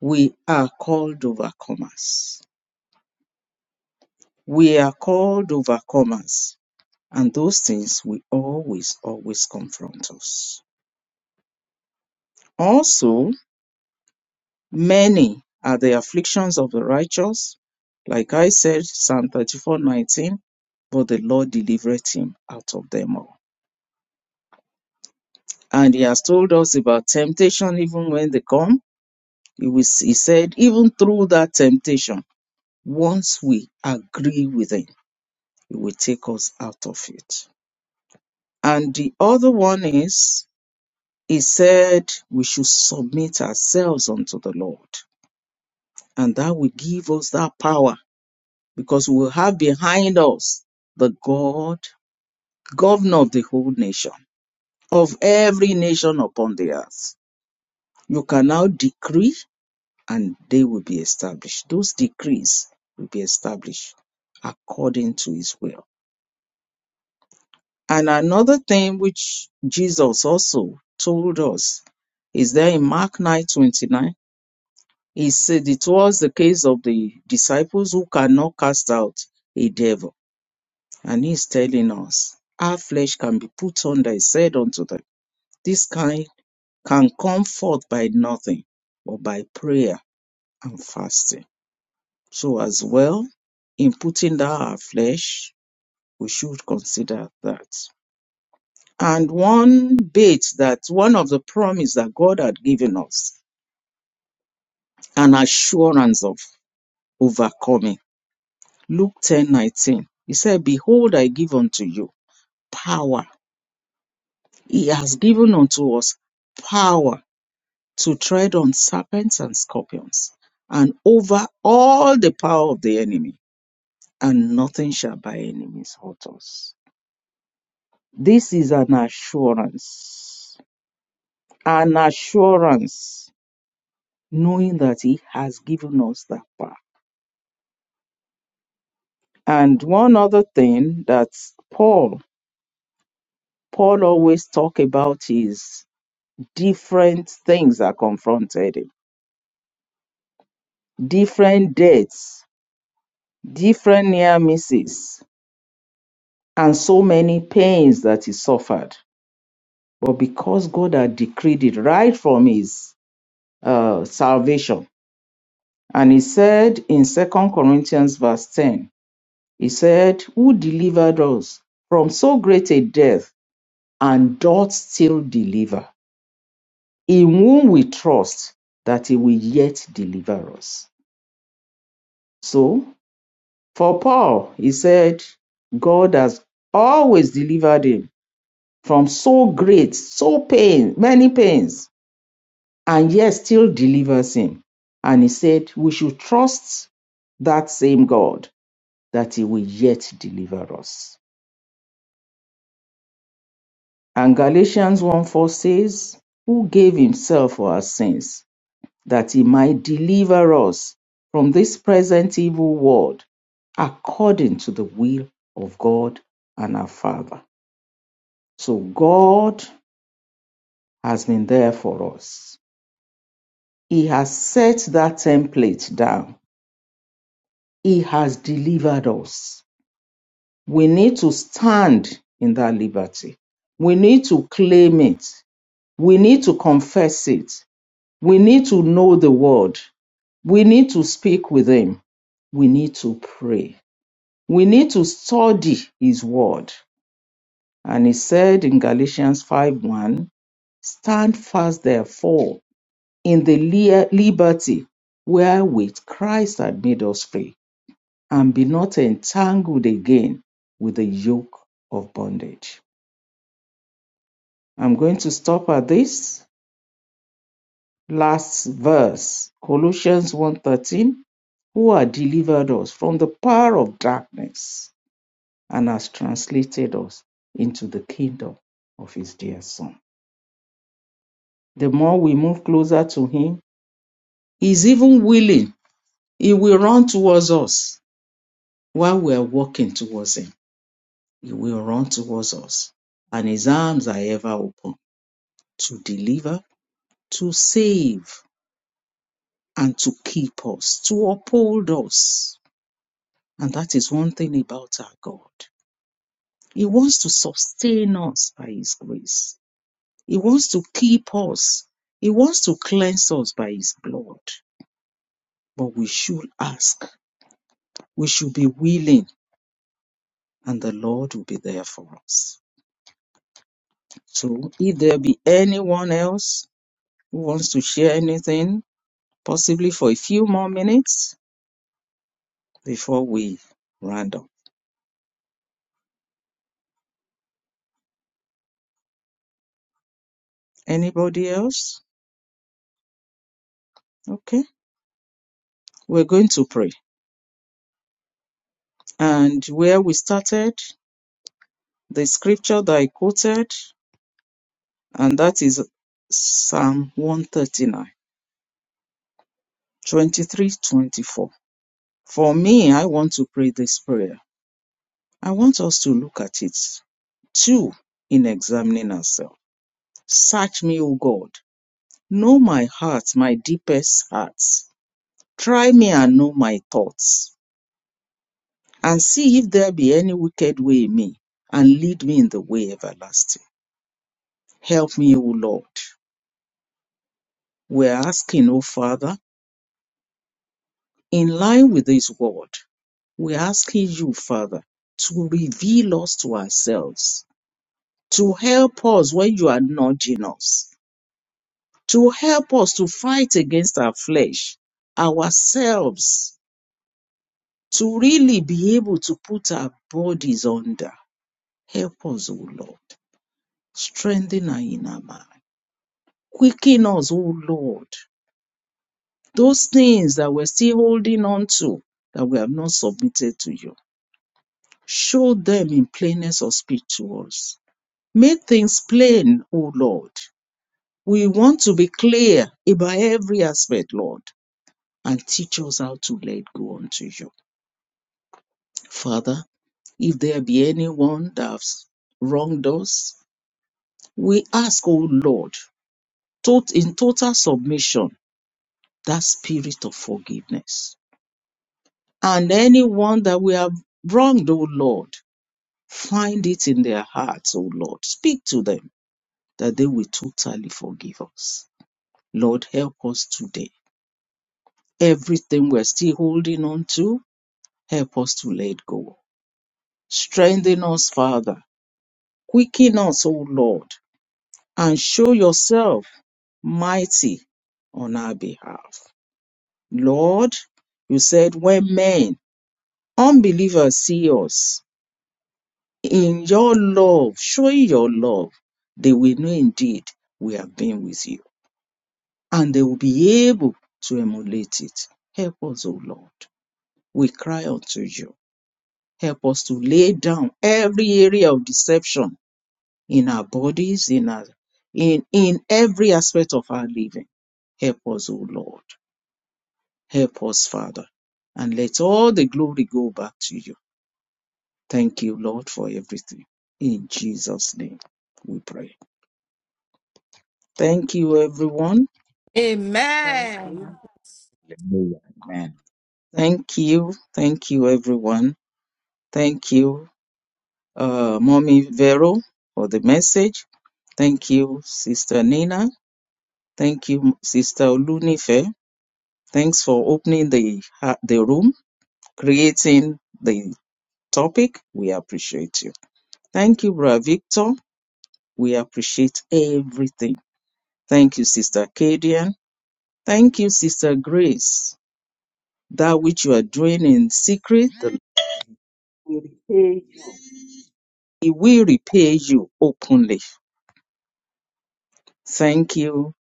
[SPEAKER 2] we are called overcomers. We are called overcomers, and those things will always, always confront us. Also, many are the afflictions of the righteous. Like I said, Psalm 34 19. but the Lord delivereth him out of them all. And he has told us about temptation, even when they come. He, was, he said, even through that temptation, Once we agree with him, he will take us out of it. And the other one is, he said we should submit ourselves unto the Lord. And that will give us that power because we will have behind us the God, governor of the whole nation, of every nation upon the earth. You can now decree and they will be established. Those decrees will be established according to his will. And another thing which Jesus also told us is there in Mark 9 29. He said it was the case of the disciples who cannot cast out a devil. And he's telling us our flesh can be put under, he said unto them, This kind can come forth by nothing but by prayer and fasting. So, as well, in putting down our flesh, we should consider that. And one bit that one of the promise that God had given us, an assurance of overcoming. Luke ten nineteen. He said, Behold, I give unto you power. He has given unto us power to tread on serpents and scorpions and over all the power of the enemy, and nothing shall by enemies hurt us. This is an assurance. An assurance knowing that he has given us that power. And one other thing that Paul Paul always talk about is different things that confronted him, different deaths, different near misses, and so many pains that he suffered. But because God had decreed it right from his uh, salvation, and he said in Second Corinthians verse ten, he said, "Who delivered us from so great a death?" and doth still deliver, in whom we trust that he will yet deliver us. So, for Paul, he said, God has always delivered him from so great, so pain, many pains, and yet still delivers him. And he said, we should trust that same God that he will yet deliver us. And Galatians 1 4 says, Who gave himself for our sins that he might deliver us from this present evil world according to the will of God and our Father. So God has been there for us. He has set that template down. He has delivered us. We need to stand in that liberty. We need to claim it. We need to confess it. We need to know the word. We need to speak with Him. We need to pray We need to study his word. And he said in Galatians five one, stand fast therefore in the lia- liberty wherewith Christ had made us free, and be not entangled again with the yoke of bondage. I'm going to stop at this last verse, Colossians one thirteen, who had delivered us from the power of darkness and has translated us into the kingdom of his dear son. The more we move closer to him, he is even willing. He will run towards us while we are walking towards him. He will run towards us, and his arms are ever open to deliver, to save, and to keep us, to uphold us. And that is one thing about our God. He wants to sustain us by his grace. He wants to keep us. He wants to cleanse us by His blood. But we should ask. We should be willing, and the Lord will be there for us. So, if there be anyone else who wants to share anything, possibly for a few more minutes before we round up. Anybody else? Okay. We're going to pray. And where we started, the scripture that I quoted, and that is Psalm 139. 23, 24. For me, I want to pray this prayer. I want us to look at it too in examining ourselves. Search me, O God. Know my heart, my deepest heart. Try me and know my thoughts, and see if there be any wicked way in me, and lead me in the way everlasting. Help me, O Lord. We're asking, O Father, in line with this word, we're asking you, Father, to reveal us to ourselves to help us when you are nudging us, to help us to fight against our flesh, ourselves, to really be able to put our bodies under. Help us, O Lord. Strengthen our inner man. Quicken us, O Lord. Those things that we're still holding on to, that we have not submitted to you. Show them in plainness of speech to us. Make things plain, O Lord. We want to be clear about every aspect, Lord. and teach us how to let go unto you. Father, if there be anyone that has wronged us, we ask, O Lord, tot- in total submission, that spirit of forgiveness. And anyone that we have wronged, O Lord, find it in their hearts, O Lord. Speak to them that they will totally forgive us. Lord, help us today. Everything we're still holding on to, help us to let go. Strengthen us, Father Quicken us, O Lord, and show yourself mighty on our behalf. Lord, you said, when men, unbelievers, see us in your love, showing your love, they will know indeed we have been with you and they will be able to emulate it. Help us, O Lord. We cry unto you. Help us to lay down every area of deception in our bodies, in our in in every aspect of our living. Help us, O Lord. Help us, Father. And let all the glory go back to you. Thank you, Lord, for everything. In Jesus' name we pray. Thank you, everyone. Thank
[SPEAKER 3] Amen.
[SPEAKER 2] you.
[SPEAKER 5] Hallelujah. Amen.
[SPEAKER 2] Thank you. Thank you, everyone. Thank you, uh, Mommy Vero, for the message. Thank you, Sister Nina. Thank you, Sister Olunife. Thanks for opening the ha- the room, creating the topic. We appreciate you. Thank you, Brother Victor. We appreciate everything. Thank you, Sister Kadian. Thank you, Sister Grace. That which you are doing in secret, the Lord will repay He will repay you openly. Thank you,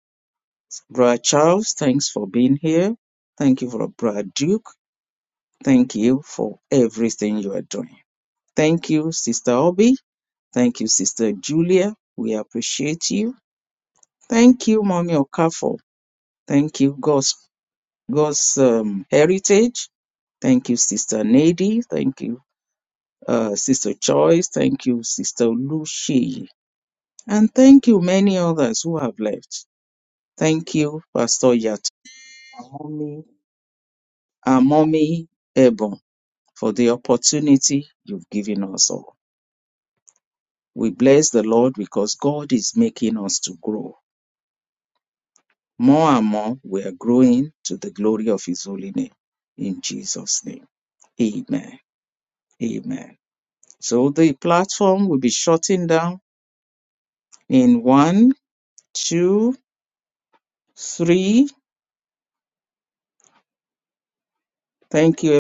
[SPEAKER 2] Brother Charles. Thanks for being here. Thank you for Brother Duke. Thank you for everything you are doing. Thank you, Sister Obi. Thank you, Sister Julia. We appreciate you. Thank you, Mommy Okafor. Thank you, God's, God's um, heritage. Thank you, Sister Nady. Thank you, uh, Sister Joyce. Thank you, Sister Lucy. And thank you, many others who have left. Thank you, Pastor Yat, Mommy, and Mommy Ebon, for the opportunity you've given us all. We bless the Lord because God is making us to grow. More and more we are growing to the glory of His holy name. In Jesus' name. Amen. Amen. So the platform will be shutting down in one, two, three. Thank you.